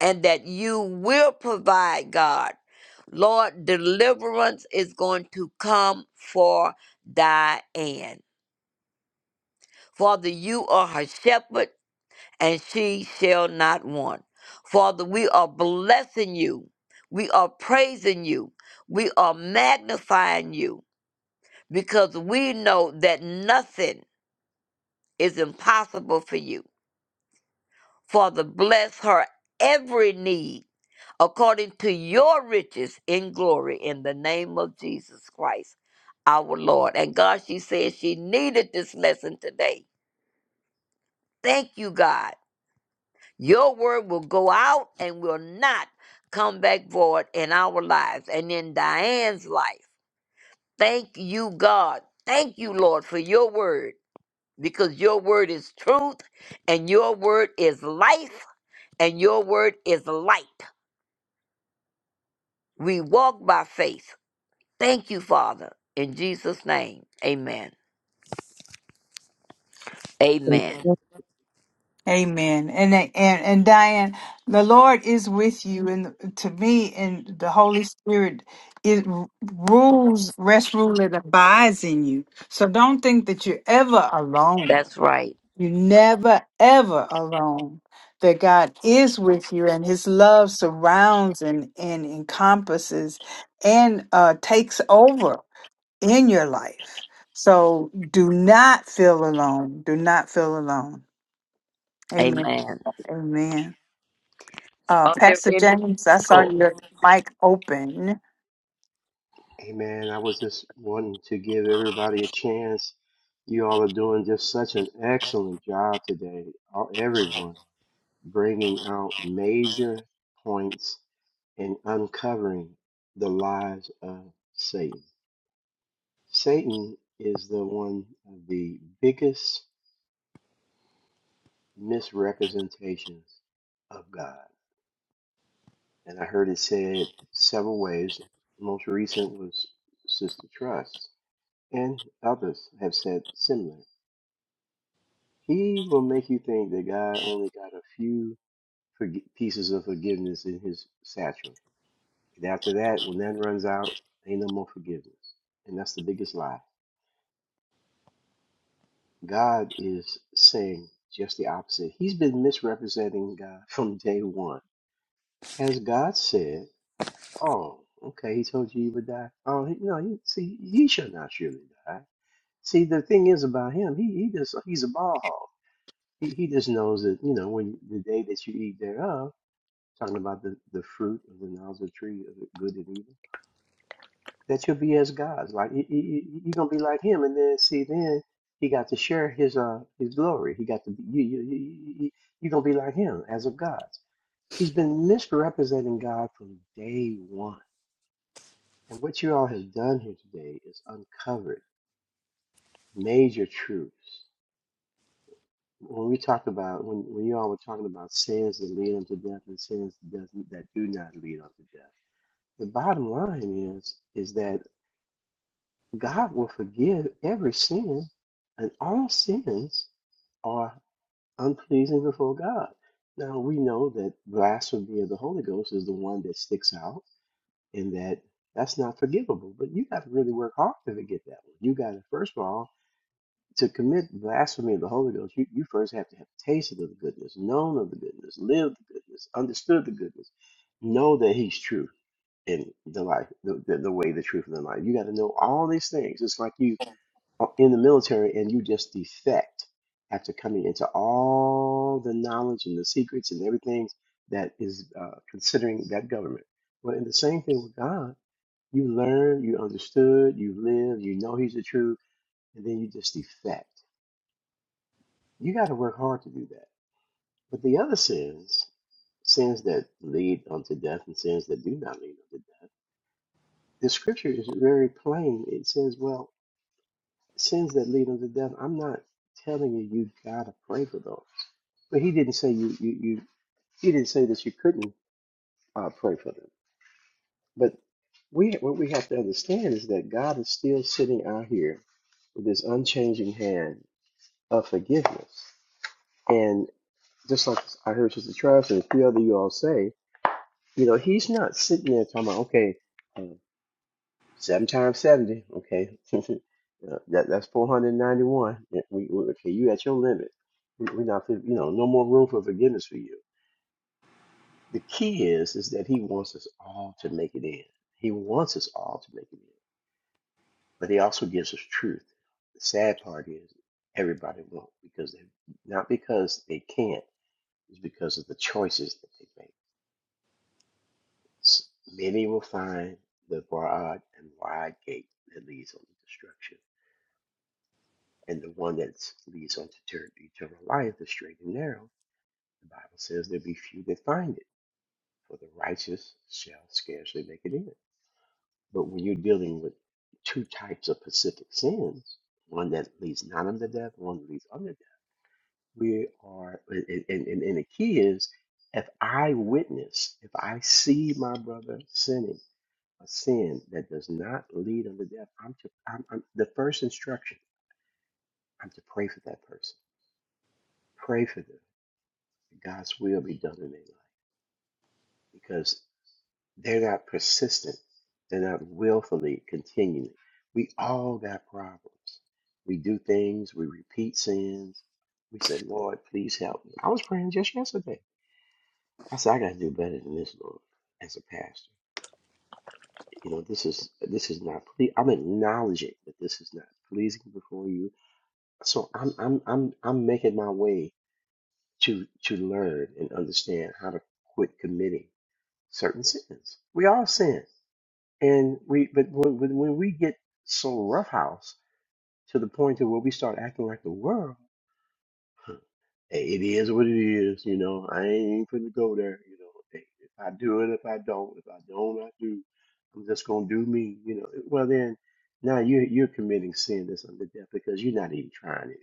Speaker 10: and that you will provide, God. Lord, deliverance is going to come for Diane. Father, you are her shepherd and she shall not want. Father, we are blessing you. We are praising you. We are magnifying you. because we know that nothing is impossible for you. Father, bless her every need according to your riches in glory in the name of Jesus Christ, our Lord. And God, she said she needed this lesson today. Thank you, God. Your word will go out and will not come back void in our lives and in Diane's life. Thank you, God. Thank you, Lord, for your word. because your word is truth and your word is life and your word is light. We walk by faith. Thank you, Father. In Jesus' name, amen. Amen.
Speaker 1: Amen. And and and Diane, the Lord is with you, and to me, and the Holy Spirit it r- rules, rest, rule, and abides in you. So don't think that you're ever alone.
Speaker 10: That's right.
Speaker 1: You're never ever alone. That God is with you, and His love surrounds and and encompasses, and uh, takes over in your life. So do not feel alone. Do not feel alone. Amen.
Speaker 10: Amen.
Speaker 1: Amen. Uh,
Speaker 10: Are there
Speaker 1: Pastor
Speaker 10: any
Speaker 1: James, I saw
Speaker 10: oh,
Speaker 1: your mic open.
Speaker 15: Hey man, I was just wanting to give everybody a chance. You all are doing just such an excellent job today. All, everyone bringing out major points and uncovering the lies of Satan. Satan is the one of the biggest misrepresentations of God. And I heard it said several ways. Most recent was Sister Trust, and others have said similar. He will make you think that God only got a few forg pieces of forgiveness in his satchel. And after that, when that runs out, ain't no more forgiveness. And that's the biggest lie. God is saying just the opposite. He's been misrepresenting God from day one. Has God said, oh, okay, he told you you would die? Oh, he, no, he, see, he shall not surely die. See, the thing is about him, he, he just, he's a ball hog. He, he just knows that, you know, when the day that you eat thereof, talking about the, the fruit of the knowledge of the tree of good and evil, that you'll be as gods. Like you, you, you- are gonna be like him, and then see, then he got to share his uh his glory. He got to be, you, you you you you- you're gonna be like him as of gods. He's been misrepresenting God from day one, and what you all have done here today is uncovered major truths. When we talked about when when you all were talking about sins that lead unto death and sins that doesn't that do not lead unto death The bottom line is is that God will forgive every sin, and all sins are unpleasing before God. Now we know that blasphemy of the Holy Ghost is the one that sticks out, and that that's not forgivable. But you got to really work hard to forget that one. You got to first of all to commit blasphemy of the Holy Ghost. You, you first have to have tasted of the goodness, known of the goodness, lived the goodness, understood the goodness, know that He's true and the life, the, the, the way, the truth, and the life. You got to know all these things. It's like you are in the military and you just defect after coming into all the knowledge and the secrets and everything that is uh, considering that government. Well, in the same thing with God, you learn, you understood, you live, you know He's the truth, and then you just defect. You got to work hard to do that. But the other sins, sins that lead unto death and sins that do not lead unto death the scripture is very plain. It says, well, sins that lead unto death, I'm not telling you you gotta pray for those. But he didn't say you you you he didn't say that you couldn't uh, pray for them. But we what we have to understand is that God is still sitting out here with this unchanging hand of forgiveness. And just like I heard Sister Travis and a few other you all say, you know, he's not sitting there talking about, okay, uh, Seven times seventy. Okay, Uh, that that's four hundred ninety-one. Yeah, We, we okay. You at your limit. We, we not you know no more room for forgiveness for you. The key is is that he wants us all to make it in. He wants us all to make it in, but he also gives us truth. The sad part is everybody won't because they not because they can't. It's because of the choices that they make. S- Many will find the broad and wide gate that leads only to destruction and the one that leads unto ter- eternal life the straight and narrow. The Bible says there'll be few that find it, for the righteous shall scarcely make it in. But when you're dealing with two types of specific sins, one that leads not unto death, one that leads unto death, we are, and, and, and and the key is if I witness, if I see my brother sinning, a sin that does not lead unto death, I'm to, I'm, I'm, the first instruction, I'm to pray for that person. Pray for them. God's will be done in their life because they're not persistent. They're not willfully continuing. We all got problems. We do things, we repeat sins. We say, Lord, please help me. I was praying just yesterday. I said, I got to do better than this, Lord, as a pastor. You know, this is this is not. Ple- I'm acknowledging that this is not pleasing before you. So I'm I'm I'm I'm making my way to to learn and understand how to quit committing certain sins. We all sin, and we but when, when when we get so roughhouse to the point to where we start acting like the world, hey, it is what it is. You know, I ain't finna go there. You know, hey, if I do it, if I don't, if I don't, I do. I'm just gonna do me. You know, well then, now you are you're committing sin that's under death because you're not even trying anymore.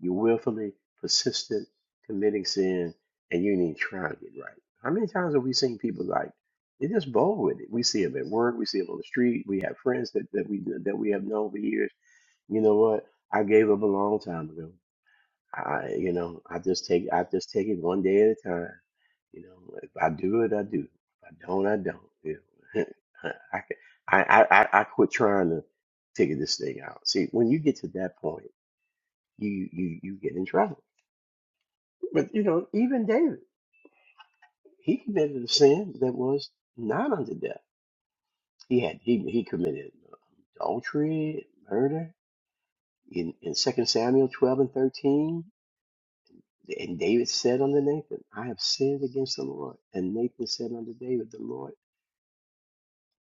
Speaker 15: You willfully persistent committing sin and you didn't even try to get right. How many times have we seen people like they're just bold with it? We see them at work, we see them on the street, we have friends that, that we that we have known for years. You know what? I gave up a long time ago. I you know, I just take I just take it one day at a time. You know, if I do it, I do. If I don't, I don't. You know, I, can- I I I I quit trying to figure this thing out. See, when you get to that point, you you you get in trouble but you know, even David, he committed a sin that was not unto death. He had he he committed adultery, murder. In in Second Samuel twelve and thirteen, and David said unto Nathan, I have sinned against the Lord. And Nathan said unto David, The Lord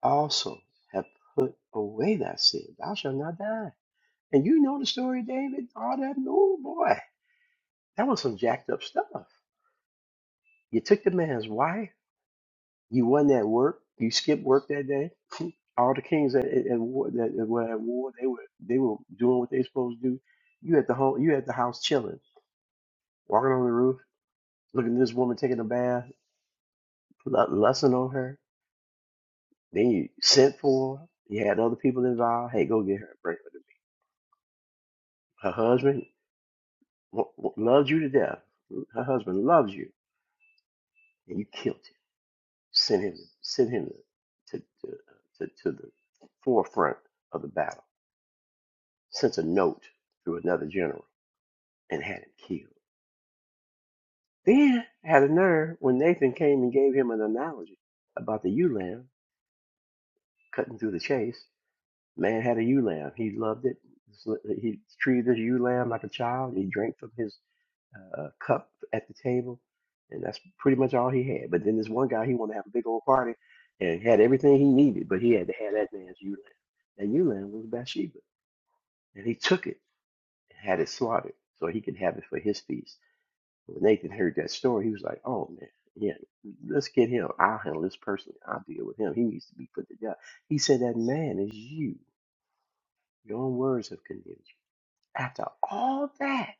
Speaker 15: also have put away thy sin. Thou shalt not die. And you know the story, of David. All that, oh boy, that was some jacked up stuff. You took the man's wife. You wasn't at work. You skipped work that day all the kings that at, at war that were at war, they were they were doing what they supposed to do. You at the home, you at the house chilling, walking on the roof, looking at this woman taking a bath, lu- lusting on her. Then you sent for her. You had other people involved. Hey, go get her. Bring her to me. Her husband w- w- loves you to death. Her husband loves you, and you killed him. Sent him, sent him to to, to, to the forefront of the battle. Sent a note through another general and had him killed Then had a nerve when Nathan came and gave him an analogy about the ewe lamb cutting through the chase. Man had a ewe lamb. He loved it. He treated his ewe lamb like a child. He drank from his uh, uh, cup at the table, and that's pretty much all he had. But then this one guy, he wanted to have a big old party and had everything he needed, but he had to have that man's ewe lamb. That ewe lamb was Bathsheba, and he took it and had it slaughtered so he could have it for his feast. When Nathan heard that story, he was like, "Oh man, yeah, let's get him. I'll handle this personally. I'll deal with him. He needs to be put to death." He said, "That man is you. Your own words have condemned you." After all that,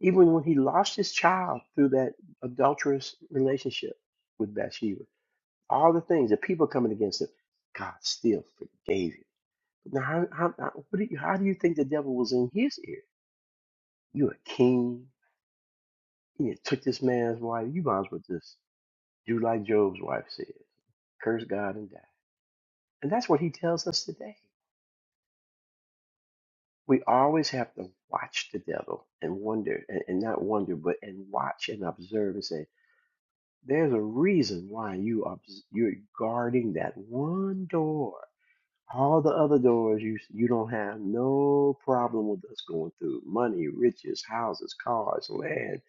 Speaker 15: even when he lost his child through that adulterous relationship with Bathsheba, all the things, the people coming against him, God still forgave him. Now, how, how, how, what do you, how do you think the devil was in his ear? You're a king. You took this man's wife. You might as well just Do like Job's wife says, curse God and die. And that's what he tells us today. We always have to watch the devil and wonder, and, and not wonder, but and watch and observe and say, there's a reason why you obs- you're guarding that one door. All the other doors you you don't have no problem with us going through. Money, riches, houses, cars, land,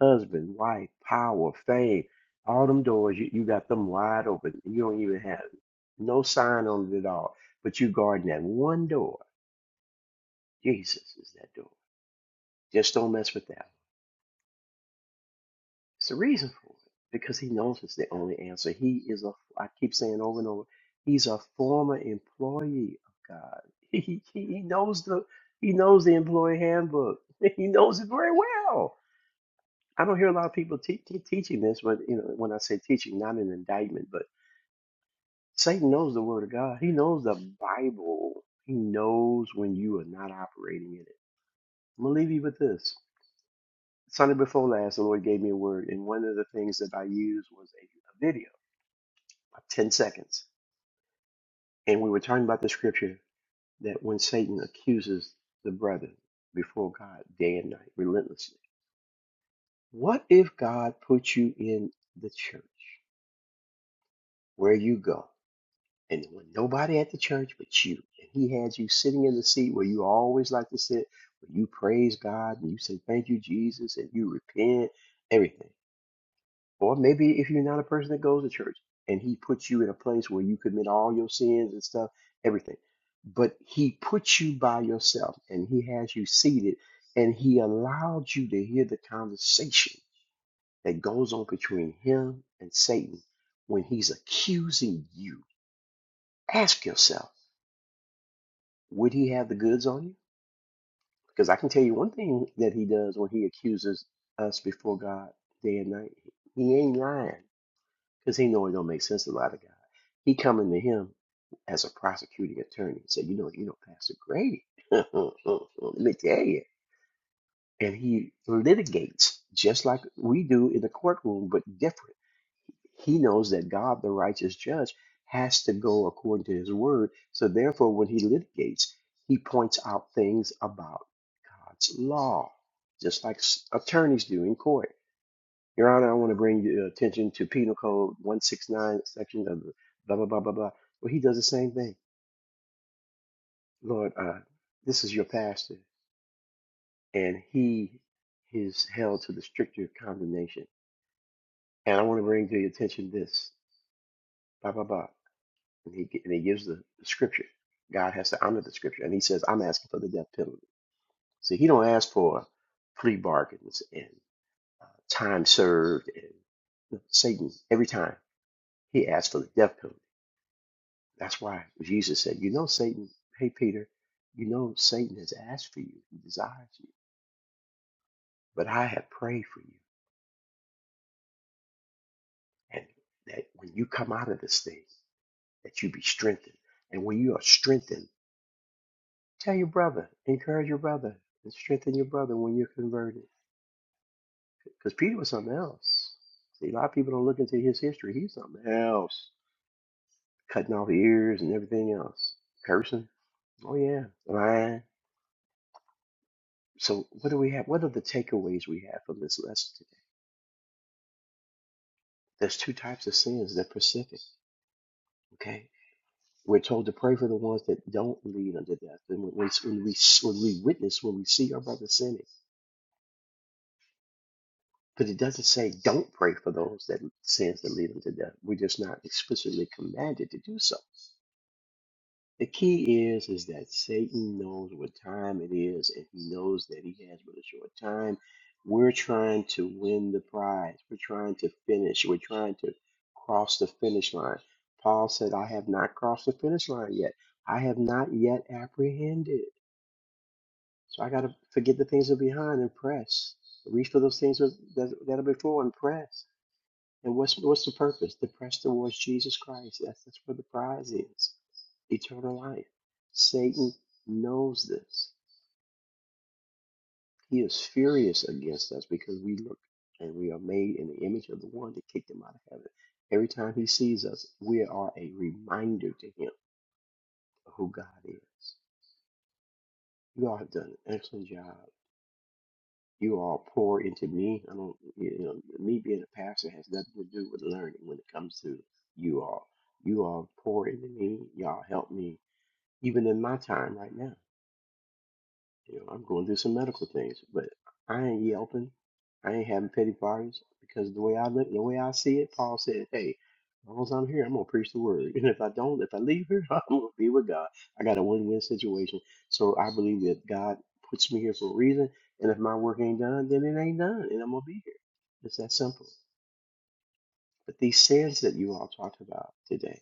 Speaker 15: husband, wife, power, fame. All them doors you, you got them wide open. You don't even have no sign on it at all. But you guarding that one door. Jesus is that door. Just don't mess with that. It's the reason for it because he knows it's the only answer. He is a, I keep saying over and over, he's a former employee of God. He, he, he knows the he knows the employee handbook. He knows it very well. I don't hear a lot of people te- te- teaching this, but you know, when I say teaching, not an indictment, but Satan knows the Word of God. He knows the Bible. He knows when you are not operating in it. I'm gonna leave you with this. Sunday before last, the Lord gave me a word, and one of the things that I used was a, a video 10 seconds. And we were talking about the scripture that when Satan accuses the brethren before God day and night, relentlessly, what if God put you in the church where you go and there was nobody at the church but you? And he had you sitting in the seat where you always like to sit, where you praise God and you say, Thank you, Jesus, and you repent, everything. Or maybe if you're not a person that goes to church and he puts you in a place where you commit all your sins and stuff, everything. But he puts you by yourself and he has you seated and he allowed you to hear the conversation that goes on between him and Satan when he's accusing you. Ask yourself, would he have the goods on you? Because I can tell you one thing that he does when he accuses us before God day and night. He ain't lying because he know it don't make sense to a lot of guys. He coming to him as a prosecuting attorney and said, you know, you know, Pastor Grady, let me tell you. And he litigates just like we do in the courtroom, but different. He knows that God, the righteous judge, has to go according to his word. So therefore, when he litigates, he points out things about God's law, just like s- attorneys do in court. Your Honor, I want to bring your attention to Penal Code 169, section of the blah, blah, blah, blah, blah. Well, he does the same thing. Lord, uh, this is your pastor, and he is held to the stricter condemnation. And I want to bring to your attention this, blah, blah, blah. And he, gi- and he gives the, scripture. God has to honor the scripture. And he says, I'm asking for the death penalty. See, he don't ask for plea bargains and uh, time served. And no, Satan, every time, he asks for the death penalty. That's why Jesus said, You know, Satan, hey, Peter, you know, Satan has asked for you, he desires you, but I have prayed for you. And that when you come out of this thing, that you be strengthened. And when you are strengthened, tell your brother, encourage your brother, and strengthen your brother when you're converted. Because Peter was something else. See, a lot of people don't look into his history. He's something else. Cutting off ears and everything else. Cursing. Oh, yeah. Lying. So, what do we have? What are the takeaways we have from this lesson There's two types of sins. They're specific. Okay. We're told to pray for the ones that don't lead unto death. And when we, when we, when we witness, when we see our brother sinning, but it doesn't say don't pray for those that sins that lead unto death. We're just not explicitly commanded to do so. The key is is that Satan knows what time it is and he knows that he has but a short time. We're trying to win the prize. We're trying to finish. We're trying to cross the finish line. Paul said, I have not crossed the finish line yet. I have not yet apprehended. So I got to forget the things that are behind and press. Reach for those things that, that that are before and press. And what's what's the purpose? To press towards Jesus Christ. That's that's where the prize is. Eternal life. Satan knows this. He is furious against us because we look and we are made in the image of the one that kicked him out of heaven. Every time he sees us, we are a reminder to him of who God is. You all have done an excellent job. You all pour into me. I don't, you know, me being a pastor has nothing to do with learning when it comes to you all. You all pour into me. Y'all help me even in my time right now. You know, I'm going through some medical things, but I ain't yelping. I ain't having petty parties because the way I look, the way I see it, Paul said, "Hey, as long as I'm here, I'm gonna preach the word. And if I don't, if I leave here, I'm gonna be with God. I got a win-win situation. So I believe that God puts me here for a reason. And if my work ain't done, then it ain't done, and I'm gonna be here. It's that simple. But these sins that you all talked about today,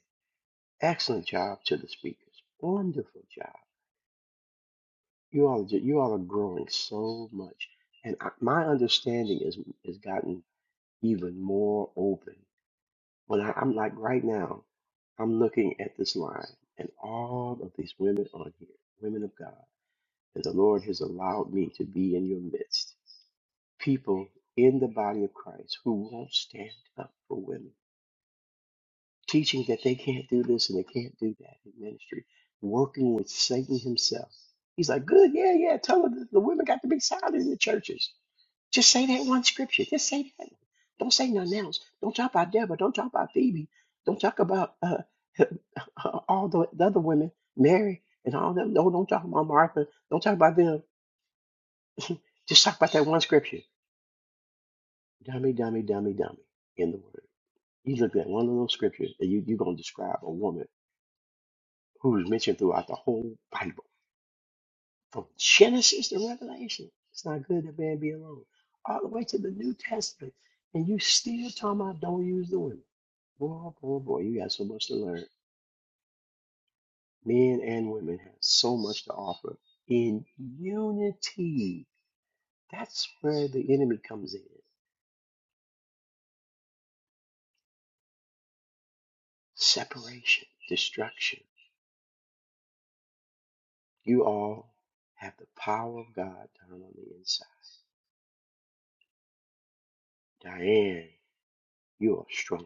Speaker 15: excellent job to the speakers, wonderful job You all, are ju- you all are growing so much, and I, my understanding is has gotten even more open. When I, I'm like right now, I'm looking at this line, and all of these women on here, women of God, and the Lord has allowed me to be in your midst. People in the body of Christ who won't stand up for women teaching that they can't do this and they can't do that in ministry, working with Satan himself. He's like, good, yeah, yeah, tell them that the women got to be silent in the churches. Just say that one scripture. Just say that. one. Don't say nothing else. Don't talk about Deborah. Don't talk about Phoebe. Don't talk about uh, all the, the other women, Mary and all them. No, don't talk about Martha. Don't talk about them. Just talk about that one scripture. Dummy, dummy, dummy, dummy in the word. You look at one of those scriptures and you, you're going to describe a woman who is mentioned throughout the whole Bible, from Genesis to Revelation. It's not good that man be alone. All the way to the New Testament. And you still talking about don't use the women. Boy, oh boy, oh boy, you got so much to learn. Men and women have so much to offer in unity. That's where the enemy comes in. Separation, destruction. You all have the power of God down on the inside. Diane, you are strong.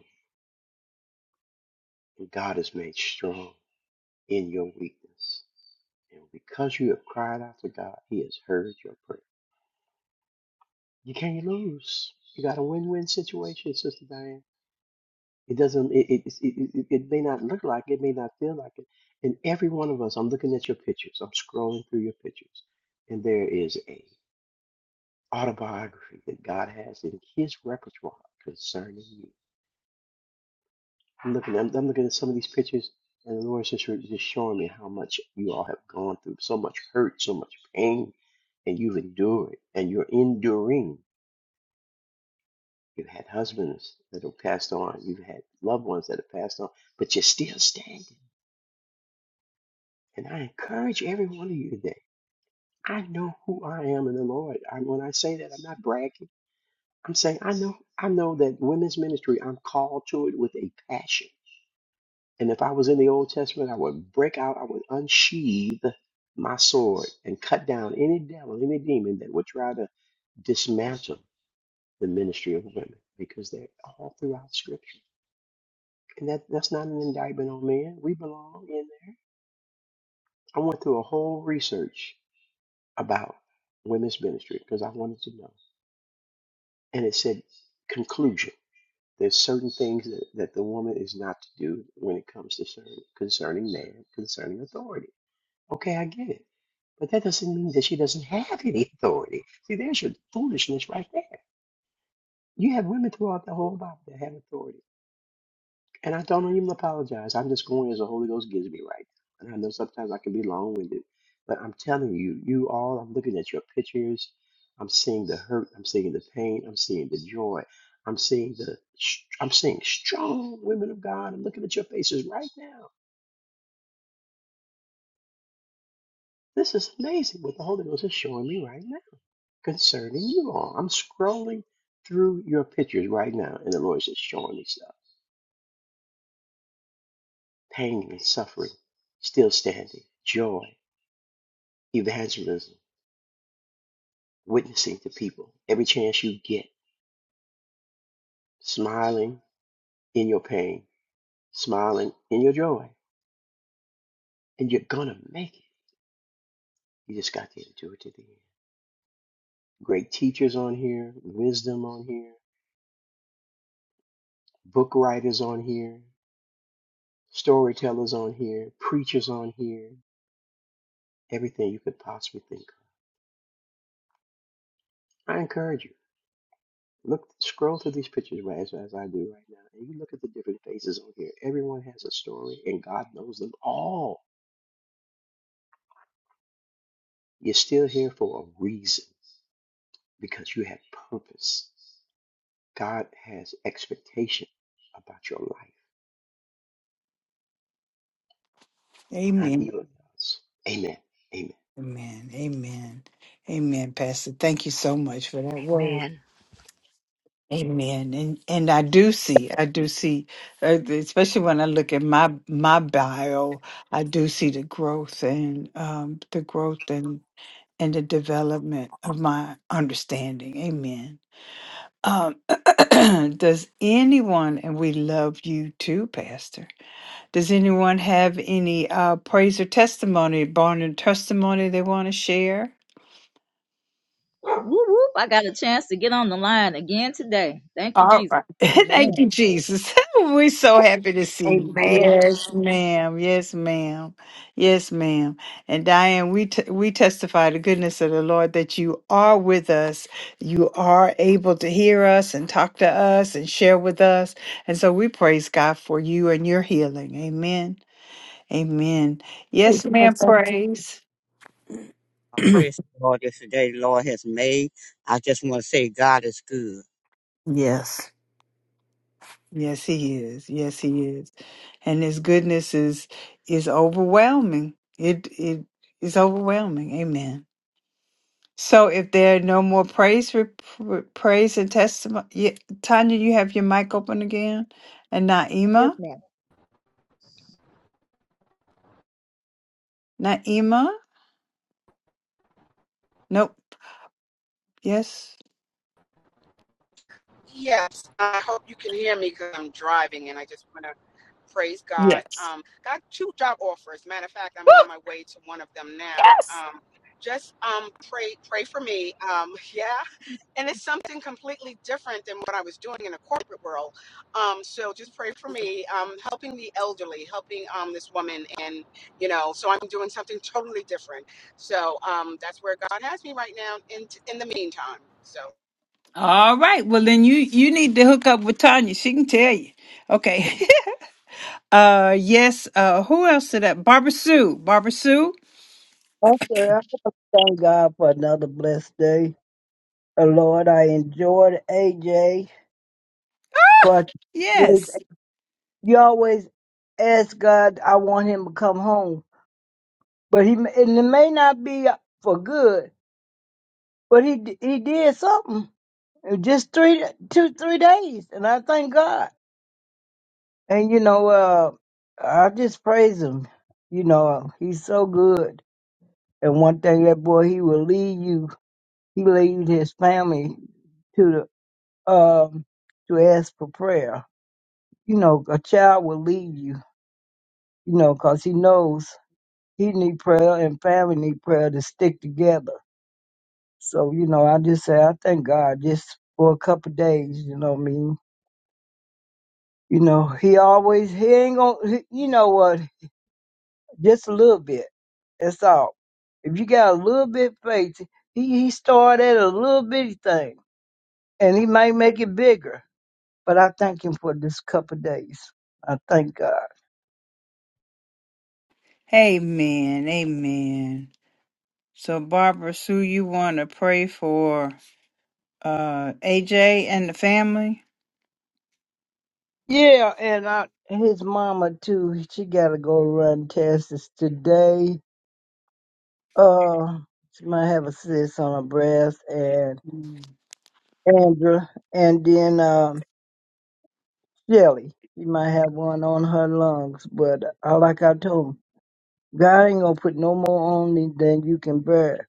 Speaker 15: And God is made strong. in your weakness. And because you have cried out to God, He has heard your prayer. You can't lose. You got a win-win situation, Sister Diane. It doesn't. It it, it it it may not look like it, may not feel like it. And every one of us, I'm looking at your pictures. I'm scrolling through your pictures, and there is a autobiography that God has in His repertoire concerning you. I'm looking. I'm, I'm looking at some of these pictures, and the Lord's just just showing me how much you all have gone through, so much hurt, so much pain, and you've endured, and you're enduring. You've had husbands that have passed on. You've had loved ones that have passed on, but you're still standing. And I encourage every one of you today. I know who I am in the Lord. I, when I say that, I'm not bragging. I'm saying I know. I know that women's ministry. I'm called to it with a passion. And if I was in the Old Testament, I would break out, I would unsheathe my sword and cut down any devil, any demon that would try to dismantle the ministry of women because they're all throughout Scripture. And that, that's not an indictment on men. We belong in there. I went through a whole research about women's ministry because I wanted to know. And it said, conclusion. There's certain things that, that the woman is not to do when it comes to certain, concerning man, concerning authority. Okay, I get it. But that doesn't mean that she doesn't have any authority. See, there's your foolishness right there. You have women throughout the whole Bible that have authority. And I don't even apologize. I'm just going as the Holy Ghost gives me right. now. And I know sometimes I can be long winded, but I'm telling you, you all, I'm looking at your pictures. I'm seeing the hurt. I'm seeing the pain. I'm seeing the joy. I'm seeing the, I'm seeing strong women of God. I'm looking at your faces right now. This is amazing what the Holy Ghost is showing me right now. concerning you all. I'm scrolling through your pictures right now, and the Lord's just showing me stuff. Pain and suffering, still standing, joy, evangelism, witnessing to people every chance you get, smiling in your pain, smiling in your joy, and you're gonna make it. You just got to endure to the end. Great teachers on here, wisdom on here, book writers on here, storytellers on here, preachers on here, everything you could possibly think of. I encourage you. Look, scroll through these pictures right as, as I do right now, and you look at the different faces on here. Everyone has a story, and God knows them all. You're still here for a reason because you have purpose. God has expectation about your life, not
Speaker 1: Amen.
Speaker 15: evil does. Amen. Amen.
Speaker 1: Amen. Amen. Amen, Pastor. Thank you so much for that word.
Speaker 10: Amen.
Speaker 1: Amen. And and I do see, I do see, uh, especially when I look at my my bio, I do see the growth and um, the growth and and the development of my understanding. Amen. Um, does anyone, and we love you too, Pastor. Does anyone have any uh, praise or testimony, barn and testimony they want to share?
Speaker 9: Whoop, whoop. I got a chance to get on the line again today. Thank you,
Speaker 1: All
Speaker 9: Jesus.
Speaker 1: right. Thank you,
Speaker 9: Amen.
Speaker 1: Jesus. We're so happy to see you.
Speaker 10: Amen.
Speaker 1: Yes, ma'am. Yes, ma'am. Yes, ma'am. And Diane, we t- we testify the goodness of the Lord that you are with us. You are able to hear us and talk to us and share with us. And so we praise God for you and your healing. Amen. Amen.
Speaker 14: Amen.
Speaker 1: Yes, ma'am.
Speaker 14: Thank you.
Speaker 1: Praise.
Speaker 16: I praise the Lord this day, the Lord has made. I just want to say God is good.
Speaker 14: Yes.
Speaker 1: Yes, he is. Yes, he is. And his goodness is is overwhelming. It it is overwhelming. Amen. So if there are no more praise rep- praise and testimony, yeah, Tanya, you have your mic open again. And Naima, Naima? Nope. Yes.
Speaker 5: Yes, I hope you can hear me because I'm driving and I just want to praise God.
Speaker 1: Yes.
Speaker 5: Um, got two job offers. Matter of fact, I'm
Speaker 1: Woo,
Speaker 5: on my way to one of them now.
Speaker 1: yes.
Speaker 5: Um, just um, pray, pray for me. Um, yeah, and it's something completely different than what I was doing in the corporate world. Um, so just pray for me. Um, helping the elderly, helping um, this woman, and you know, so I'm doing something totally different. So um, that's where God has me right now. In in the meantime, so.
Speaker 1: All right. Well, then you you need to hook up with Tanya. She can tell you. Okay. uh yes, uh who else did that? Barbara Sue. Barbara Sue?
Speaker 4: Also, I want to thank God for another blessed day. Uh, Lord, I enjoyed AJ Clark. always-
Speaker 1: Yes.
Speaker 4: You always ask God, I want him to come home, but he and it may not be for good, but he d- he did something in just three two three days, and I thank God. And you know, uh, I just praise him. You know, he's so good. And one thing that boy, he will lead you He leads his family to the um to ask for prayer. You know, a child will lead you. You know, 'cause he knows he need prayer and family need prayer to stick together. So you know, I just say I thank God just for a couple of days. You know what I mean? You know, he always he ain't gonna. He, you know what? Just a little bit. That's all. If you got a little bit faith, he he started at a little bitty thing, and he might make it bigger. But I thank him for this couple of days. I thank God.
Speaker 1: Amen. Amen. So Barbara Sue, you want to pray for uh AJ and the family?
Speaker 4: Yeah, and I his mama too. She gotta go run tests today. Uh, she might have a cyst on her breast, and Andra, and then um Shelly. She might have one on her lungs. But I, like I told him, God ain't gonna put no more on you than you can bear.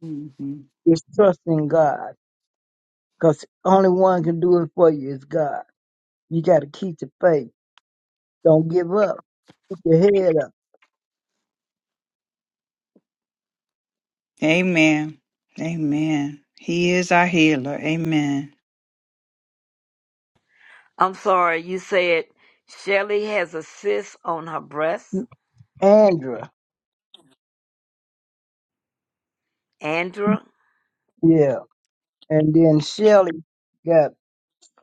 Speaker 1: hmm
Speaker 4: Just trust in God, cause only one can do it for you is God. You gotta keep the faith. Don't give up. the head
Speaker 1: Amen. Amen. He is our healer. Amen.
Speaker 10: I'm sorry, you said Shelly has a cyst on her breast.
Speaker 4: of Andra,
Speaker 10: Andra?
Speaker 4: yeah, and then Shelly got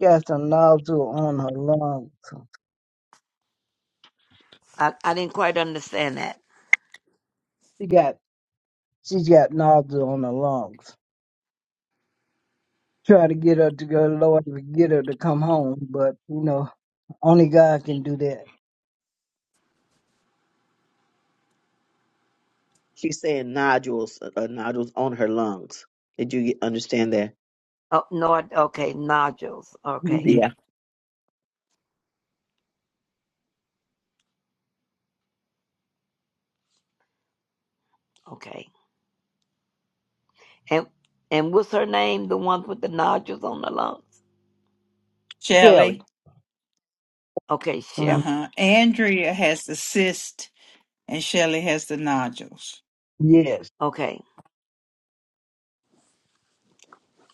Speaker 4: got some nozzle on her lungs.
Speaker 10: I, I didn't quite understand that.
Speaker 4: She got she's got nozzle on her lungs. Try to get her to go, Lord, to get her to come home, but you know only God can do that.
Speaker 3: She's saying nodules, uh, uh, nodules on her lungs. Did you understand that?
Speaker 10: Oh, no, I, okay, nodules. Okay,
Speaker 1: Mhm.
Speaker 3: Yeah.
Speaker 10: okay. And and what's her name? The one with the nodules on the lungs?
Speaker 4: Shelly,
Speaker 1: Shelley,
Speaker 10: Okay,
Speaker 4: mhm,
Speaker 10: Shelly.
Speaker 1: uh-huh. Andrea has the cyst and Shelley has the nodules.
Speaker 4: yes,
Speaker 10: Okay.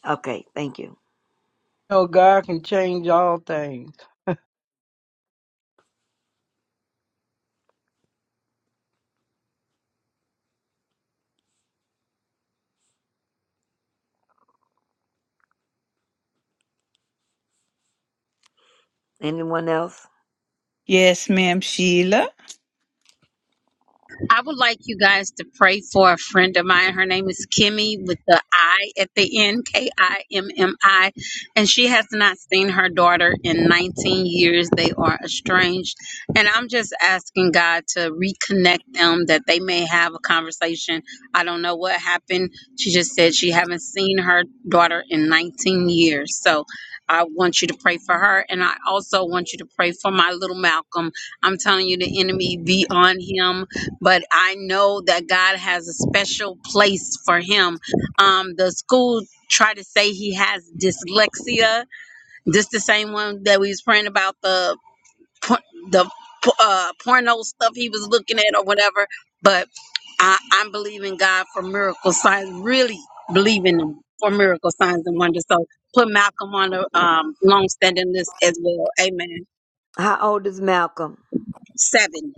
Speaker 10: Okay, thank you.
Speaker 4: you know God can change all things.
Speaker 10: Anyone else?
Speaker 1: Yes, ma'am, Sheila.
Speaker 13: I would like you guys to pray for a friend of mine. Her name is Kimmy with the I at the end, K I M M I. And she has not seen her daughter in 19 years. They are estranged. And I'm just asking God to reconnect them that they may have a conversation. I don't know what happened. She just said she haven't seen her daughter in 19 years. So I want you to pray for her. And I also want you to pray for my little Malcolm. I'm telling you, the enemy be on him but I know that God has a special place for him. Um, the school tried to say he has dyslexia. This the same one that we was praying about the por- the uh, porno stuff he was looking at or whatever. But I, I'm believing God for miracle signs. Really believing him for miracle signs and wonders. So put Malcolm on the um, long-standing list as well. Amen.
Speaker 10: How old is Malcolm?
Speaker 13: Seven.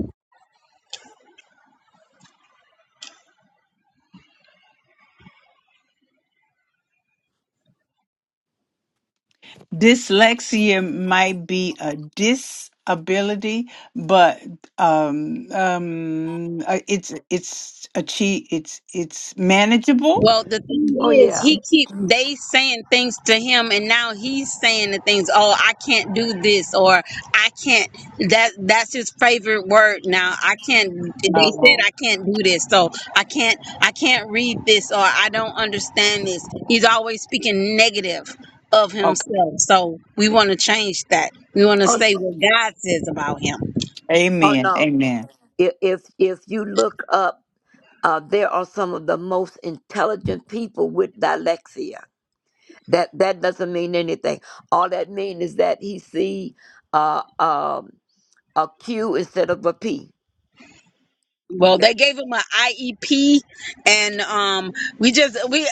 Speaker 1: dyslexia might be a disability, but um, um, uh, it's it's achieve it's it's manageable.
Speaker 13: Well, the
Speaker 10: Oh
Speaker 13: thing is,
Speaker 10: yeah.
Speaker 13: he keep they saying things to him, and now he's saying the things. Oh, I can't do this, or I can't. That that's his favorite word now. I can't. They said
Speaker 1: Oh,
Speaker 13: I can't do this, so I can't. I can't read this, or I don't understand this. He's always speaking negative of
Speaker 1: okay.
Speaker 13: himself. So we want to change that. We want to
Speaker 10: Oh,
Speaker 13: say what God says about him.
Speaker 10: oh
Speaker 1: Amen.
Speaker 10: no.
Speaker 1: Amen.
Speaker 10: If if if you look up uh, there are some of the most intelligent people with dyslexia. That that doesn't mean anything. All that means is that he see uh, um, a Q instead of a P.
Speaker 13: Well, they gave him an IEP, and um, we just we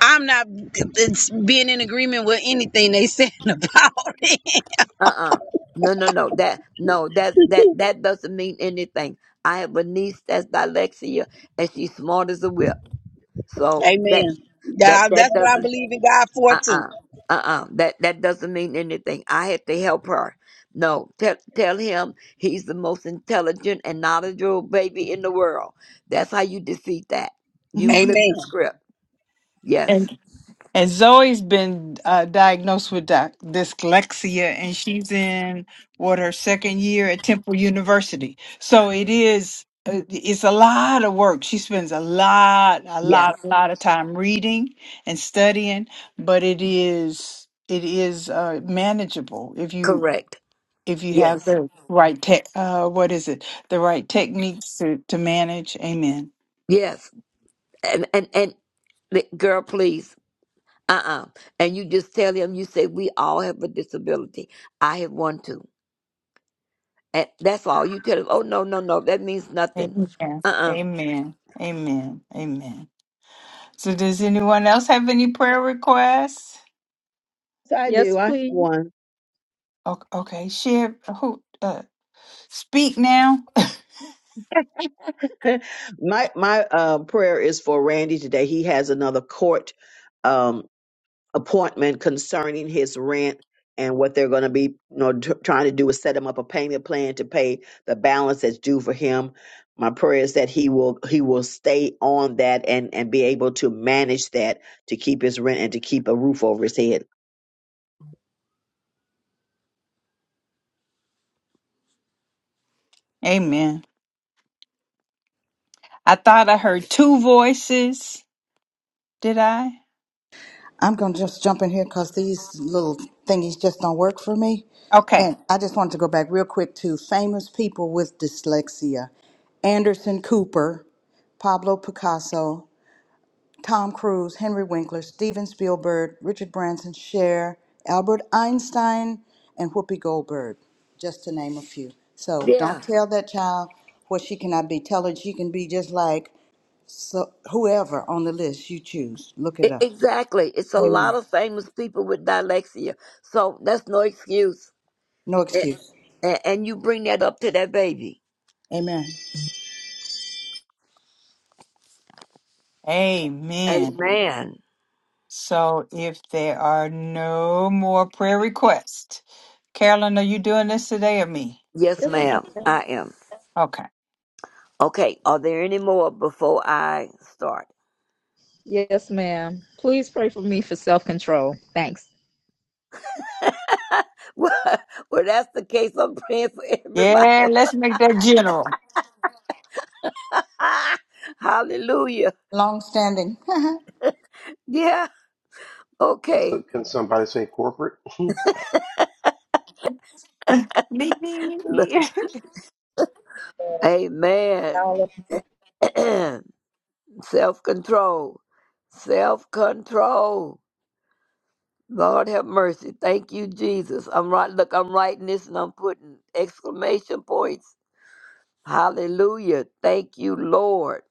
Speaker 13: I'm not it's being in agreement with anything they saying about it.
Speaker 10: uh-uh no no no that no that that that doesn't mean anything i have a niece that's dyslexia and she's smart as a whip so that
Speaker 13: Amen.
Speaker 10: that
Speaker 13: Yeah, that's
Speaker 10: that
Speaker 13: what I
Speaker 10: doesn't
Speaker 13: believe in God for too.
Speaker 10: uh-uh uh-uh that that doesn't mean anything i had to help her no tell tell him he's the most intelligent and knowledgeable baby in the world that's how you defeat that you flip
Speaker 13: Amen.
Speaker 10: the script
Speaker 1: Amen.
Speaker 10: yes
Speaker 1: And Zoe's been uh, diagnosed with dy- dyslexia, and she's in what her second year at Temple University. So it is. uh, It's a lot of work. She spends a lot, a
Speaker 10: yes
Speaker 1: lot, a lot of time reading and studying, but it is it is uh, manageable if you
Speaker 10: correct
Speaker 1: if you have
Speaker 10: yes
Speaker 1: the right tech. Uh, what is it? The right techniques to to manage. Amen.
Speaker 10: yes and and and li- girl please uh-uh and you just tell him you say we all have a disability i have one too and that's all you tell him oh no no no that means nothing
Speaker 1: Amen.
Speaker 10: uh-uh
Speaker 1: Amen. Amen. Amen. So does anyone else have any prayer requests?
Speaker 3: Yes, I
Speaker 9: Yes,
Speaker 3: do. I have
Speaker 9: please.
Speaker 3: one.
Speaker 1: O- Okay, share who uh, speak now.
Speaker 3: my my uh, prayer is for Randy today. He has another court um, appointment concerning his rent and what they're going to be you know, t- trying to do is set him up a payment plan to pay the balance that's due for him. My prayer is that he will he will stay on that and and be able to manage that to keep his rent and to keep a roof over his head.
Speaker 1: Amen. I thought I heard two voices. Did I?
Speaker 17: I'm going to just jump in here because these little thingies just don't work for me.
Speaker 1: Okay.
Speaker 17: And I just wanted to go back real quick to famous people with dyslexia Anderson Cooper, Pablo Picasso, Tom Cruise, Henry Winkler, Steven Spielberg, Richard Branson, Cher, Albert Einstein, and Whoopi Goldberg, just to name a few. So don't
Speaker 10: yeah
Speaker 17: tell that child what she cannot be. Tell her she can be just like so whoever on the list you choose. Look it
Speaker 10: e-
Speaker 17: up.
Speaker 10: exactly it's a lot
Speaker 17: Amen.
Speaker 10: of famous people with dyslexia so that's no excuse
Speaker 17: No
Speaker 10: A-
Speaker 17: excuse.
Speaker 10: a- and you bring that up to that baby
Speaker 17: Amen.
Speaker 1: Amen.
Speaker 10: amen
Speaker 1: So if there are no more prayer requests, Carolyn, are you doing this today or me?
Speaker 10: yes
Speaker 9: Yes, ma'am.
Speaker 10: ma'am i am
Speaker 1: Okay.
Speaker 10: okay are there any more before i start
Speaker 9: Yes, ma'am. Please pray for me for self control. Thanks.
Speaker 10: well, well that's the case i'm praying for everybody
Speaker 1: Yeah, let's make that general.
Speaker 10: hallelujah
Speaker 17: Long standing. Happy
Speaker 10: Yeah.
Speaker 15: Can,
Speaker 10: Okay.
Speaker 15: some, can somebody say corporate?
Speaker 1: Me, me, me, me.
Speaker 10: Amen. self control. Self control. Lord have mercy. Thank you, Jesus. I'm right. Look, I'm writing this and I'm putting exclamation points. Hallelujah. Thank you, Lord.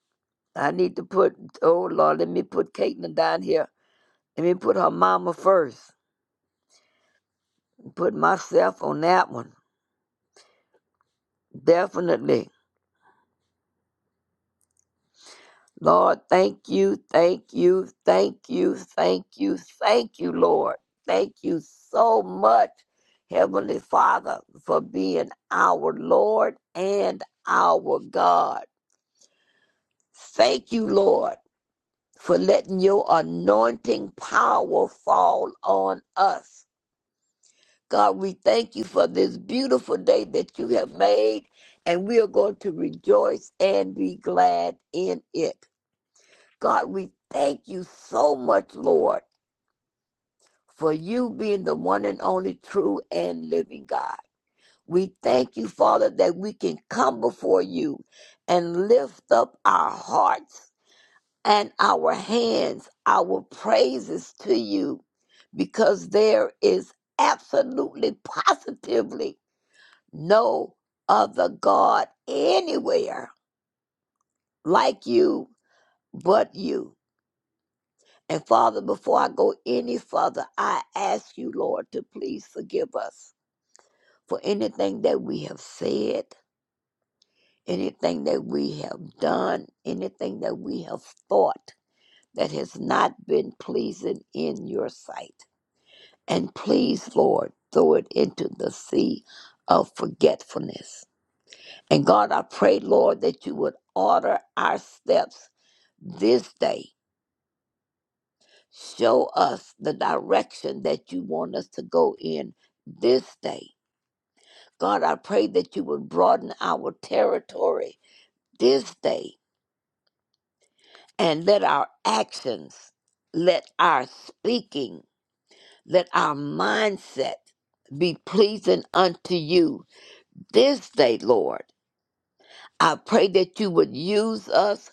Speaker 10: I need to put, oh Lord, let me put Caitlin down here. Let me put her mama first. Put myself on that one. Definitely. Lord, thank you, thank you, thank you, thank you, thank you, Lord. Thank you so much, Heavenly Father, for being our Lord and our God. Thank you, Lord, for letting your anointing power fall on us. God, we thank you for this beautiful day that you have made, and we are going to rejoice and be glad in it. God, we thank you so much, Lord, for you being the one and only true and living God. We thank you, Father, that we can come before you and lift up our hearts and our hands, our praises to you, because there is absolutely, positively no other God anywhere like you but you. And Father, before I go any further, I ask you, Lord, to please forgive us for anything that we have said, anything that we have done, anything that we have thought that has not been pleasing in your sight. And please, Lord, throw it into the sea of forgetfulness. And God, I pray, Lord, that you would order our steps this day Show us the direction that you want us to go in this day. God, I pray that you would broaden our territory this day and let our actions, let our speaking, let our mindset be pleasing unto you this day, Lord. I pray that you would use us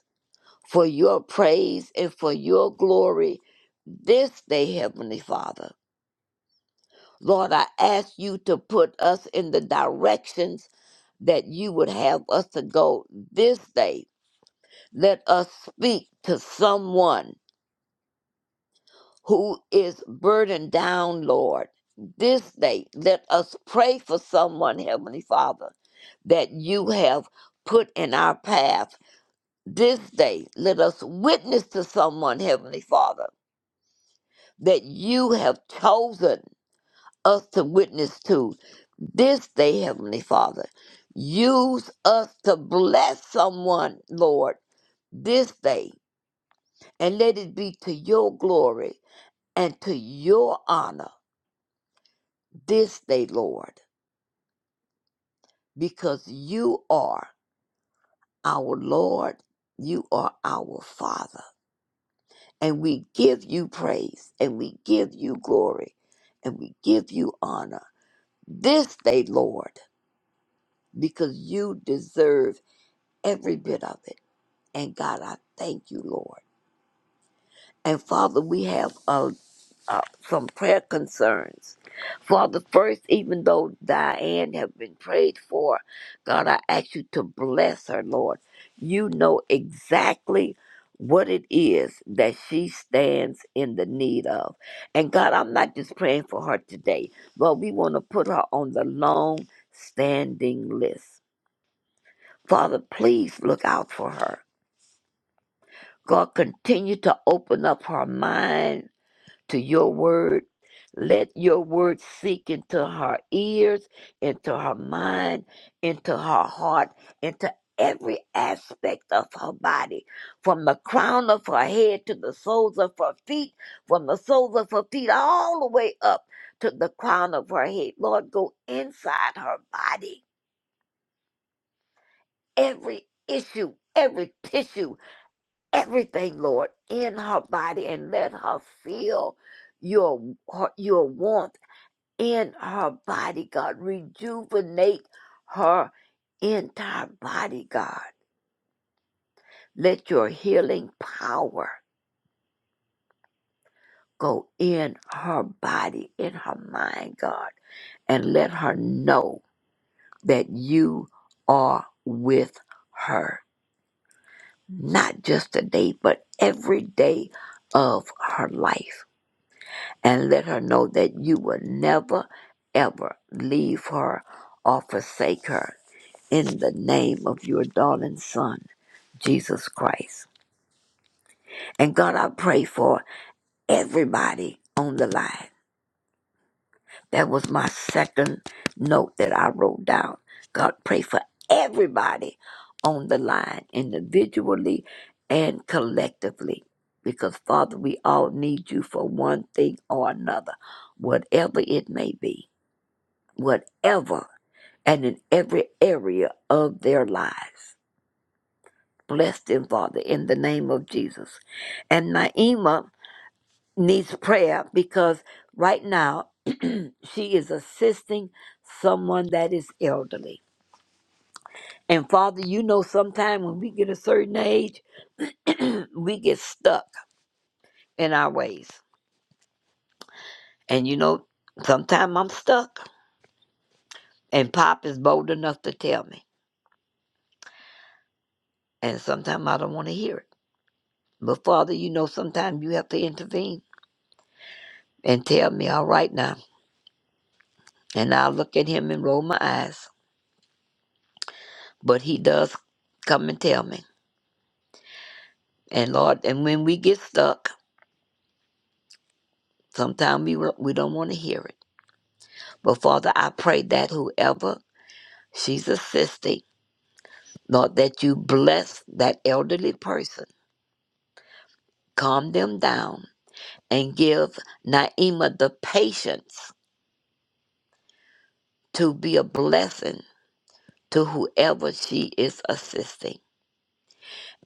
Speaker 10: for your praise and for your glory this day, Heavenly Father. Lord, I ask you to put us in the directions that you would have us to go this day. Let us speak to someone who is burdened down, Lord. This day, let us pray for someone, Heavenly Father, that you have put in our path. This day, let us witness to someone, Heavenly Father, that you have chosen us to witness to this day, Heavenly Father. Use us to bless someone, Lord, this day, and let it be to your glory and to your honor this day, Lord, because you are our Lord, you are our Father, and we give you praise, and we give you glory, and we give you honor this day, Lord, because you deserve every bit of it. And God, I thank you, Lord. And Father, we have uh, uh, some prayer concerns. Father, first, even though Diane have been prayed for, God, I ask you to bless her, Lord. You know exactly what it is that she stands in the need of. And God, I'm not just praying for her today, but we want to put her on the long standing list. Father, please look out for her. God, continue to open up her mind to your word. Let your word sink into her ears, into her mind, into her heart, into every aspect of her body, from the crown of her head to the soles of her feet, from the soles of her feet all the way up to the crown of her head. Lord, go inside her body, every issue, every tissue, everything, Lord, in her body, and let her feel your her, your warmth in her body, God. Rejuvenate her entire body, God. Let your healing power go in her body, in her mind, God, and let her know that you are with her, not just today, but every day of her life. And let her know that you will never, ever leave her or forsake her in the name of your darling son, Jesus Christ. And God, I pray for everybody on the line. That was my second note that I wrote down. God, pray for everybody on the line, individually and collectively. Because, Father, we all need you for one thing or another, whatever it may be, whatever, and in every area of their lives. Bless them, Father, in the name of Jesus. And Naima needs prayer because right now she is assisting someone that is elderly. And Father, you know, sometime when we get a certain age, we get stuck in our ways. And you know, sometimes I'm stuck, and Pop is bold enough to tell me. And sometimes I don't want to hear it. But Father, you know, sometimes you have to intervene and tell me, all right now. And I look at him and roll my eyes but he does come and tell me. And Lord, and when we get stuck, sometimes we will- we don't want to hear it. But Father, I pray that whoever she's assisting, Lord, that you bless that elderly person, calm them down, and give Naima the patience to be a blessing to whoever she is assisting.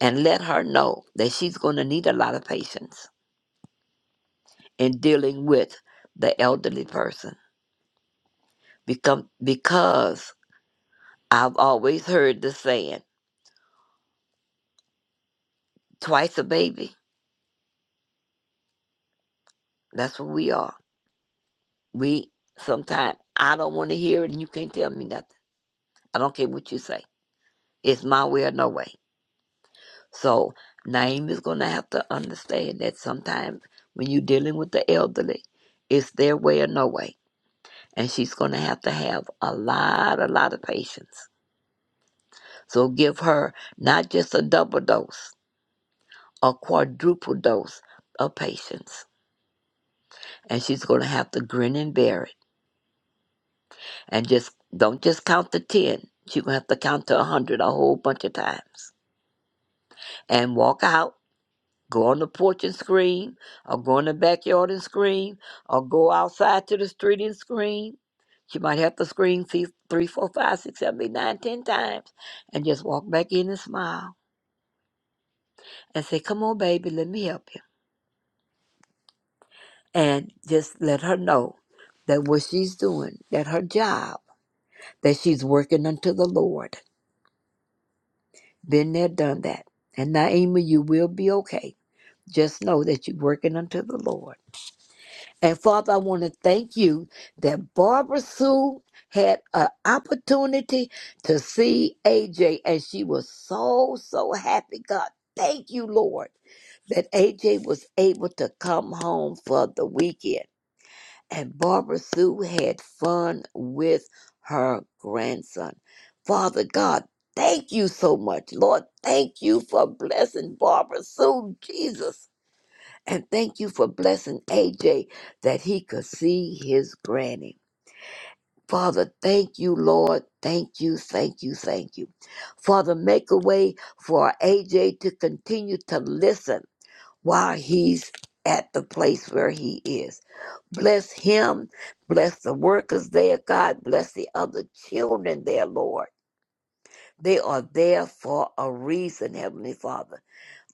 Speaker 10: And let her know that she's going to need a lot of patience in dealing with the elderly person. Become because I've always heard the saying, twice a baby. That's what we are. We sometimes I don't want to hear it and you can't tell me nothing. I don't care what you say. It's my way or no way. So Naeem is gonna have to understand that sometimes when you're dealing with the elderly, it's their way or no way. And she's gonna have to have a lot, a lot of patience. So give her not just a double dose, a quadruple dose of patience. And she's gonna have to grin and bear it and just don't just count to 10 you're going to have to count to 100 a whole bunch of times and walk out go on the porch and scream or go in the backyard and scream or go outside to the street and scream you might have to scream three, three, four, five, six, seven, eight, nine, ten times and just walk back in and smile and say, Come on, baby, let me help you. And just let her know that what she's doing, that her job, that she's working unto the Lord Been there, done that. And Naima, you will be okay. Just know that you're working unto the Lord. And Father, I want to thank you that Barbara Sue had an opportunity to see AJ, and she was so, so happy. God, thank you, Lord, that AJ was able to come home for the weekend and Barbara Sue had fun with her grandson. Father God, thank you so much. Lord, thank you for blessing Barbara Sue, Jesus. And thank you for blessing AJ that he could see his granny. Father, thank you, Lord. Thank you, thank you, thank you. Father, make a way for AJ to continue to listen while he's at the place where he is. Bless him. Bless the workers there, God. Bless the other children there, Lord. They are there for a reason, Heavenly Father.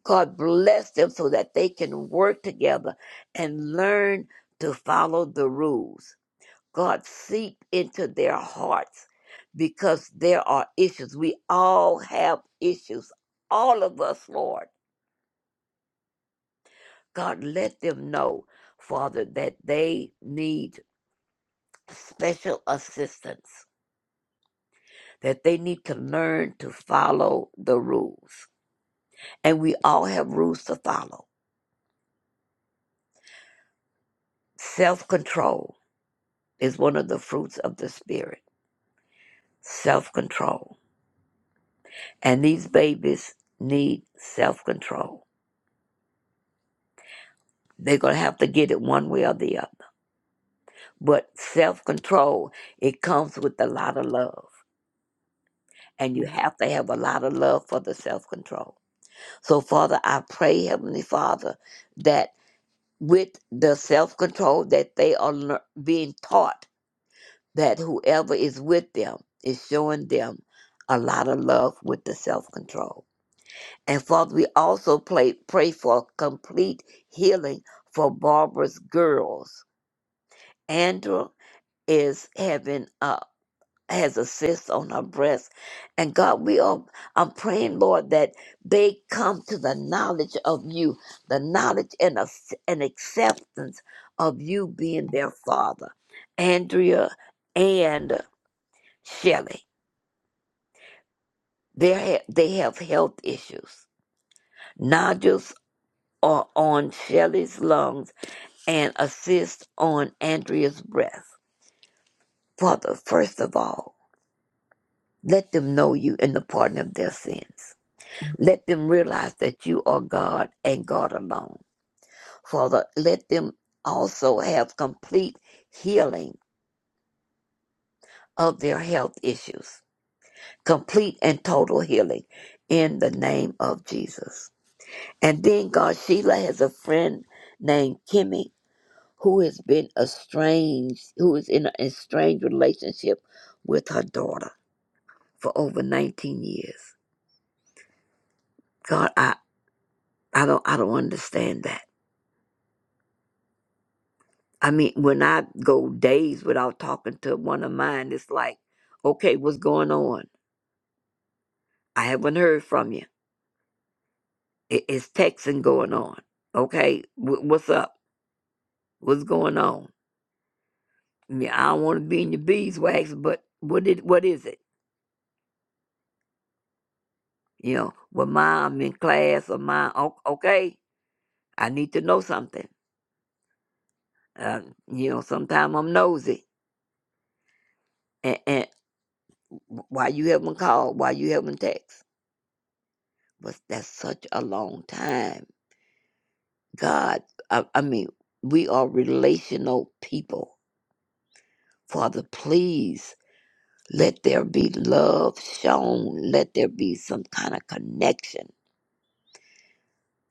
Speaker 10: God bless them so that they can work together and learn to follow the rules. God, seep into their hearts because there are issues. We all have issues, all of us, Lord. God, let them know, Father, that they need special assistance, that they need to learn to follow the rules. And we all have rules to follow. Self control is one of the fruits of the Spirit, self control. And these babies need self control. They're going to have to get it one way or the other. But self control, it comes with a lot of love. And you have to have a lot of love for the self control So, Father, I pray, Heavenly Father, that with the self control that they are lear- being taught, that whoever is with them is showing them a lot of love with the self control. And Father, we also pray, pray for complete healing for Barbara's girls. Andrew is having a. has a cyst on her breast. And God, we are I'm praying, Lord, that they come to the knowledge of you, the knowledge and, ac- and acceptance of you being their father. Andrea and Shelly. They ha- they have health issues. Nodules are on Shelly's lungs and a cyst on Andrea's breast. Father, first of all, let them know you and the pardon of their sins. Let them realize that you are God and God alone. Father, let them also have complete healing of their health issues, complete and total healing in the name of Jesus. And then, God, Sheila has a friend named Kimmy who has been estranged, who is in an estranged relationship with her daughter for over 19 years. God, I, I don't I don't understand that. I mean, when I go days without talking to one of mine, it's like, okay, what's going on? I haven't heard from you. I- It's texting going on. Okay, wh- what's up? What's going on? Yeah, I don't want to be in your beeswax, but what it, what is it? You know, well, ma, I'm in class, or ma, o- okay, I need to know something. Uh, you know, sometimes I'm nosy, and, and why you haven't called? Why you haven't text? But that's such a long time God, I, I mean, we are relational people. Father, please let there be love shown. Let there be some kind of connection.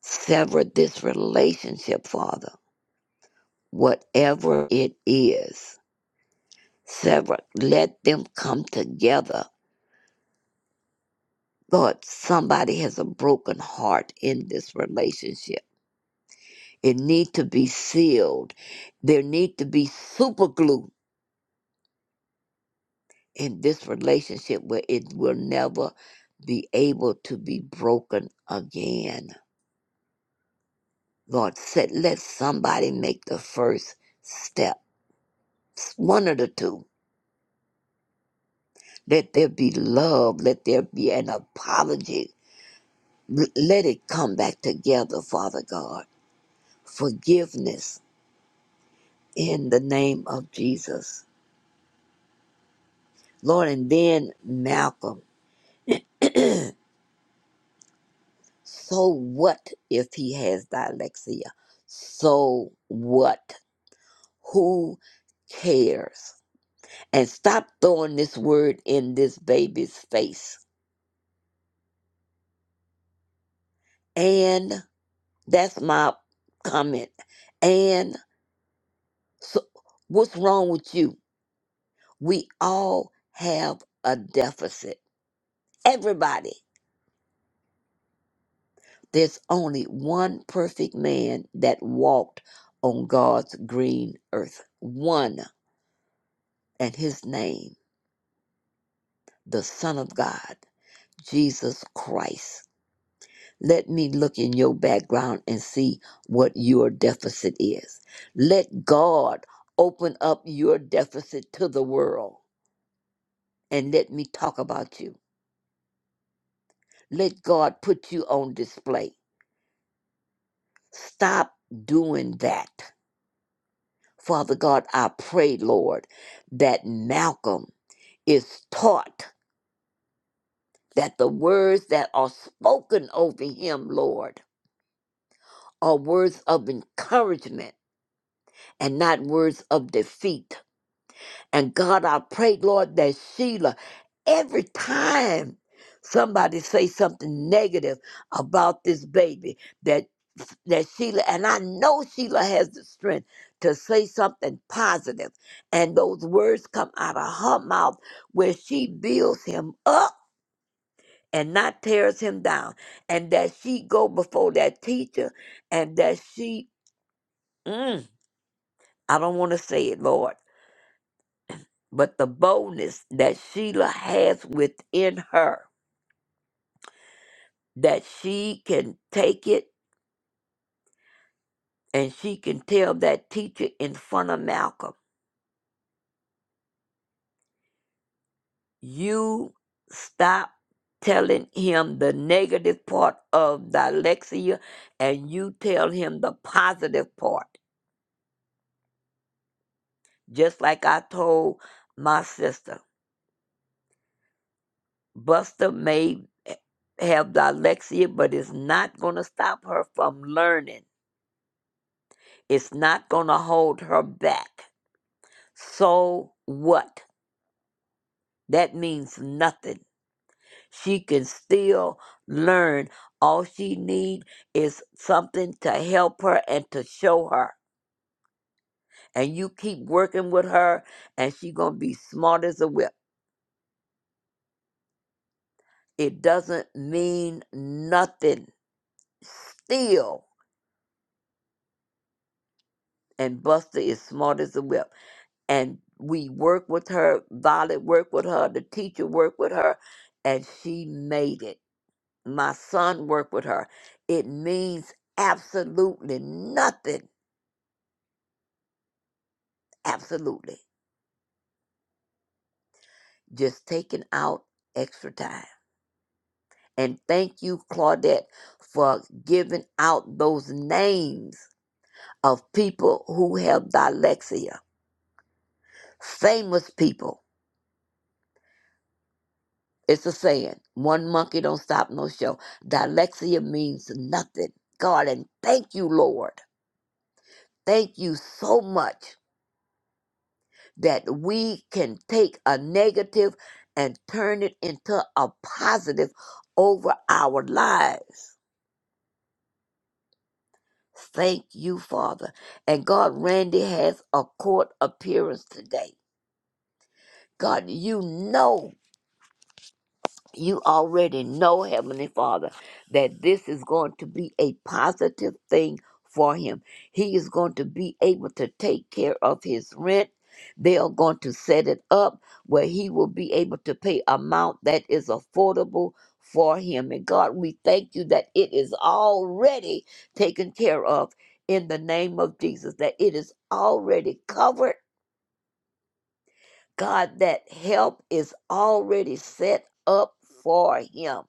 Speaker 10: Sever this relationship, Father, whatever it is. Sever, let them come together. Lord, somebody has a broken heart in this relationship. It need to be sealed. There need to be super glue in this relationship where it will never be able to be broken again. Lord, said, let somebody make the first step. One of the two. Let there be love. Let there be an apology. L- Let it come back together, Father God. Forgiveness in the name of Jesus. Lord, and then Malcolm. So what if he has dyslexia? So what? Who cares? And stop throwing this word in this baby's face. And that's my comment. And so, what's wrong with you? We all have a deficit. Everybody. There's only one perfect man that walked on God's green earth. One. And his name, the Son of God, Jesus Christ. Let me look in your background and see what your deficit is. Let God open up your deficit to the world and let me talk about you. Let God put you on display. Stop doing that. Father God, I pray, Lord, that Malcolm is taught that the words that are spoken over him, Lord, are words of encouragement and not words of defeat And God, I pray, Lord, that Sheila, every time somebody say something negative about this baby, that that Sheila, and I know Sheila has the strength to say something positive, and those words come out of her mouth where she builds him up and not tears him down, and that she go before that teacher, and that she, mm, I don't want to say it, Lord but the boldness that Sheila has within her that she can take it and she can tell that teacher in front of Malcolm, you stop telling him the negative part of dyslexia and you tell him the positive part. Just like I told my sister, Buster may have dyslexia, but it's not going to stop her from learning. It's not going to hold her back So what? That means nothing. She can still learn. All she need is something to help her and to show her. And you keep working with her and she going to be smart as a whip. It doesn't mean nothing. Still. And Buster is smart as a whip. And we work with her, Violet work with her, the teacher work with her, and she made it. my son worked with her. It means absolutely nothing. Absolutely. Just taking out extra time. And thank you, Claudette, for giving out those names of people who have dyslexia. Famous people. It's a saying. One monkey don't stop no show. Dyslexia means nothing. God, and thank you, Lord. Thank you so much that we can take a negative and turn it into a positive over our lives. Thank you, Father. And God, Randy has a court appearance today. God, you know you already know, Heavenly Father, that this is going to be a positive thing for him. He is going to be able to take care of his rent. They are going to set it up where he will be able to pay amount that is affordable for him. And God, we thank you that it is already taken care of in the name of Jesus, that it is already covered. God, that help is already set up for him.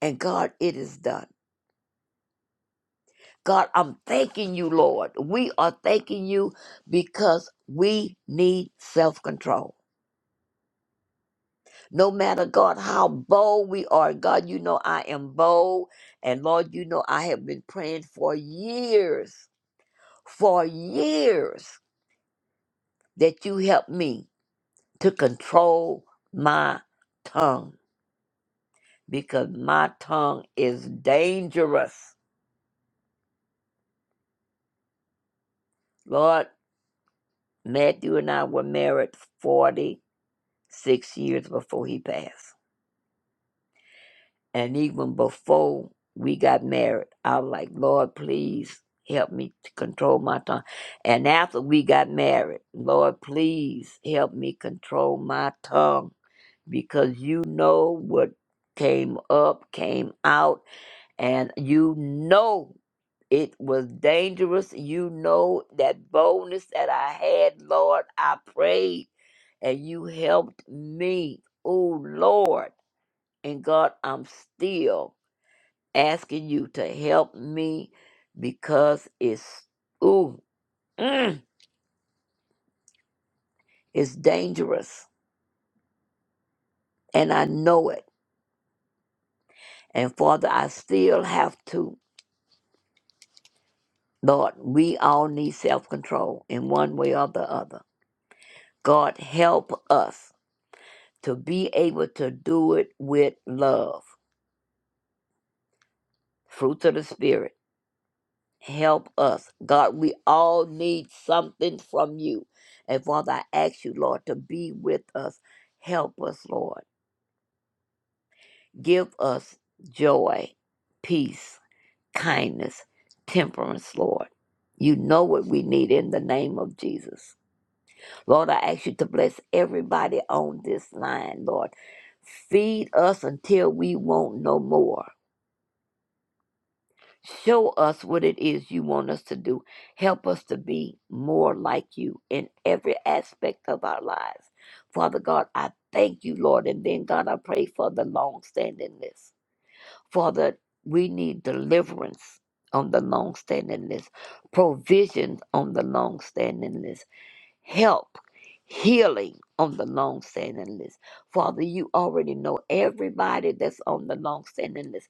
Speaker 10: And God, it is done. God, I'm thanking you, Lord. We are thanking you because we need self control. No matter, God, how bold we are, God, you know I am bold. And Lord, you know I have been praying for years, for years, that you help me to control my tongue because my tongue is dangerous. Lord, Matthew and I were married 40 six years before he passed. And even before we got married, I was like, Lord, please help me to control my tongue. And after we got married, Lord, please help me control my tongue because you know what came up, came out, and you know it was dangerous. You know that boldness that I had, Lord, I prayed and you helped me. Oh, Lord. And God, I'm still asking you to help me because it's ooh, mm, it's dangerous. And I know it. And Father, I still have to. Lord, we all need self control in one way or the other. God, help us to be able to do it with love, fruits of the Spirit help us. God, we all need something from you. And Father, I ask you, Lord, to be with us. Help us, Lord. Give us joy, peace, kindness, temperance, Lord. You know what we need in the name of Jesus. Lord, I ask you to bless everybody on this line, Lord. Feed us until we want no more. Show us what it is you want us to do. Help us to be more like you in every aspect of our lives. Father God, I thank you, Lord. And then, God, I pray for the long standingness. Father, we need deliverance on the long standingness, provisions on the long standingness, help, healing on the long standingness. Father, you already know everybody that's on the long standingness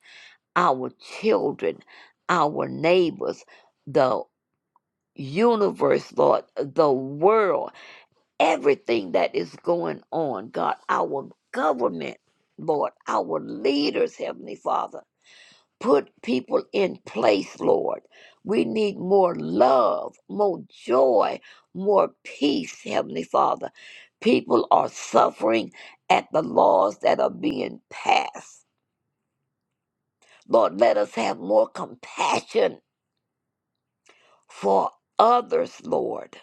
Speaker 10: our children, our neighbors, the universe, Lord, the world, everything that is going on, God, our government, Lord, our leaders, Heavenly Father. Put people in place, Lord. We need more love, more joy, more peace, Heavenly Father. People are suffering at the laws that are being passed. Lord, let us have more compassion for others, Lord,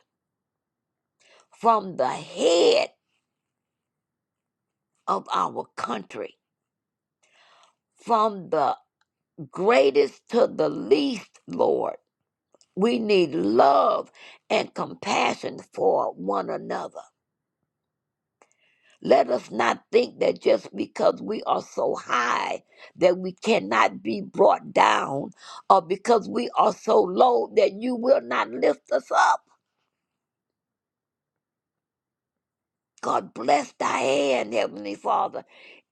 Speaker 10: from the head of our country, from the greatest to the least, Lord. We need love and compassion for one another. Let us not think that just because we are so high that we cannot be brought down, or because we are so low that you will not lift us up. God bless Diane, Heavenly Father.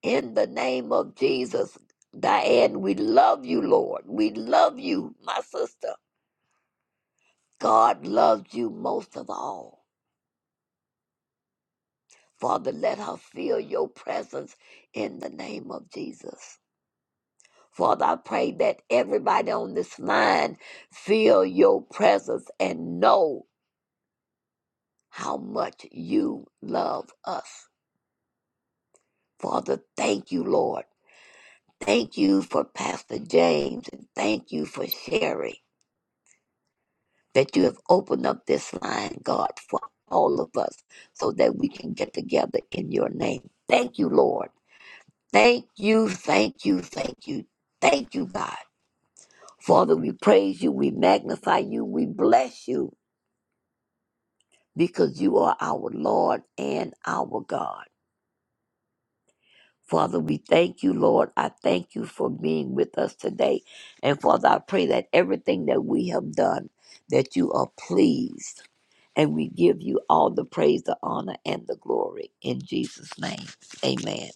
Speaker 10: In the name of Jesus, Diane, we love you, Lord. We love you, my sister. God loves you most of all. Father, let her feel your presence in the name of Jesus. Father, I pray that everybody on this line feel your presence and know how much you love us. Father, thank you, Lord. Thank you for Pastor James and thank you for Sherry that you have opened up this line, God, for all of us so that we can get together in your name. Thank you, Lord. Thank you, thank you, thank you, thank you, God. Father, we praise you, we magnify you, we bless you because you are our Lord and our God. Father, we thank you, Lord. I thank you for being with us today. And Father, I pray that everything that we have done, that you are pleased. And we give you all the praise, the honor, and the glory. In Jesus' name, amen.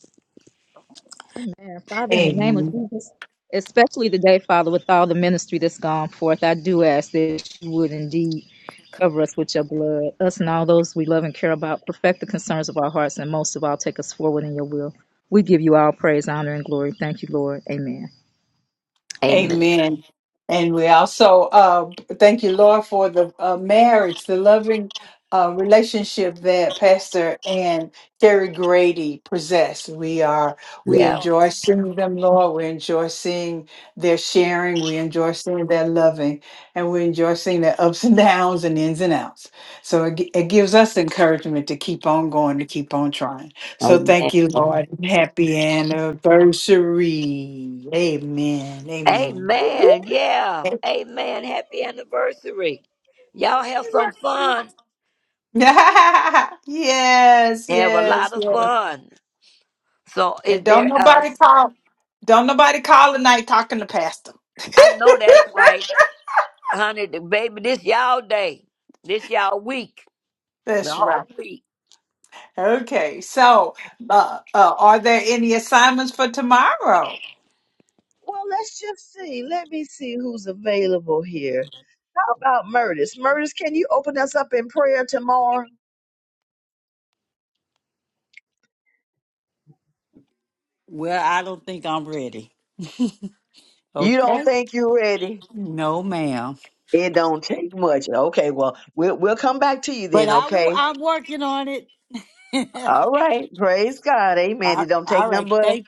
Speaker 9: Amen. Father, in the name of
Speaker 1: Amen.
Speaker 9: Jesus, especially today, Father, with all the ministry that's gone forth, I do ask that you would indeed cover us with your blood, us and all those we love and care about, perfect the concerns of our hearts, and most of all, take us forward in your will. We give you all praise, honor, and glory. Thank you, Lord. Amen.
Speaker 10: Amen.
Speaker 1: Amen. And we also uh, thank you, Lord, for the uh, marriage, the loving uh, relationship that Pastor and Terry Grady possess. We are we
Speaker 10: Yeah.
Speaker 1: enjoy seeing them, Lord. We enjoy seeing their sharing. We enjoy seeing their loving, and we enjoy seeing their ups and downs and ins and outs. So it, gi- it gives us encouragement to keep on going, to keep on trying. So
Speaker 10: Amen.
Speaker 1: thank you, Lord. Happy anniversary. Amen. Amen.
Speaker 10: Amen. Yeah.
Speaker 1: Happy
Speaker 10: Amen. Happy anniversary. Y'all have some
Speaker 1: anniversary.
Speaker 10: fun.
Speaker 1: yes,
Speaker 10: Have a
Speaker 1: yes,
Speaker 10: lot of
Speaker 1: yes.
Speaker 10: fun. So is
Speaker 1: And don't
Speaker 10: there
Speaker 1: nobody
Speaker 10: us?
Speaker 1: call don't nobody call tonight talking to Pastor.
Speaker 10: I know that's right. honey, the baby, this y'all day. This y'all week. The
Speaker 1: That's
Speaker 10: whole
Speaker 1: right.
Speaker 10: week.
Speaker 1: Okay, so uh, uh, are there any assignments for tomorrow?
Speaker 3: Well, let's just see. Let me see who's available here. How about Murtis? Murtis, can you open us up in prayer tomorrow?
Speaker 6: Well, I don't think I'm ready.
Speaker 3: You don't
Speaker 6: Okay.
Speaker 3: think you're ready?
Speaker 6: No, ma'am.
Speaker 3: It don't take much. Okay, well, we'll we'll come back to you
Speaker 6: But
Speaker 3: then,
Speaker 6: I will.
Speaker 3: okay?
Speaker 6: I'm working on it.
Speaker 3: All right. Praise God. Amen.
Speaker 6: all
Speaker 3: It don't take
Speaker 6: all
Speaker 3: nothing
Speaker 6: right.
Speaker 3: but a
Speaker 6: Thank.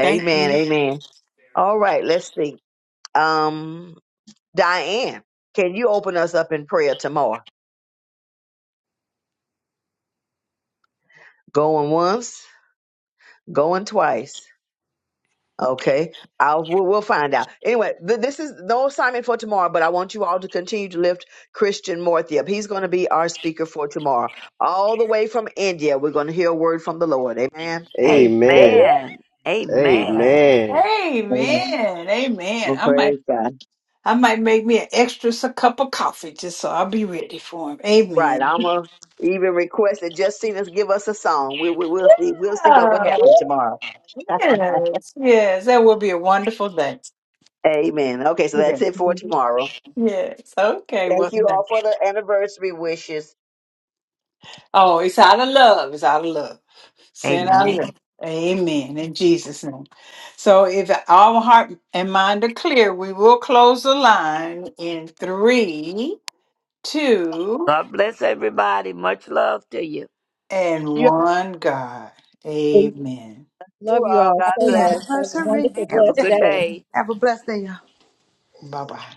Speaker 6: Thank you.
Speaker 3: Amen. All right, let's see. Um Diane, can you open us up in prayer tomorrow? Going once, going twice. Okay, I'll we'll, we'll find out. Anyway, th- this is no assignment for tomorrow, but I want you all to continue to lift Christian Morthy up. He's going to be our speaker for tomorrow, all the way from India. We're going to hear a word from the Lord. Amen.
Speaker 15: Amen.
Speaker 10: Amen. Amen.
Speaker 15: Amen.
Speaker 3: Amen.
Speaker 1: Amen. Amen.
Speaker 3: Well,
Speaker 1: I might
Speaker 3: praise God.
Speaker 1: I might make me an extra s- cup of coffee just so I'll be ready for him.
Speaker 3: Right,
Speaker 1: Amen.
Speaker 3: I'm gonna even request that Justina's give us a song. We, we we'll see we'll see what would
Speaker 1: Ah,
Speaker 3: happen tomorrow.
Speaker 1: yes, yes, that will be a wonderful day.
Speaker 3: Amen. Okay, so that's
Speaker 1: Yes,
Speaker 3: it for tomorrow.
Speaker 1: yes. okay. Well,
Speaker 3: Thank you all
Speaker 1: thank-
Speaker 3: for the anniversary wishes.
Speaker 1: oh, it's out of love. It's out of love. Sin out of
Speaker 10: Amen.
Speaker 1: love. Amen. In Jesus' name. So, if our heart and mind are clear, we will close the line in three, two,
Speaker 10: God bless everybody. Much love to you.
Speaker 1: and
Speaker 4: Yeah.
Speaker 1: one. God. Amen.
Speaker 9: Love
Speaker 3: You
Speaker 9: you
Speaker 3: all,
Speaker 9: all
Speaker 3: God
Speaker 9: so
Speaker 3: bless.
Speaker 9: much. Have a
Speaker 17: anniversary.
Speaker 9: wonderful,
Speaker 10: Have a
Speaker 9: blessed
Speaker 10: good
Speaker 9: day.
Speaker 10: day.
Speaker 17: Have a blessed day, y'all.
Speaker 1: Bye bye.